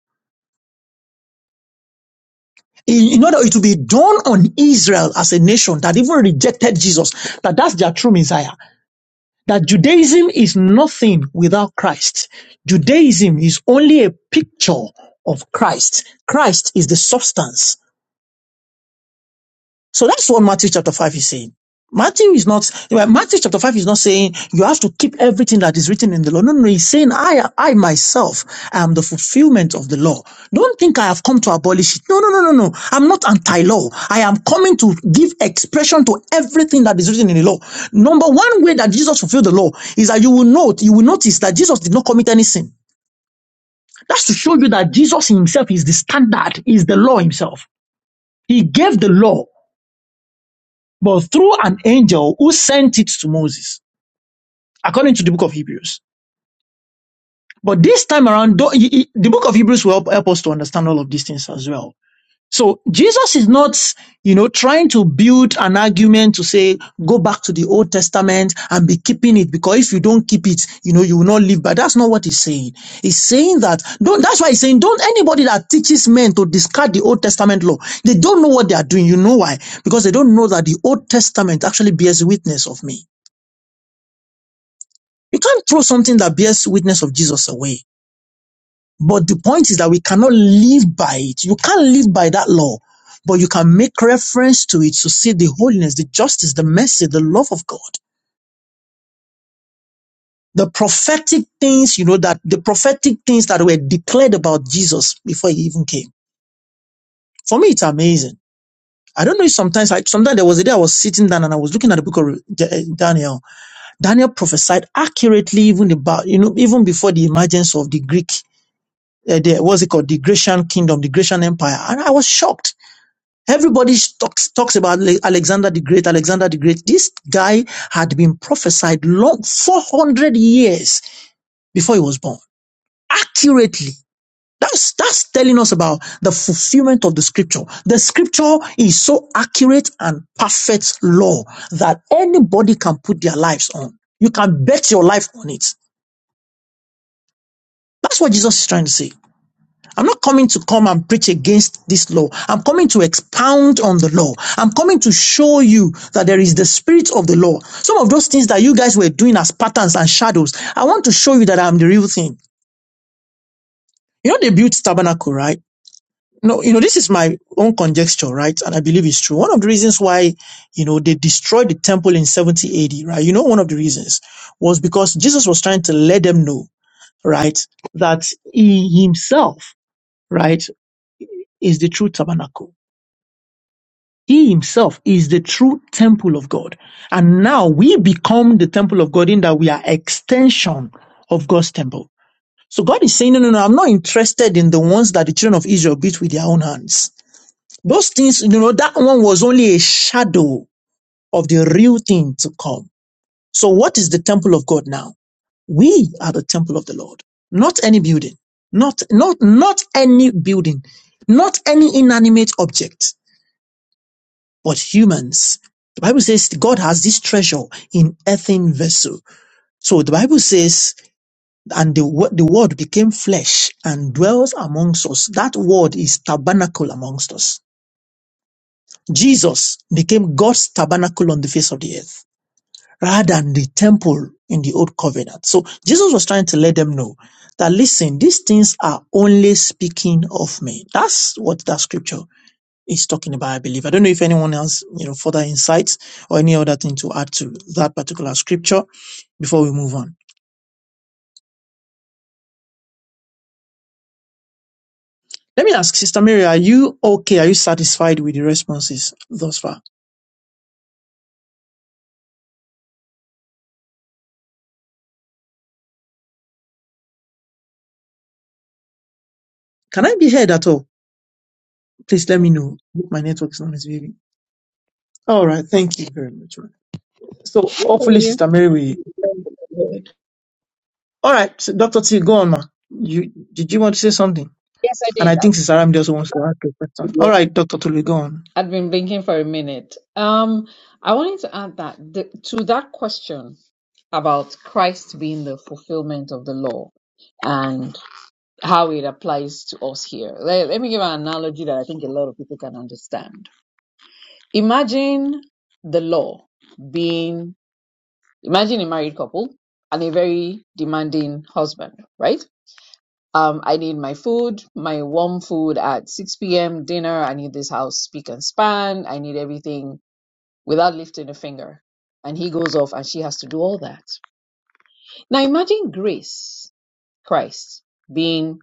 In, in order it will be done on Israel as a nation that even rejected Jesus, that that's their true Messiah. that Judaism is nothing without Christ. Judaism is only a picture of Christ. Christ is the substance. So that's what Matthew chapter 5 is saying. Matthew is not, well, Matthew chapter 5 is not saying you have to keep everything that is written in the law. No, no, no, he's saying I, I myself am the fulfillment of the law. Don't think I have come to abolish it. No, no, no, no, no. I'm not anti-law. I am coming to give expression to everything that is written in the law. Number one way that Jesus fulfilled the law is that you will note, you will notice that Jesus did not commit any sin. That's to show you that Jesus himself is the standard, is the law himself. He gave the law but through an angel who sent it to Moses, according to the book of Hebrews. But this time around, though, he- he- the book of Hebrews will help, help us to understand all of these things as well. So Jesus is not, you know, trying to build an argument to say, go back to the Old Testament and be keeping it because if you don't keep it, you know, you will not live. But that's not what he's saying. He's saying that, don't, that's why he's saying, don't anybody that teaches men to discard the Old Testament law, they don't know what they are doing. You know why? Because they don't know that the Old Testament actually bears witness of me. You can't throw something that bears witness of Jesus away. But the point is that we cannot live by it. You can't live by that law, but you can make reference to it to see the holiness, the justice, the mercy, the love of God. The prophetic things, you know, that the prophetic things that were declared about Jesus before he even came. For me, it's amazing. I don't know if sometimes I, sometimes there was a day I was sitting down and I was looking at the book of Da- eh, Daniel. Daniel prophesied accurately even about, you know, even before the emergence of the Greek uh, the, what's it called, the Grecian kingdom, the Grecian empire. And I was shocked. Everybody talks, talks about Alexander the Great, Alexander the Great. This guy had been prophesied long, 400 years before he was born. Accurately. That's, that's telling us about the fulfillment of the scripture. The scripture is so accurate and perfect law that anybody can put their lives on. You can bet your life on it. That's what Jesus is trying to say. I'm not coming to come and preach against this law. I'm coming to expound on the law. I'm coming to show you that there is the spirit of the law. Some of those things that you guys were doing as patterns and shadows, I want to show you that I'm the real thing. You know, they built tabernacle, right? No, you know, this is my own conjecture, right? And I believe it's true. One of the reasons why, you know, they destroyed the temple in 70 AD, right? You know, one of the reasons was because Jesus was trying to let them know, right, that he himself, right, is the true tabernacle He himself is the true temple of God. And now we become the temple of God in that we are extension of God's temple. So God is saying, no, no, no, I'm not interested in the ones that the children of Israel built with their own hands. Those things, you know, that one was only a shadow of the real thing to come. So what is the temple of God now? We are the temple of the Lord, not any building, not, not, not any building, not any inanimate object But humans, the Bible says God has this treasure in earthen vessel. So the Bible says, and the, wo- the word became flesh and dwells amongst us. That word is tabernacle amongst us. Jesus became God's tabernacle on the face of the earth rather than the temple in the old covenant. So Jesus was trying to let them know that listen, these things are only speaking of me. That's what that scripture is talking about, I believe. I don't know if anyone else, you know, further insights or any other thing to add to that particular scripture before we move on. Let me ask Sister Mary, are you okay? Are you satisfied with the responses thus far? Can I be heard at all? Please let
Yeah,
me know. My network is not misbehaving. All right. Thank you very much. ma'am. So hopefully,
Yeah, yeah.
Sister Mary will. All right. So Dr. T, go on, ma. You, did you want to say something?
Yes, I
And I think
did.
Sister Ramdi also wants to ask a question. All right, Dr. Tolu, go on.
I'd been blinking for a minute. Um, I wanted to add that the, to that question about Christ being the fulfillment of the law and how it applies to us here. Let, let me give an analogy that I think a lot of people can understand. Imagine the law being, imagine a married couple and a very demanding husband, right? Um, I need my food, my warm food at 6 p.m. dinner. I need this house speak and span. I need everything without lifting a finger. And he goes off and she has to do all that. Now imagine Grace, Christ, being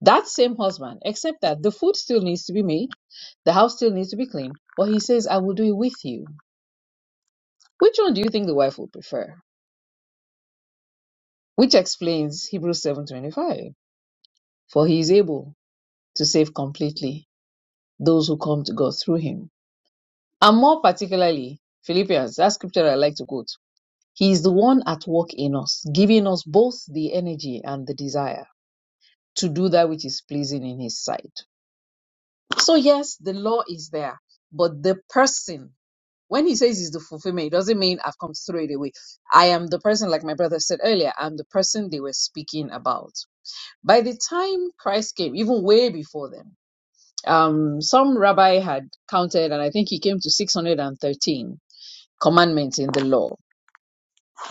that same husband, except that the food still needs to be made, the house still needs to be cleaned, but he says, I will do it with you. Which one do you think the wife would prefer? Which explains Hebrews 7:25, for he is able to save completely those who come to God through him. And more particularly, Philippians, that scripture I like to quote He is the one at work in us, giving us both the energy and the desire to do that which is pleasing in His sight. So, yes, the law is there, but the person, when he says he's the fulfillment, it doesn't mean I've come to throw it away. I am the person, like my brother said earlier, I'm the person they were speaking about. By the time Christ came, even way before then, um, some rabbi had counted, and I think he came to 613 commandments in the law.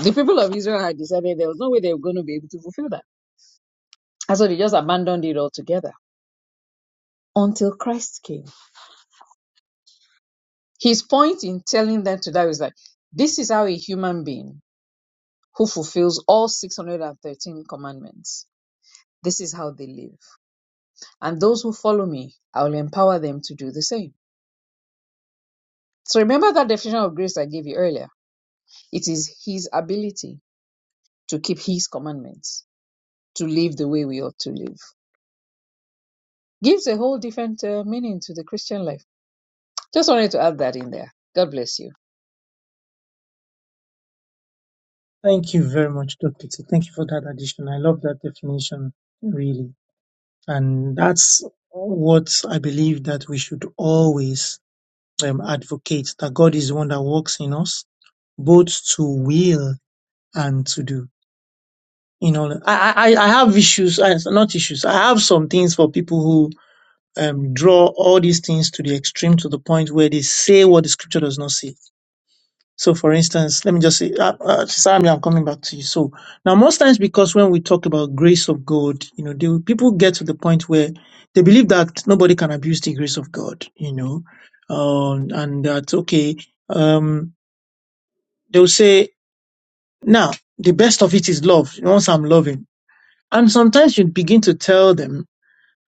The people of Israel had decided there was no way they were going to be able to fulfill that And so they just abandoned it altogether until Christ came. His point in telling them to die was like, this is how a human being who fulfills all 613 commandments, this is how they live. And those who follow me, I will empower them to do the same. So remember that definition of grace I gave you earlier. It is his ability to keep his commandments, to live the way we ought to live. Gives a whole different uh, meaning to the Christian life. Just wanted to add that in there. God bless you.
Thank you very much, Dr. T. Thank you for that addition. I love that definition, really. And that's what I believe that we should always um, advocate that God is the one that works in us, both to will and to do. You know, I, I, I have issues, uh, not issues. I have some things for people who um, draw all these things to the extreme to the point where they say what the scripture does not say So, for instance, let me just say, uh, uh, Sister Ami, I'm coming back to you. So, now most times, because when we talk about grace of God, you know, they, people get to the point where they believe that nobody can abuse the grace of God, you know, um, and that okay, um, they'll say, now the best of it is love. Once I'm loving, and sometimes you begin to tell them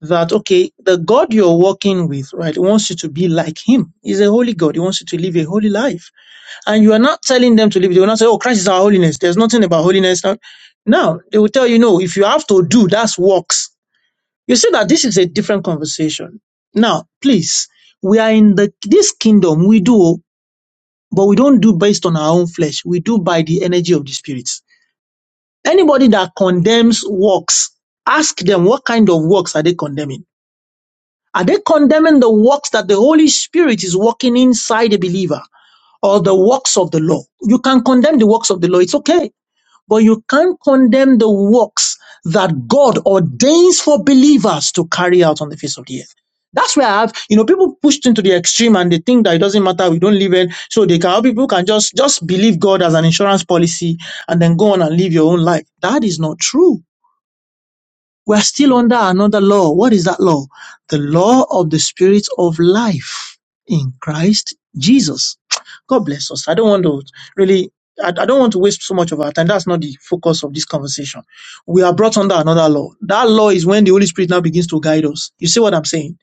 that okay, the God you're working with, right, wants you to be like Him. He's a holy God. He wants you to live a holy life and you are not telling them to leave. They will not say, "Oh, Christ is our holiness." There's nothing about holiness now. No, they will tell you, "No, if you have to do, that's works." You see that this is a different conversation. Now, please, we are in the this kingdom. We do, but we don't do based on our own flesh. We do by the energy of the Spirit. Anybody that condemns works, ask them what kind of works are they condemning. Are they condemning the works that the Holy Spirit is working inside a believer, or the works of the law? You can condemn the works of the law. It's okay but you can't condemn the works that God ordains for believers to carry out on the face of the earth. That's where I have, you know, people pushed into the extreme and they think that it doesn't matter, we don't live it. So they can, people can just, just believe God as an insurance policy and then go on and live your own life. That is not true. We're still under another law. What is that law? The law of the spirit of life in Christ Jesus. God bless us. I don't want to really, I, I don't want to waste so much of our time. That's not the focus of this conversation. We are brought under another law. That law is when the Holy Spirit now begins to guide us. You see what I'm saying?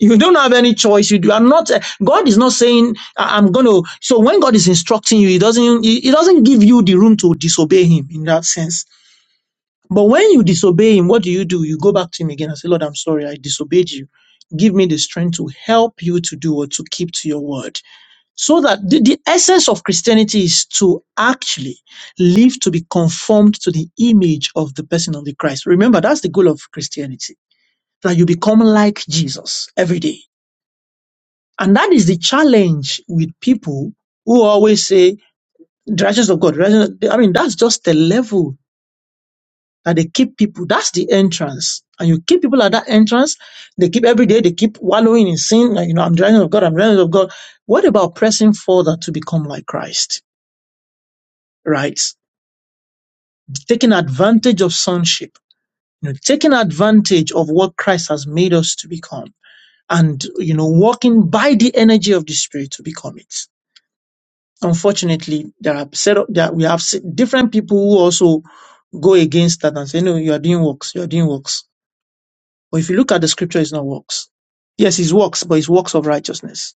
You don't have any choice. You do- are not. uh, God is not saying, "I- "I'm going to." So when God is instructing you, He doesn't. He, he doesn't give you the room to disobey Him in that sense. But when you disobey him, what do you do? You go back to him again and say, Lord, I'm sorry, I disobeyed you. Give me the strength to help you to do or to keep to your word. So that the, the essence of Christianity is to actually live to be conformed to the image of the person of the Christ. Remember, that's the goal of Christianity, that you become like Jesus every day. And that is the challenge with people who always say, the righteousness of God. righteousness-" I mean, that's just the level that they keep people. That's the entrance. And you keep people at that entrance. They keep every day, they keep wallowing in sin. Like, you know, I'm the righteousness of God, I'm the righteousness of God. What about pressing further to become like Christ? Right? Taking advantage of sonship, you know, taking advantage of what Christ has made us to become and, you know, walking by the energy of the Spirit to become it. Unfortunately, there are set up that we have se- different people who also go against that and say, no, you are doing works, you are doing works But if you look at the scripture, it's not works. Yes, his works, but his works of righteousness.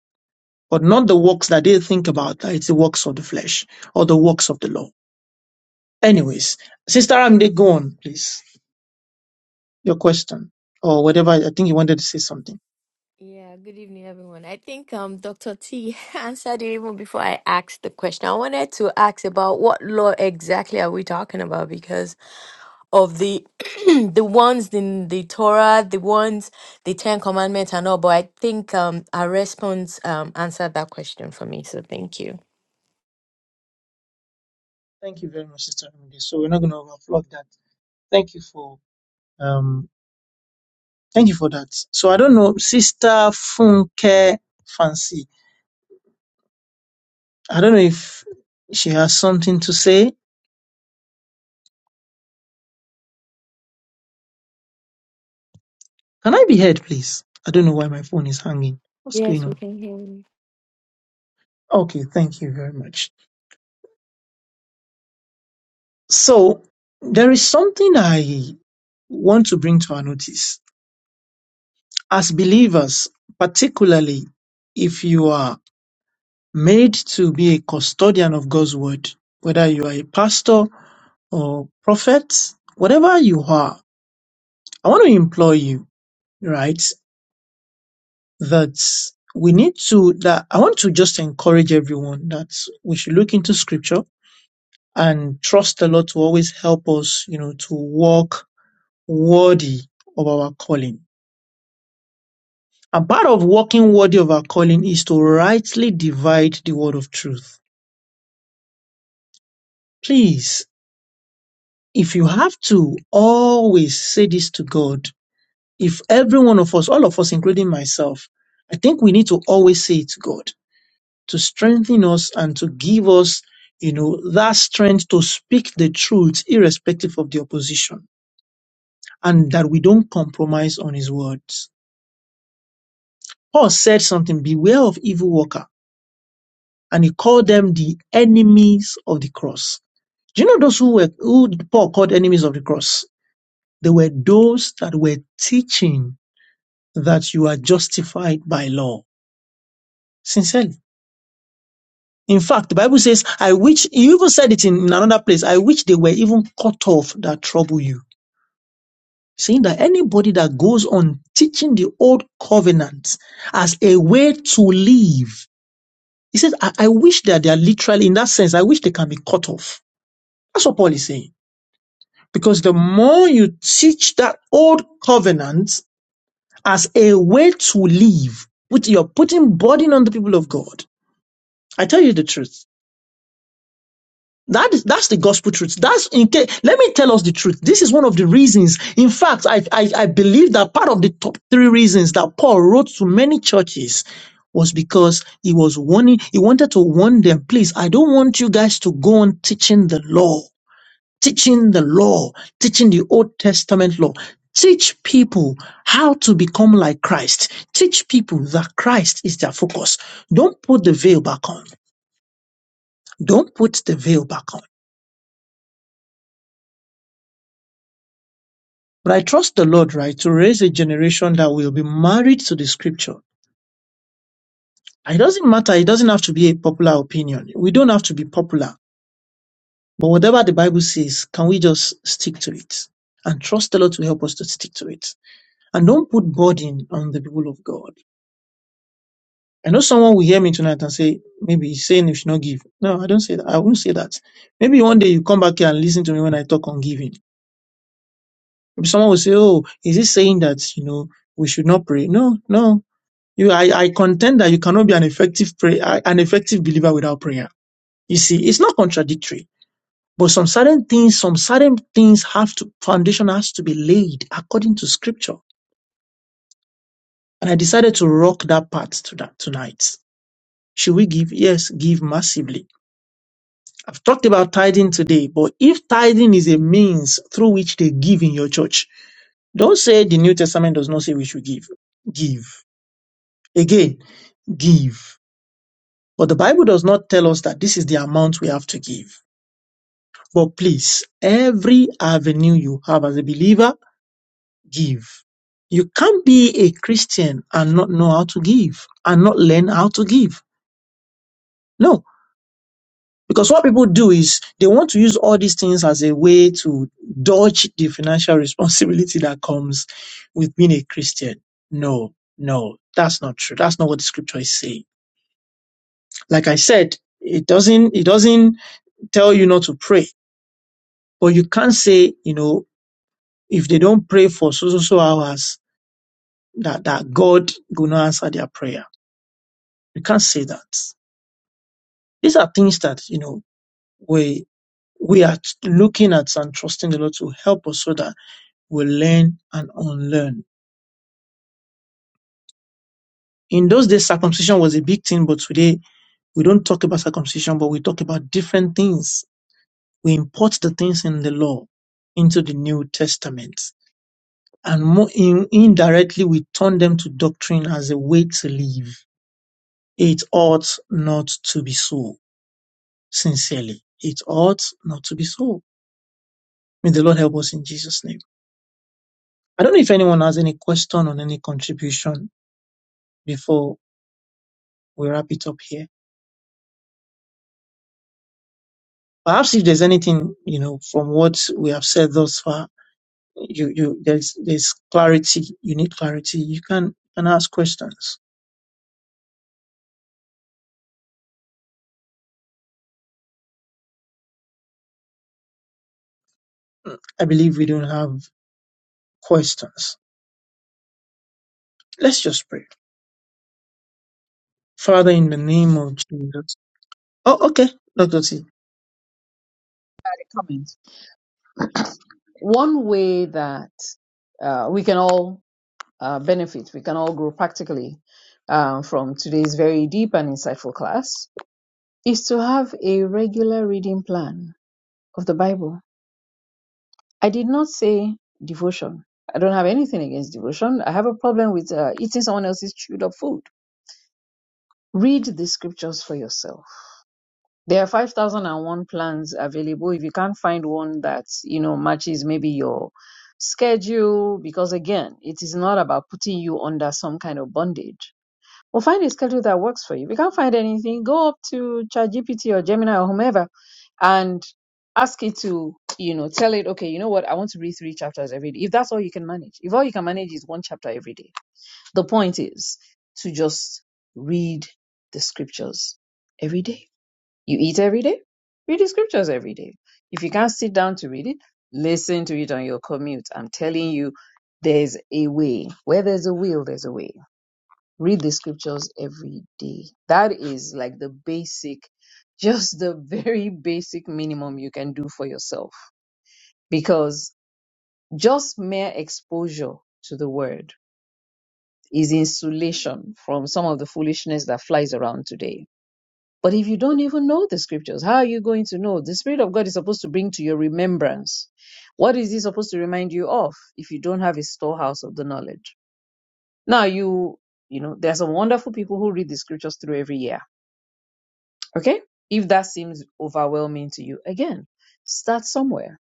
But not the works that they think about, that it's the works of the flesh or the works of the law. Anyways, Sister Amde, go on, please. Your question or whatever. I think you wanted to say something.
yeah. Good evening, everyone. I think um Dr. T <laughs> answered it even before I asked the question. I wanted to ask about what law exactly are we talking about because of the <clears throat> the ones in the Torah, the ones the Ten Commandments and all. But I think um our response um answered that question for me. So thank you.
Thank you very much, Sister Amde. So we're not going to overflog that. Thank you for, um, thank you for that. So I don't know, Sister Funke Fancy. I don't know if she has something to say. Can I be heard, please? I don't know why my phone is hanging. What's going
Yes, we
on?
can hear you.
Okay, thank you very much. So there is something I want to bring to our notice. As believers, particularly if you are made to be a custodian of God's word, whether you are a pastor or prophet, whatever you are, I want to implore you, right, that we need to, that I want to just encourage everyone that we should look into scripture and trust the Lord to always help us, you know, to walk worthy of our calling. And part of walking worthy of our calling is to rightly divide the word of truth. Please, if you have to, always say this to God. If every one of us, all of us, including myself, I think we need to always say it to God to strengthen us and to give us, you know, that strength to speak the truth irrespective of the opposition and that we don't compromise on his words. Paul said something, beware of evil workers and he called them the enemies of the cross. Do you know those who were who Paul called enemies of the cross? They were those that were teaching that you are justified by law. Sincerely. In fact, the Bible says, I wish you even said it in, in another place, I wish they were even cut off that trouble you. Saying that anybody that goes on teaching the old covenant as a way to live, he says, I, I wish that they are literally, in that sense, I wish they can be cut off. That's what Paul is saying. Because the more you teach that old covenant as a way to live, which you're putting burden on the people of God. I tell you the truth. That is that's the gospel truth. That's in case let me tell us the truth. This is one of the reasons. In fact, I, I I believe that part of the top three reasons that Paul wrote to many churches was because he was warning, he wanted to warn them, please, I don't want you guys to go on teaching the law. teaching the law, teaching the Old Testament law. Teach people how to become like Christ. Teach people that Christ is their focus. Don't put the veil back on. Don't put the veil back on. But I trust the Lord, right, to raise a generation that will be married to the scripture. It doesn't matter. It doesn't have to be a popular opinion. We don't have to be popular. But whatever the Bible says, can we just stick to it? And trust the Lord to help us to stick to it. And don't put burden on the people of God. I know someone will hear me tonight and say, maybe he's saying you should not give. No, I don't say that. I won't say that. Maybe one day you come back here and listen to me when I talk on giving. Maybe someone will say, oh, is he saying that, you know, we should not pray? No, no. You, I, I contend that you cannot be an effective pray, an effective believer without prayer. You see, it's not contradictory, but some certain things, some certain things have to, foundation has to be laid according to scripture. And I decided to rock that part to that tonight. Should we give? Yes, give massively I've talked about tithing today, but if tithing is a means through which they give in your church, don't say the New Testament does not say we should give. Give. Again, give. But the Bible does not tell us that this is the amount we have to give. But please, every avenue you have as a believer, give. You can't be a Christian and not know how to give and not learn how to give. No, Because what people do is they want to use all these things as a way to dodge the financial responsibility <laughs> that comes with being a Christian. No, no, that's not true. That's not what the scripture is saying. Like I said, it doesn't, it doesn't tell you not to pray, but you can't say, you know, if they don't pray for so, so, so hours, that, that God will not answer their prayer. You can't say that. These are things that, you know, we, we are looking at and trusting the Lord to help us so that will learn and unlearn. In those days, circumcision was a big thing, but today we don't talk about circumcision, but we talk about different things. We import the things in the law into the New Testament. And more in, indirectly, we turn them to doctrine as a way to live. It ought not to be so, sincerely. It ought not to be so. May the Lord help us in Jesus' name. I don't know if anyone has any question or any contribution before we wrap it up here. Perhaps if there's anything, you know, from what we have said thus far, you, you, there's, there's clarity. You need clarity. You can, can ask questions. I believe we don't have questions. Let's just pray. Father, in the name of Jesus. Oh, okay. Dr. T.
Comment. One way that uh, we can all uh, benefit, we can all grow practically uh, from today's very deep and insightful class is to have a regular reading plan of the Bible. I did not say devotion. I don't have anything against devotion. I have a problem with uh, eating someone else's chewed up food. Read the scriptures for yourself There are 5,001 plans available. If you can't find one that, you know, matches maybe your schedule, because again, it is not about putting you under some kind of bondage. Well, find a schedule that works for you. If you can't find anything, go up to ChatGPT or Gemini or whomever and ask it to, you know, tell it, okay, you know what, I want to read three chapters every day. If that's all you can manage, if all you can manage is one chapter every day, the point is to just read the scriptures every day you eat every day, read the scriptures every day. If you can't sit down to read it, listen to it on your commute. I'm telling you, there's a way. Where there's a will, there's a way. Read the scriptures every day. That is like the basic, <laughs> just the very basic minimum you can do for yourself. Because just mere exposure to the word is insulation from some of the foolishness that flies around today But if you don't even know the scriptures, how are you going to know? The Spirit of God is supposed to bring to your remembrance. What is He supposed to remind you of if you don't have a storehouse of the knowledge? Now, you, you know, there are some wonderful people who read the scriptures through every year. Okay? If that seems overwhelming to you, again, start somewhere.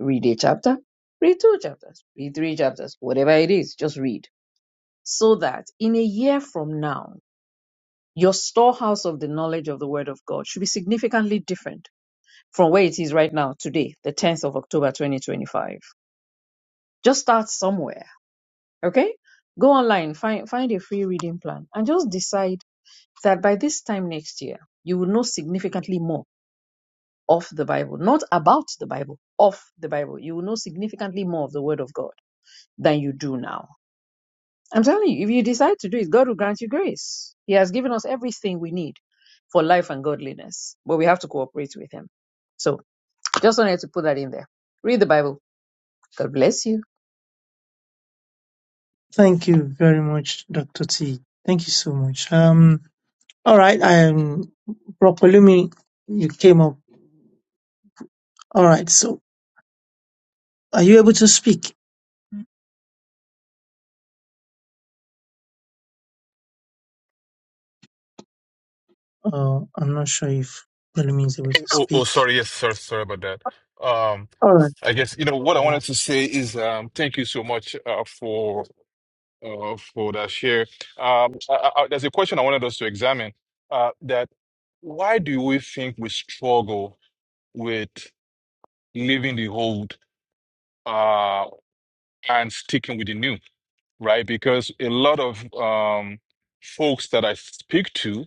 Read a chapter, read two chapters, read three chapters, whatever it is, just read. So that in a year from now, your storehouse of the knowledge of the Word of God should be significantly different from where it is right now today, the 10th of October 2025. Just start somewhere, okay? Go online, find find a free reading plan and just decide that by this time next year, you will know significantly more of the Bible, not about the Bible, of the Bible. You will know significantly more of the word of God than you do now. I'm telling you, if you decide to do it, God will grant you grace. He has given us everything we need for life and godliness, but we have to cooperate with him. So, just wanted to put that in there. Read the Bible God bless you.
Thank you very much, Dr. T. Thank you so much. Um, all right. I am Brokolumi. You came up. All right. So are you able to speak? Uh, I'm not sure if Palumi is able to
Oh, oh,
speak.
sorry. Yes, sir. Sorry about that. Um,
All right.
I guess, you know, what I wanted to say is um, thank you so much uh, for uh, for that share. Um, I, I, there's a question I wanted us to examine uh, that why do we think we struggle with leaving the old uh, and sticking with the new, right? Because a lot of um, folks that I speak to,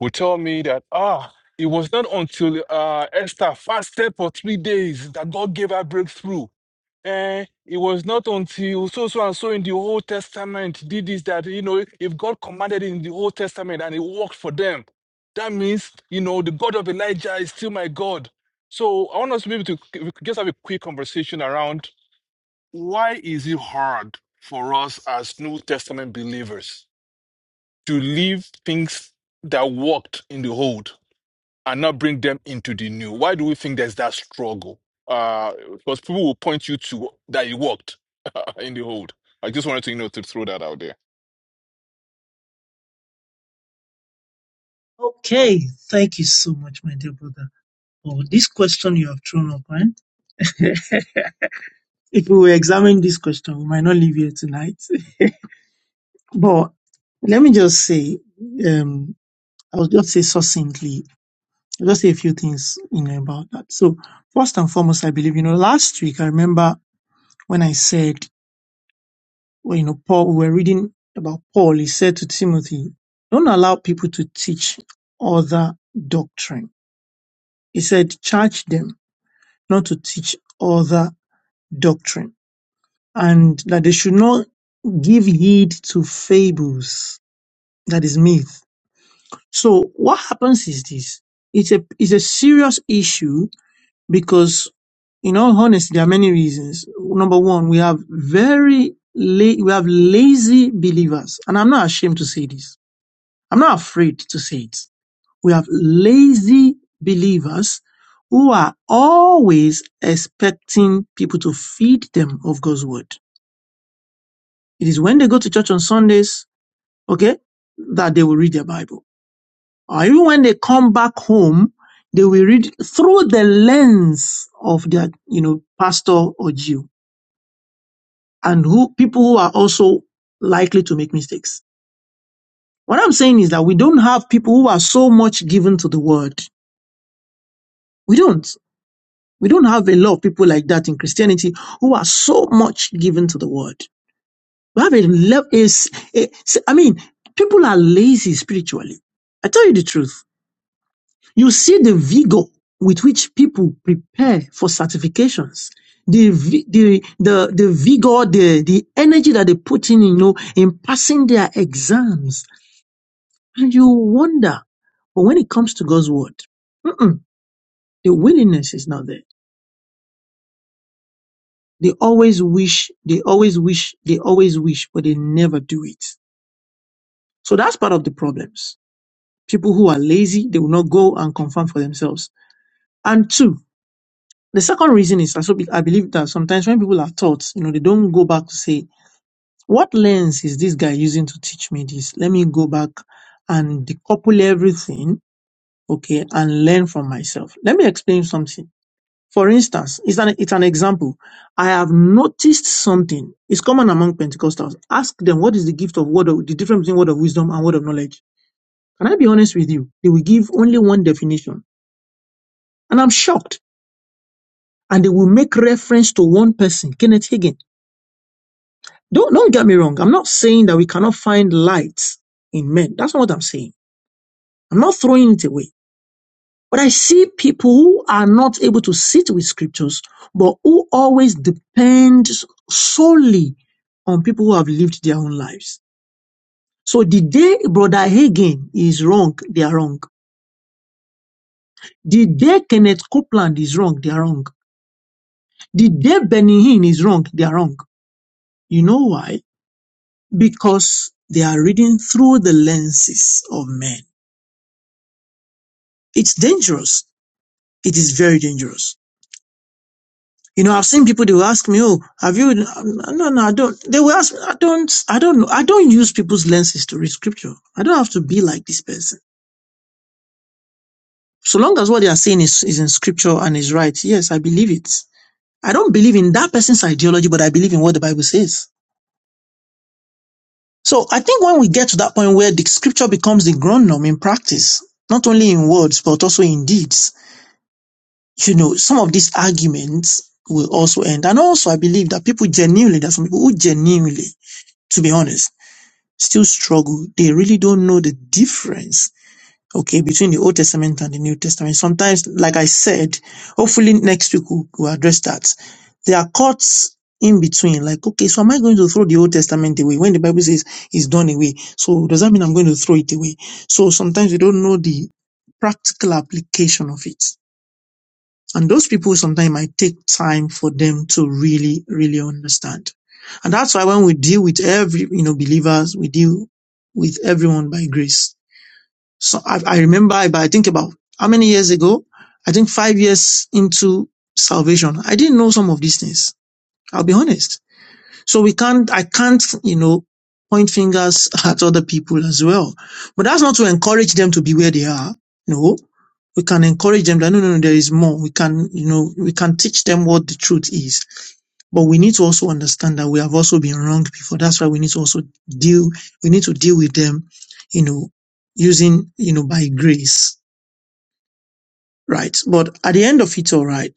will tell me that ah it was not until uh, Esther fasted for three days that God gave her breakthrough. And it was not until so so and so in the Old Testament did this that you know if God commanded in the Old Testament and it worked for them, that means you know the God of Elijah is still my God. So I want us to be able to we could just have a quick conversation around why is it hard for us as New Testament believers to live things that worked in the old and not bring them into the new? Why do we think there's that struggle? Uh, because people will point you to that it worked <laughs> in the old. I just wanted to, you know, to throw that out there.
Okay, thank you so much, my dear brother, for this question you have thrown up. Man. <laughs> if we were examining this question, we might not leave here tonight. <laughs> but let me just say, um, I'll just say succinctly, I'll just say a few things you know, about that. So, first and foremost, I believe, you know, last week, I remember when I said, well, you know, Paul, we were reading about Paul, he said to Timothy, don't allow people to teach other doctrine. He said, charge them not to teach other doctrine and that they should not give heed to fables, that is myth. So what happens is this. It's a, it's a serious issue because in all honesty, there are many reasons. Number one, we have very, la- we have lazy believers. And I'm not ashamed to say this. I'm not afraid to say it. We have lazy believers who are always expecting people to feed them of God's word. It is when they go to church on Sundays, okay, that they will read their Bible. Or even when they come back home, they will read through the lens of their, you know, pastor or Jew and who people who are also likely to make mistakes. What I'm saying is that we don't have people who are so much given to the word. We don't. We don't have a lot of people like that in Christianity who are so much given to the word. We have a, le- a, s- a s- I mean, people are lazy spiritually. I tell you the truth. You see the vigor with which people prepare for certifications. The, vi- the, the, the vigor, the, the energy that they put in, you know, in passing their exams. And you wonder, but when it comes to God's word, mm-mm, the willingness is not there. They always wish, they always wish, they always wish, but they never do it. So that's part of the problems. People who are lazy, they will not go and confirm for themselves. And two, The second reason is I so be- I believe that sometimes when people are taught, you know, they don't go back to say, what lens is this guy using to teach me this? Let me go back and decouple everything, okay, and learn from myself. Let me explain something. For instance, it's an, it's an example. I have noticed something. It's common among Pentecostals. Ask them what is the gift of word of, the difference between word of wisdom and word of knowledge. Can I be honest with you? They will give only one definition. And I'm shocked. And they will make reference to one person, Kenneth Hagin Don't, don't get me wrong. I'm not saying that we cannot find light in men. That's not what I'm saying. I'm not throwing it away. But I see people who are not able to sit with scriptures, but who always depend solely on people who have lived their own lives. So the day Brother Hagin is wrong, they are wrong. The day Kenneth Copeland is wrong, they are wrong. The day Benny Hinn is wrong, they are wrong. You know why? Because they are reading through the lenses of men It's dangerous. It is very dangerous. You know, I've seen people, they will ask me, oh, have you, um, no, no, I don't, they will ask me, I don't, I don't know, I don't use people's lenses to read scripture. I don't have to be like this person. So long as what they are saying is, is in scripture and is right, yes, I believe it. I don't believe in that person's ideology, but I believe in what the Bible says. So I think when we get to that point where the scripture becomes the ground norm in practice, not only in words, but also in deeds, you know, some of these arguments will also end. And also, I believe that people genuinely, there's some people who genuinely, to be honest, still struggle. They really don't know the difference, okay, between the Old Testament and the New Testament. Sometimes, like I said, hopefully next week we'll, we'll address that. There are cuts in between, like, okay, so am I going to throw the Old Testament away when the Bible says it's done away? So does that mean I'm going to throw it away? So sometimes we don't know the practical application of it. And those people sometimes might take time for them to really, really understand. And that's why when we deal with every, you know, believers, we deal with everyone by grace. So I, I remember, but I think about how many years ago, I think five years into salvation, I didn't know some of these things. I'll be honest. So we can't, I can't, you know, point fingers at other people as well. But that's not to encourage them to be where they are. No, we can encourage them that no, no, no, there is more. We can, you know, we can teach them what the truth is. But we need to also understand that we have also been wrong before. That's why we need to also deal, we need to deal with them, you know, using, you know, by grace. Right. But at the end of it, all right,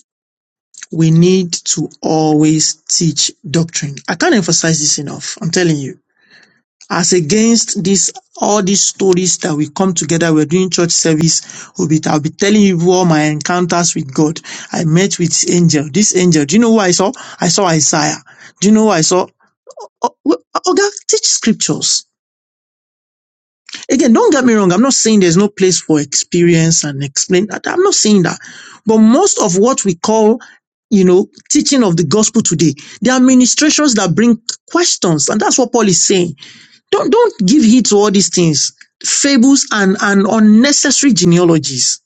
we need to always teach doctrine. I can't emphasize this enough. I'm telling you as against this all these stories that we come together we're doing church service will be i'll be telling you all my encounters with god i met with angel this angel do you know who i saw i saw isaiah do you know who i saw oh, well, oh, God, teach scriptures again don't get me wrong i'm not saying there's no place for experience and explain that i'm not saying that but most of what we call you know teaching of the gospel today there are ministrations that bring questions and that's what paul is saying don't, don't give heed to all these things, fables and, and unnecessary genealogies.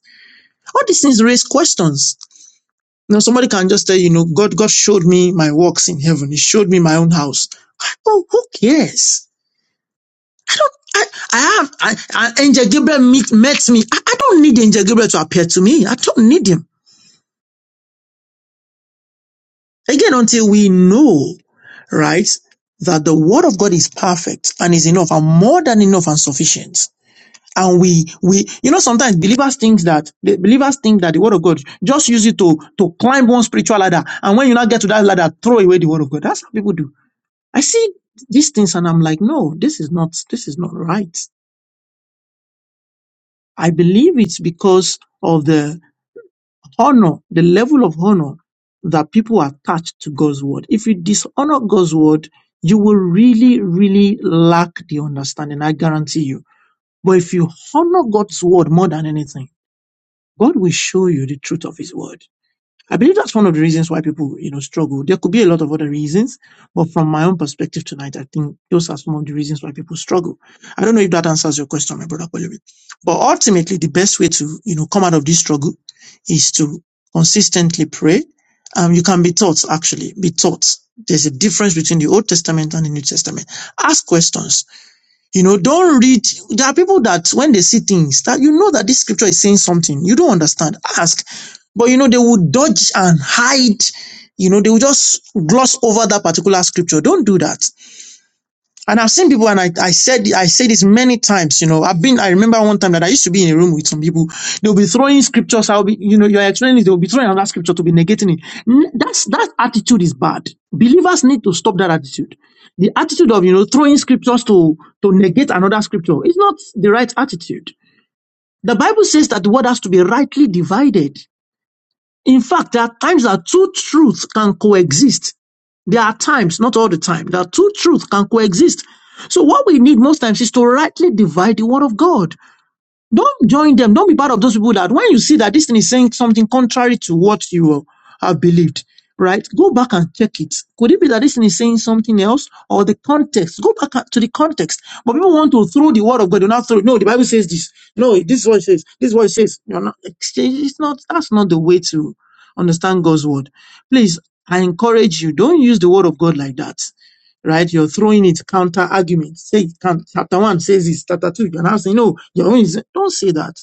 All these things raise questions. You know, somebody can just tell you, you know, God, God showed me my works in heaven. He showed me my own house. Oh, who cares? I, I have, I, I, Angel Gabriel meet, met me. I, I don't need Angel Gabriel to appear to me. I don't need him. Again, until we know, right, that the word of God is perfect and is enough and more than enough and sufficient and we we you know sometimes believers think that the believers think that the word of God just use it to to climb one spiritual ladder and when you now get to that ladder throw away the word of God that's how people do I see these things and I'm like no this is not this is not right I believe it's because of the honor the level of honor that people attach to God's word if you dishonor God's word you will really really lack the understanding I guarantee you but if you honor God's word more than anything God will show you the truth of His word. I believe that's one of the reasons why people, you know, struggle. There could be a lot of other reasons, but from my own perspective tonight, I think those are some of the reasons why people struggle. I don't know if that answers your question, my brother Polumi. But ultimately, the best way to, you know, come out of this struggle is to consistently pray. Um, you can be taught, actually, be taught. There's a difference between the Old Testament and the New Testament. Ask questions you know, don't read. There are people that when they see things that you know that this scripture is saying something, you don't understand. Ask. But you know, they will dodge and hide. You know, they will just gloss over that particular scripture. Don't do that. And I've seen people, and I, I said I say this many times. You know, I've been. I remember one time that I used to be in a room with some people. They'll be throwing scriptures. I'll be, you know, you're explaining this. They'll be throwing another scripture to be negating it. N- That's that attitude is bad. Believers need to stop that attitude. The attitude of you know throwing scriptures to to negate another scripture is not the right attitude. The Bible says that the word has to be rightly divided. In fact, there are times that two truths can coexist. There are times, not all the time, that two truths can coexist. So what we need most times is to rightly divide the word of God. Don't join them. Don't be part of those people that when you see that this thing is saying something contrary to what you uh, have believed, right? Go back and check it. Could it be that this thing is saying something else or the context? Go back to the context. But people want to throw the word of God. Do not throw it. No, the Bible says this. No, this is what it says. This is what it says. You're not exchange. It's not, that's not the way to understand God's word. Please, I encourage you, don't use the word of God like that right? You're throwing it counter argument. Say it can- chapter one says it's chapter two, you're now saying, no, your own is don't say that.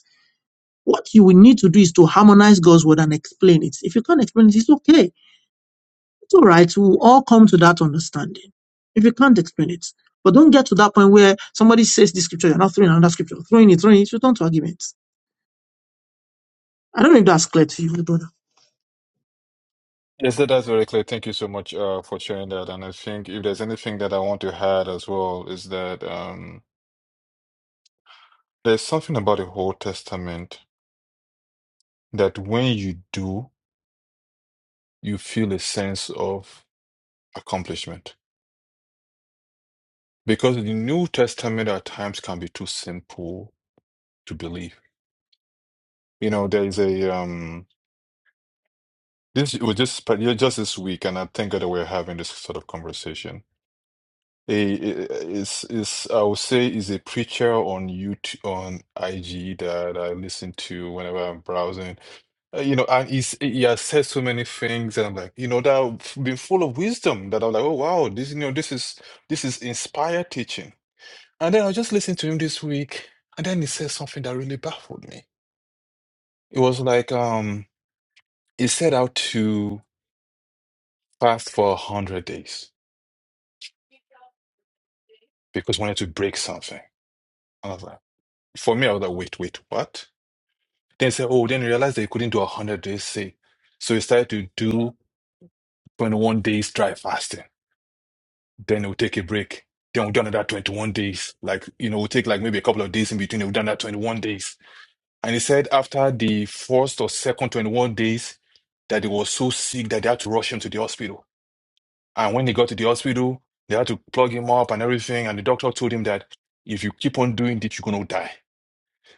What you will need to do is to harmonize God's word and explain it. If you can't explain it, it's okay. It's all right. We'll all come to that understanding. If you can't explain it. But don't get to that point where somebody says this scripture, you're not throwing another scripture, throwing it, throwing it, you don't arguments. I don't know if that's clear to you, brother.
Yes, sir, that's very clear. Thank you so much uh, for sharing that. And I think if there's anything that I want to add as well is that um, there's something about the Old Testament that when you do, you feel a sense of accomplishment. Because the New Testament at times can be too simple to believe. You know, there is a um, This it was just, but yeah, just this week, and I thank God that we're having this sort of conversation. A is is I would say is a preacher on YouTube on IG that I listen to whenever I'm browsing. Uh, You know, and he's he has said so many things, and I'm like, you know, that I've been full of wisdom. That I'm like, oh wow, this you know, this is this is inspired teaching. And then I just listened to him this week, and then he said something that really baffled me. It was like, um, he set out to fast for a hundred days. because we wanted to break something. And I was like, for me, I was like, wait, wait, what? Then he said, oh, then he realized that he couldn't do a 100 days say. So he started to do 21 days dry fasting. Then he'll take a break. Then we'll do another 21 days. Like, you know, we'll take like maybe a couple of days in between. We've done that 21 days. And he said after the first or second 21 days that he was so sick that they had to rush him to the hospital. And when he got to the hospital, they had to plug him up and everything. And the doctor told him that if you keep on doing this, you're going to die.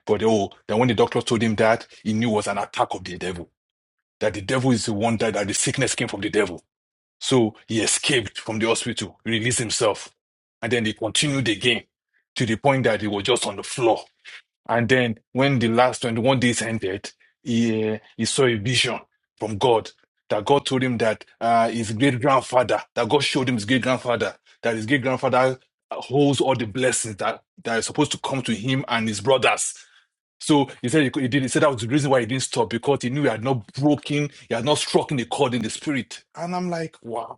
But oh, then when the doctor told him that, he knew it was an attack of the devil. That the devil is the one that, that the sickness came from the devil. So he escaped from the hospital, released himself. And then they continued the game to the point that he was just on the floor and then when the last 21 days ended, he, uh, he saw a vision from God that God told him that uh, his great grandfather, that God showed him his great grandfather, that his great grandfather holds all the blessings that, that are supposed to come to him and his brothers. So he said he, could- he did. He said that was the reason why he didn't stop because he knew he had not broken, he had not struck in the chord in the spirit. And I'm like, wow.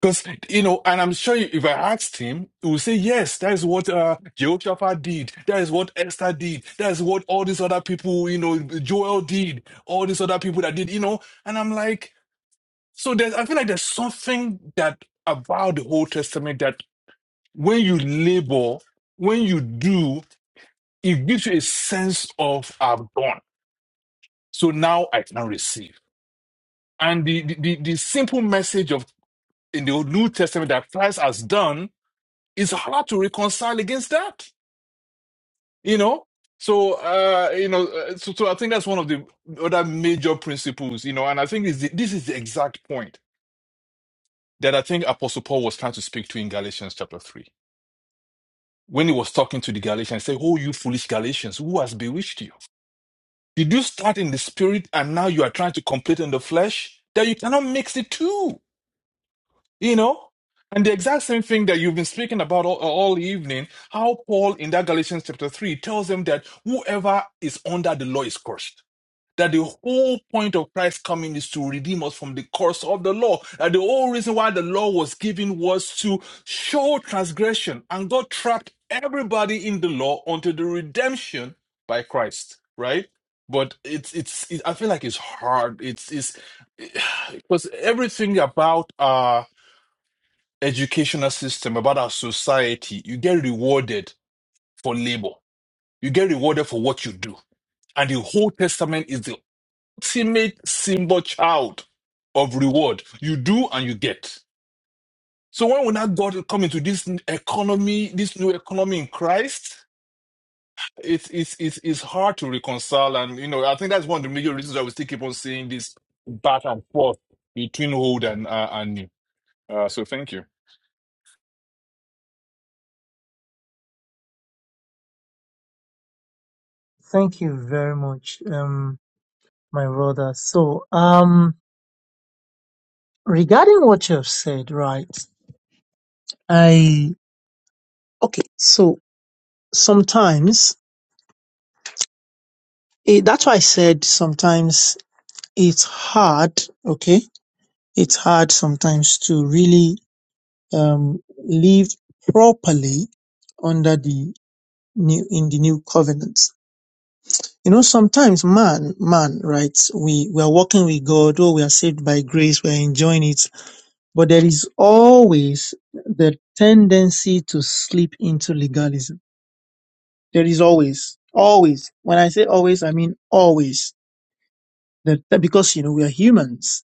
Because, you know, and I'm sure if I asked him, he would say, yes, that is what uh, Jehoshaphat did. That is what Esther did. That is what all these other people, you know, Joel did. All these other people that did, you know. And I'm like, so there's, I feel like there's something that about the Old Testament that when you labor, when you do, it gives you a sense of I've done. So now I can receive. And the, the, the the simple message of in the New Testament that Christ has done it's hard to reconcile against that, you know. So uh, you know, uh, so, so I think that's one of the other major principles, you know, and I think this, this is the exact point that I think Apostle Paul was trying to speak to in Galatians chapter three. When he was talking to the Galatians, he said, Oh, you foolish Galatians, who has bewitched you? Did you start in the spirit and now you are trying to complete in the flesh? That you cannot mix the two." You know? And the exact same thing that you've been speaking about all, all evening, how Paul in that Galatians chapter 3 tells them that whoever is under the law is cursed. That the whole point of Christ coming is to redeem us from the curse of the law. That the whole reason why the law was given was to show transgression. And God trapped everybody in the law unto the redemption by Christ, right? But it's, it's, it, I feel like it's hard. It's, it's, <sighs> because everything about, uh educational system, about our society, you get rewarded for labor. You get rewarded for what you do. And the whole testament is the ultimate symbol child of reward. You do and you get. So when will not God come into this economy, this new economy in Christ? It's, it's, it's, it's hard to reconcile. And, you know, I think that's one of the major reasons why we still keep on seeing this back and forth between old and, uh, and new. Uh, so thank you.
Thank you very much, um, my brother. So, um, regarding what you have said, right? I okay. so. sometimes it, that's why I said sometimes it's hard. Okay, it's hard sometimes to really um, live properly under the new in the new covenant. You know, sometimes man, man, right? We we are walking with God. Oh, we are saved by grace. We are enjoying it, but there is always the tendency to slip into legalism. There is always, always. When I say always, I mean always That, that because you know we are humans,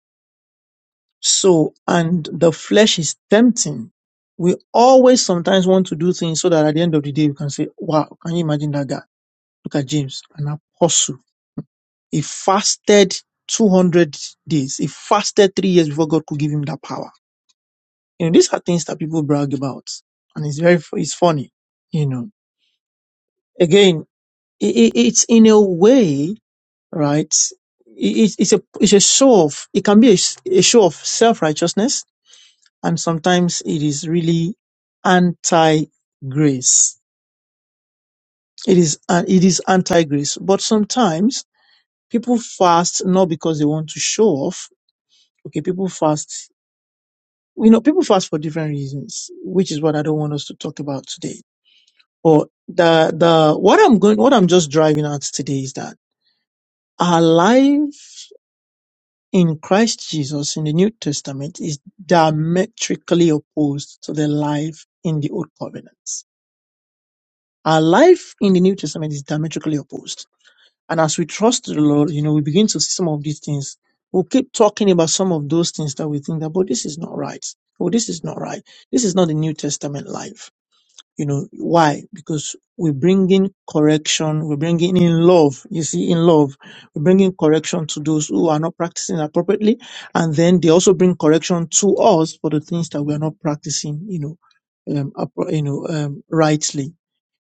so and the flesh is tempting. We always sometimes want to do things so that at the end of the day we can say, "Wow, can you imagine that guy? Look at James, an apostle. He fasted 200 days. He fasted three years before God could give him that power." You know, these are things that people brag about, and it's very it's funny. You know, again, it, it, it's in a way, right? it- it's, it's a it's a show of it can be a, s- a show of self righteousness and sometimes it is really anti-grace. It is uh, it is anti-grace. But sometimes people fast not because they want to show off. Okay, people fast. You know, people fast for different reasons, which is what I don't want us to talk about today. But the the what I'm going, what I'm just driving at today is that our life in Christ Jesus in the New Testament is diametrically opposed to the life in the Old Covenant Our life in the New Testament is diametrically opposed. And as we trust the Lord, you know, we begin to see some of these things. We'll keep talking about some of those things that we think that, but this is not right. Oh, this is not right. This is not the New Testament life. You know, why? Because we bring in correction. we bring in in love. You see, in love, we bring in correction to those who are not practicing appropriately. And then they also bring correction to us for the things that we are not practicing, you know, um, appro- you know, um, rightly.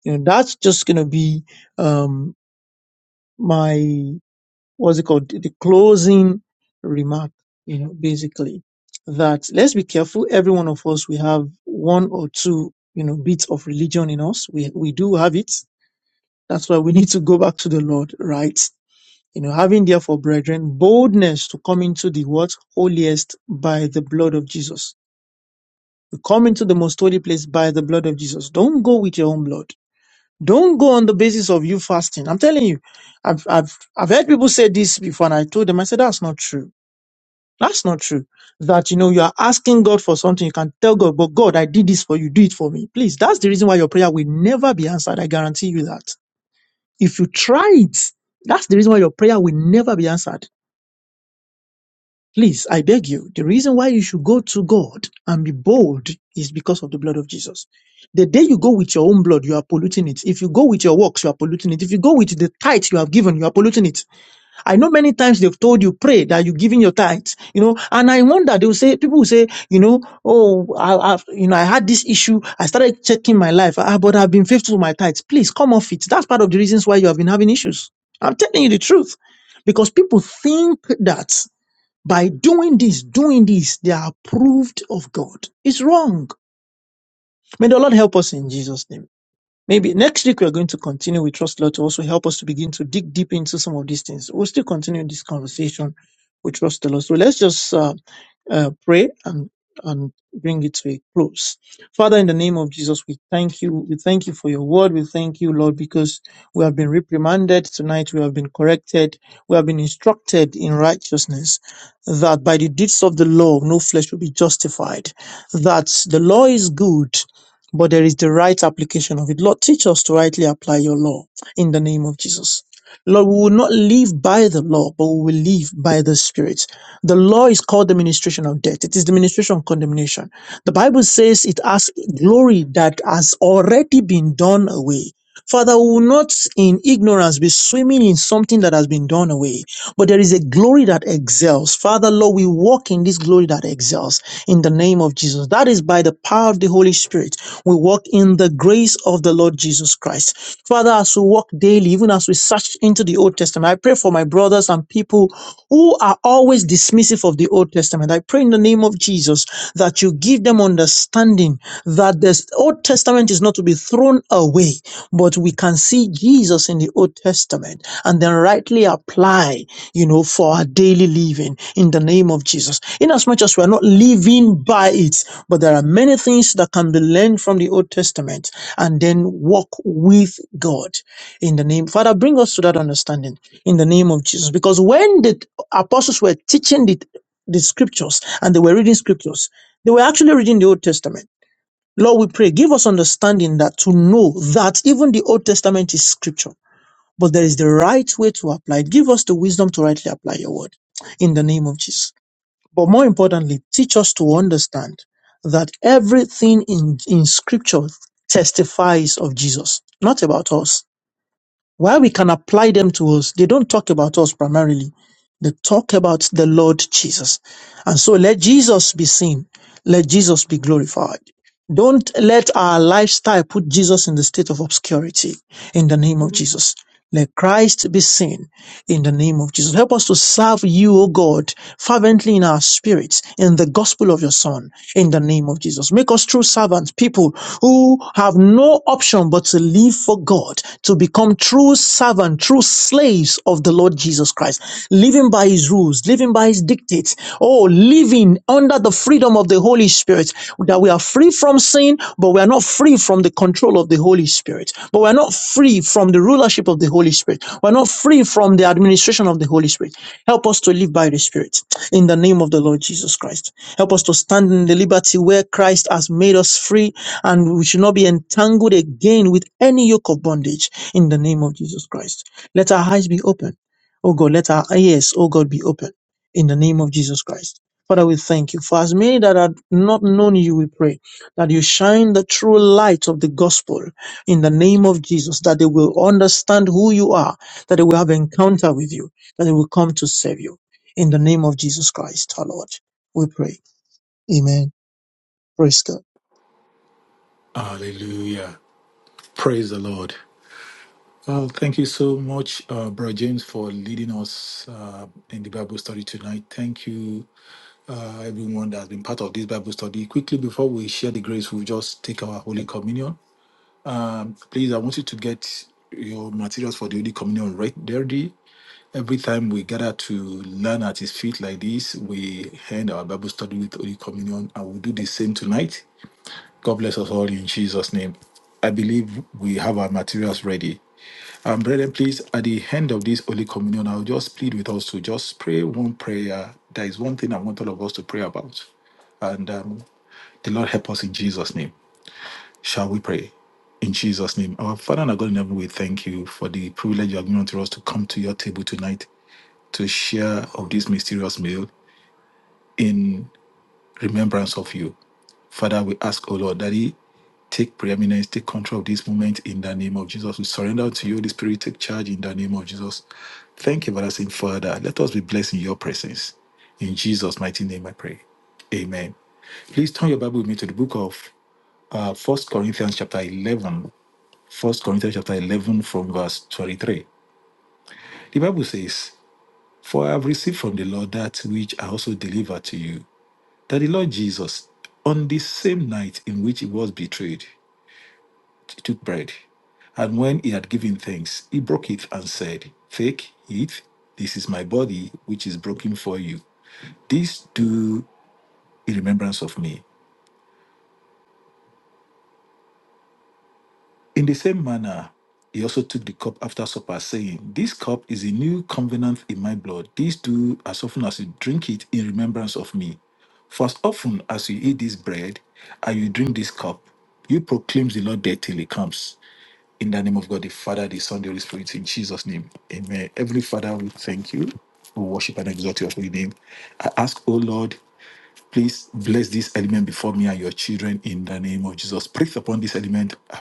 You know, that's just going to be um, my what's it called? The closing remark. You know, basically that let's be careful. Every one of us, we have one or two, you know, bits of religion in us. We we do have it. That's why we need to go back to the Lord, right? You know, having therefore, brethren, boldness to come into the what holiest by the blood of Jesus. You come into the most holy place by the blood of Jesus. Don't go with your own blood Don't go on the basis of you fasting. I'm telling you, I've, I've, I've heard people say this before and I told them, I said, that's not true. That's not true. That, you know, you are asking God for something. You can tell God, but God, I did this for you. Do it for me. Please. That's the reason why your prayer will never be answered. I guarantee you that. If you try it, that's the reason why your prayer will never be answered. Please, I beg you, the reason why you should go to God and be bold is because of the blood of Jesus. The day you go with your own blood, you are polluting it. If you go with your works, you are polluting it. If you go with the tithe you have given, you are polluting it. I know many times they've told you, pray that you're giving your tithe, you know, and I wonder, they will say, people will say, you know, oh, I, I've, you know, I had this issue. I started checking my life, ah, but I've been faithful to my tithe. Please come off it. That's part of the reasons why you have been having issues. I'm telling you the truth because people think that. By doing this, doing this, they are approved of God. It's wrong. May the Lord help us in Jesus' name. Maybe next week we're going to continue with Trust Law to also help us to begin to dig deep into some of these things. We'll still continue this conversation with Trust the Lord. So let's just uh, uh, pray and and bring it to a close. Father, in the name of Jesus, we thank you. We thank you for your word. We thank you, Lord, because we have been reprimanded tonight. We have been corrected. We have been instructed in righteousness that by the deeds of the law, no flesh will be justified. That the law is good but there is the right application of it. Lord, teach us to rightly apply your law in the name of Jesus. Lord, we will not live by the law, but we will live by the Spirit. The law is called the ministration of death. It is the ministration of condemnation. The Bible says it has glory that has already been done away. Father, we will not in ignorance be swimming in something that has been done away but there is a glory that excels. Father, Lord, we walk in this glory that excels in the name of Jesus. That is by the power of the Holy Spirit. We walk in the grace of the Lord Jesus Christ. Father, as we walk daily, even as we search into the Old Testament, I pray for my brothers and people who are always dismissive of the Old Testament. I pray in the name of Jesus that you give give them understanding that the Old Testament is not to be thrown away, but we can see Jesus in the Old Testament and then rightly apply, you know, for our daily living in the name of Jesus. In as much as we are not living by it, but there are many things that can be learned from the Old Testament and then walk with God in the name. Father, bring us to that understanding in the name of Jesus. Because when the apostles were teaching the the scriptures and they were reading scriptures. They were actually reading the Old Testament. Lord, we pray, give us understanding that to know that even the Old Testament is scripture, but there is the right way to apply it. Give us the wisdom to rightly apply your word in the name of Jesus. But more importantly, teach us to understand that everything in, in scripture testifies of Jesus, not about us. While we can apply them to us, they don't talk about us primarily. They talk about the Lord Jesus. And so let Jesus be seen. Let Jesus be glorified. Don't let our lifestyle put Jesus in the state of obscurity in the name of Jesus. Let Christ be seen in the name of Jesus. Help us to serve you, O God, fervently in our spirits, in the gospel of your Son, in the name of Jesus. Make us true servants, people who have no option but to live for God, to become true servants, true slaves of the Lord Jesus Christ. Christ, living by his rules, living by his dictates, oh, living under the freedom of the Holy Spirit, that we are free from sin, but we are not free from the control of the Holy Spirit, but we are not free from the rulership of the Holy Spirit, we are not free from the administration of the Holy Spirit. Help us to live by the Spirit in the name of the Lord Jesus Christ. Help us to stand in the liberty where Christ has made us free, and we should not be entangled again with any yoke of bondage in the name of Jesus Christ. Let our eyes be open Oh God, let our ears, oh God, be open in the name of Jesus Christ. Father, we thank you. For as many that have not known you, we pray that you shine the true light of the gospel in the name of Jesus, that they will understand who you are, that they will have encounter with you, that they will come to save you. In the name of Jesus Christ, our Lord, we pray. Amen. Praise God.
Hallelujah. Praise the Lord. Well, thank you so much, uh, Bro James, for leading us uh, in the Bible study tonight. Thank you uh, everyone that has been part of this Bible study. Quickly, before we share the grace, we'll just take our Holy Communion. Um, please, I want you to get your materials for the Holy Communion right there. Dee. Every time we gather to learn at His feet like this, we end our Bible study with Holy Communion, and we'll do the same tonight. God bless us all in Jesus' name. I believe we have our materials ready. Um, brethren, please, at the end of this Holy Communion, I'll just plead with us to just pray one prayer. There is one thing I want all of us to pray about. And um, the Lord help us in Jesus' name. Shall we pray? In Jesus' name. Our Father and our God in heaven, we thank you for the privilege you have given to us to come to your table tonight to share of this mysterious meal in remembrance of you. Father, we ask, O Lord, Daddy. Take preeminence, take control of this moment in the name of Jesus. We surrender to you, Holy Spirit. Take charge in the name of Jesus. Thank you, everlasting Father. Let us be blessed in your presence. In Jesus' mighty name, I pray. Amen. Please turn your Bible with me to the book of uh, 1 Corinthians, chapter 11. First Corinthians, chapter 11, from verse 23. The Bible says, For I have received from the Lord that which I also delivered to you, that the Lord Jesus, on the same night in which he was betrayed, He took bread, and when he had given thanks, he broke it and said, Take, eat, this is my body, which is broken for you. This do in remembrance of me. In the same manner, he also took the cup after supper, saying, This cup is a new covenant in my blood. This do as often as you drink it in remembrance of me. For as often as you eat this bread and you drink this cup, you proclaim the Lord death till he comes. In the name of God, the Father, the Son, the Holy Spirit, in Jesus' name. Amen. Heavenly Father, we thank you. We worship and exalt your holy name. I ask, O Lord, please bless this element before me and your children in the name of Jesus. Breathe upon this element uh,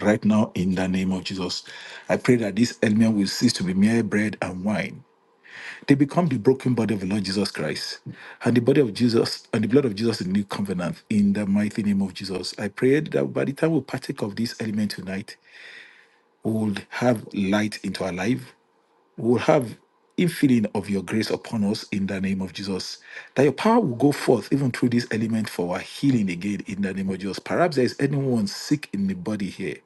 right now in the name of Jesus. I pray that this element will cease to be mere bread and wine. They become the broken body of the Lord Jesus Christ and the body of Jesus and the blood of Jesus in the new covenant in the mighty name of Jesus. I pray that by the time we partake of this element tonight, we will have light into our life. We will have infilling of your grace upon us in the name of Jesus. That your power will go forth even through this element for our healing again in the name of Jesus. Perhaps there is anyone sick in the body here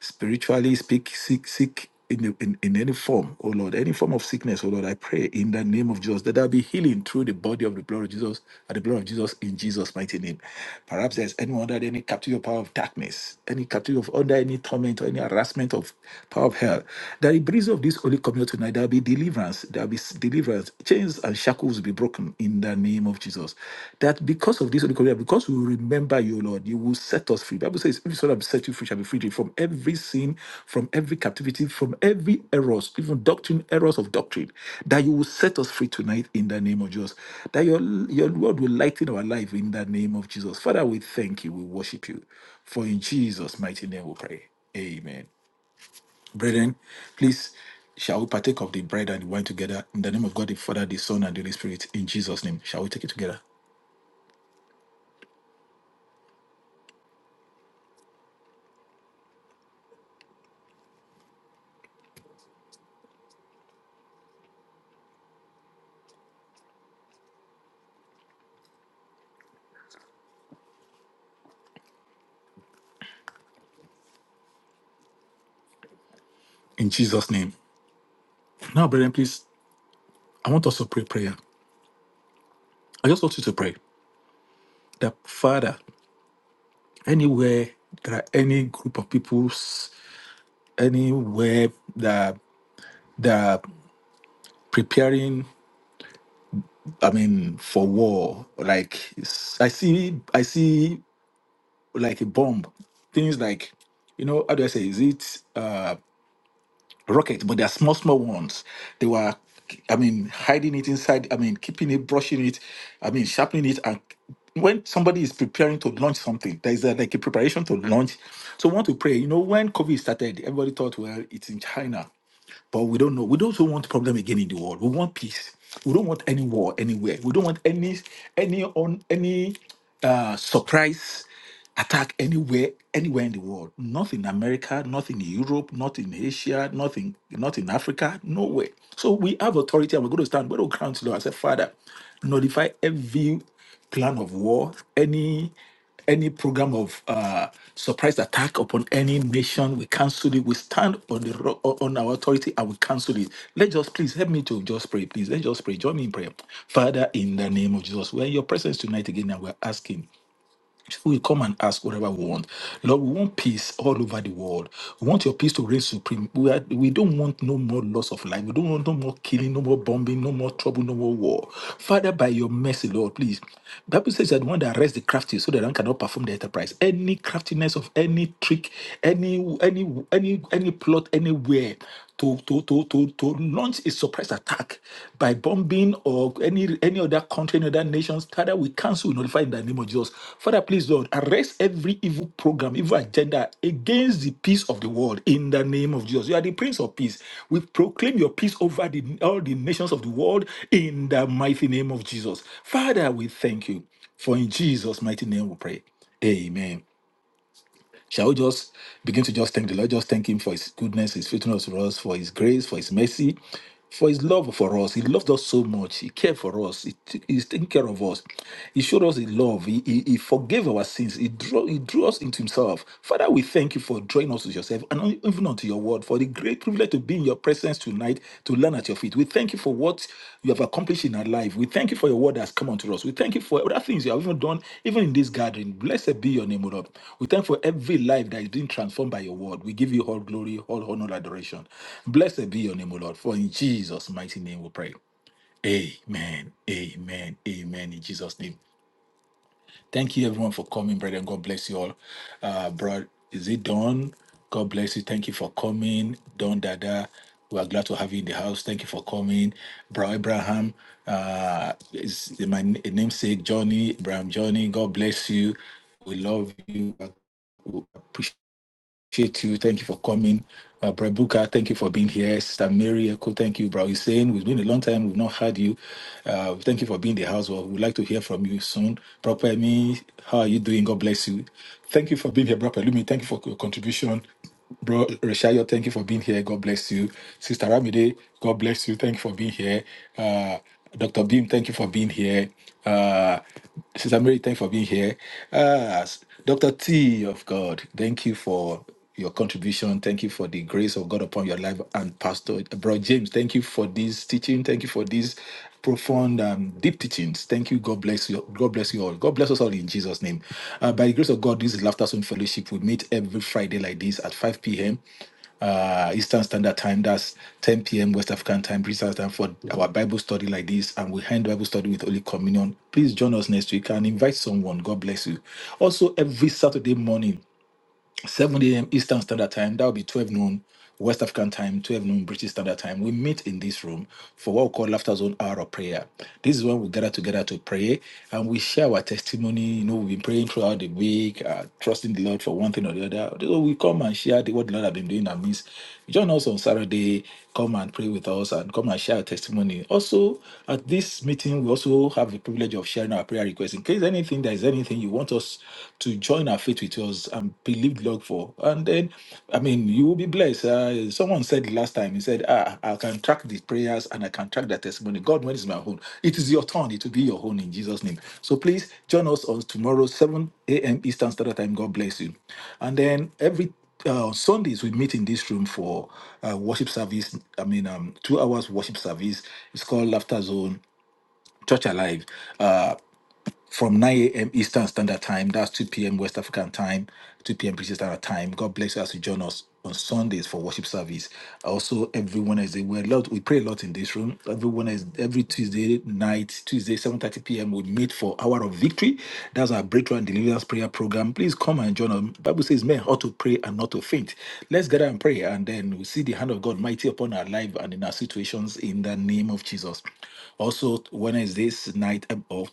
spiritually speak sick sick in, the- in, in any form oh lord any form of sickness oh lord i pray in the name of jesus that there be healing through the body of the blood of jesus at the blood of jesus in jesus mighty name perhaps there's anyone under any captive of power of darkness any captive of under any torment or any harassment of power of hell that the breeze of this holy communion tonight there'll be deliverance there'll be s- deliverance chains and shackles will be broken in the in the name of Jesus. That because of this Holy Korea, because we remember you, Lord, you will set us free. Bible says, if you shall have set you free, shall be free from every sin, from every captivity, from every errors, even doctrine, errors of doctrine, that you will set us free tonight in the name of Jesus. That your, your word will lighten our life in the name of Jesus. Father, we thank you. We worship you. For in Jesus' mighty name we pray. Amen. Brethren, please shall we partake of the bread and the wine together in the name of God the Father, the Son, and the Holy Spirit in Jesus' name. Shall we take it together? In Jesus' name. Now, brethren, please, I want us to pray prayer. I just want you to pray that Father, anywhere there are any group of peoples, anywhere that that are preparing, I mean, for war, like it's- I see I see like a bomb. Things like you know, how do I say? Is it? uh, rocket, but they're small, small ones. They were, I mean, hiding it inside, I mean, keeping it, brushing it, I mean, sharpening it. And when somebody is preparing to launch something, there is a, like a preparation to launch. So, I want to pray. You know, when COVID started, everybody thought, well, it's in China. But we don't know. We don't want problem again in the world. We want peace. We don't want any war anywhere. We don't want any any on any uh, surprise attack anywhere anywhere in the world. Not in America, not in Europe, not in Asia, Nothing, not in Africa, nowhere. So we have authority and we're going to stand by the ground to the Lord. I said, Father, notify every plan of war, any any program of uh, surprise attack upon any nation, we cancel it. We stand on the ro- on our authority and we cancel it. Let's just please help me to just pray, please. Let's just pray. Join me in prayer, Father, in the name of Jesus. We're in your presence tonight again, and we're asking we come and ask whatever we want. Lord, we want peace all over the world. We want your peace to reign supreme. We, are, we don't want no more loss of life. We don't want no more killing, no more bombing, no more trouble, no more war. Father, by your mercy, Lord, please. Bible says that one that arrests the crafty so that one cannot perform the enterprise. Any craftiness of any trick, any any any any plot anywhere to to to to to launch a surprise attack by bombing or any any other country, any other nations. Father, we cancel, we notify in the name of Jesus. Father, please, Lord, arrest every evil program, evil agenda against the peace of the world in the name of Jesus. You are the Prince of Peace. We proclaim your peace over the, all the nations of the world in the mighty name of Jesus. Father, we thank you. For in Jesus' mighty name we pray. Amen. Shall we just begin to just thank the Lord? Just thank Him for His goodness, His faithfulness to us, for His grace, for His mercy, for His love for us. He loved us so much. He cared for us. He t- He's taking care of us. He showed us His love. He, he, he forgave our sins. He drew, he drew us into Himself. Father, we thank you for drawing us to yourself and even unto your word, for the great privilege to be in your presence tonight to learn at your feet. We thank you for what you have accomplished in our life. We thank you for your word that has come unto us. We thank you for other things you have even done, even in this gathering. Blessed be your name, O Lord. We thank you for every life that is being transformed by your word. We give you all glory, all honor, adoration. Blessed be your name, O Lord. For in Jesus' mighty name we pray. Amen. Amen. Amen. In Jesus' name. Thank you, everyone, for coming, brethren. God bless you all. Uh, bro, is it Don? God bless you. Thank you for coming, Don Dada. We are glad to have you in the house. Thank you for coming, Bro Abraham. Uh, is my namesake Johnny Abraham Johnny. God bless you. We love you. We appreciate appreciate you. Thank you for coming. Uh, Brad Booker, thank you for being here. Sister Mary Echo, thank you. Brad Hussein, it's been a long time. We've not had you. Uh, thank you for being in the house. Well, we'd like to hear from you soon. Proper Me, how are you doing? God bless you. Thank you for being here, Brad Pelumi. Thank you for your contribution. Bro Reshayo, thank you for being here. God bless you. Sister Ramide, God bless you. Thank you for being here. Uh, Dr. Beam, thank you for being here. Uh, Sister Mary, thank you for being here. Uh, Dr. T of God, thank you for your contribution. Thank you for the grace of God upon your life. And Pastor uh, Bro James, thank you for this teaching. Thank you for this profound um, deep teachings thank you god bless you god bless you all god bless us all in jesus name uh, by the grace of god this is laughter zone fellowship we meet every friday like this at 5 p.m uh eastern standard time that's 10 p.m west african time british Standard time for our bible study like this and we end bible study with holy communion please join us next week and invite someone god bless you also every saturday morning 7 a.m. Eastern Standard Time. That will be 12 noon West African time, 12 noon British Standard Time. We meet in this room for what we call Laughter Zone Hour of Prayer. This is when we gather together to pray and we share our testimony. You know, we've been praying throughout the week, uh, trusting the Lord for one thing or the other. So we come and share the, what the Lord has been doing in our midst. Join us on Saturday. Come and pray with us and come and share our testimony. Also, at this meeting, we also have the privilege of sharing our prayer requests. In case anything, there is anything you want us to join our faith with us and believe God for. And then, I mean, you will be blessed. Uh, someone said last time, he said, ah, I can track the prayers and I can track the testimony. God, when is my own? It is your turn. It will be your own in Jesus' name. So please join us on tomorrow, 7 a.m. Eastern Standard Time. God bless you. And then every uh, Sundays we meet in this room for uh, worship service. I mean, um, two hours worship service. It's called Laughter Zone Church Alive. Uh, from 9 a.m. Eastern Standard Time. That's 2 p.m. West African Time, 2 p.m. British Standard Time. God bless us to join us on Sundays for worship service. Also, every Wednesday, we're a lot, we pray a lot in this room. Every Wednesday, every Tuesday night, Tuesday, 7.30 p.m., we meet for Hour of Victory. That's our Breakthrough and Deliverance Prayer Program. Please come and join us. Bible says men ought to pray and not to faint. Let's gather and pray, and then we see the hand of God mighty upon our life and in our situations in the name of Jesus. Also, Wednesday's night um, or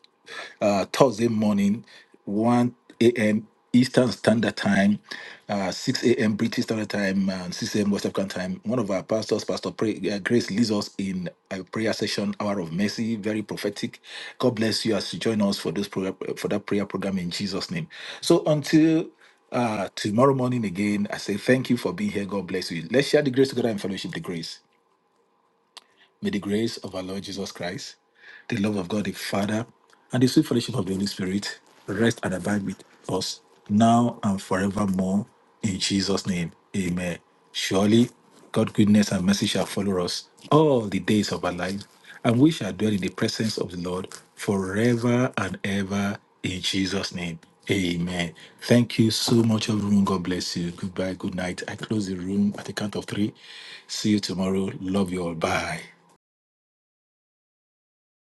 uh, Thursday morning, 1 a.m. Eastern Standard Time, uh, 6 a.m. British Standard Time, and 6 a.m. West African Time. One of our pastors, Pastor Pray, uh, Grace, leads us in a prayer session, Hour of Mercy, very prophetic. God bless you as you join us for this program, uh, for that prayer program in Jesus' name. So until uh, tomorrow morning again, I say thank you for being here. God bless you. Let's share the grace together and fellowship the grace. May the grace of our Lord Jesus Christ, the love of God the Father, and the sweet fellowship of the Holy Spirit rest and abide with us now and forevermore. In Jesus' name, amen. Surely, God's goodness and mercy shall follow us all the days of our life, and we shall dwell in the presence of the Lord forever and ever. In Jesus' name, amen. Thank you so much, everyone. God bless you. Goodbye, good night. I close the room at the count of three. See you tomorrow. Love you all. Bye.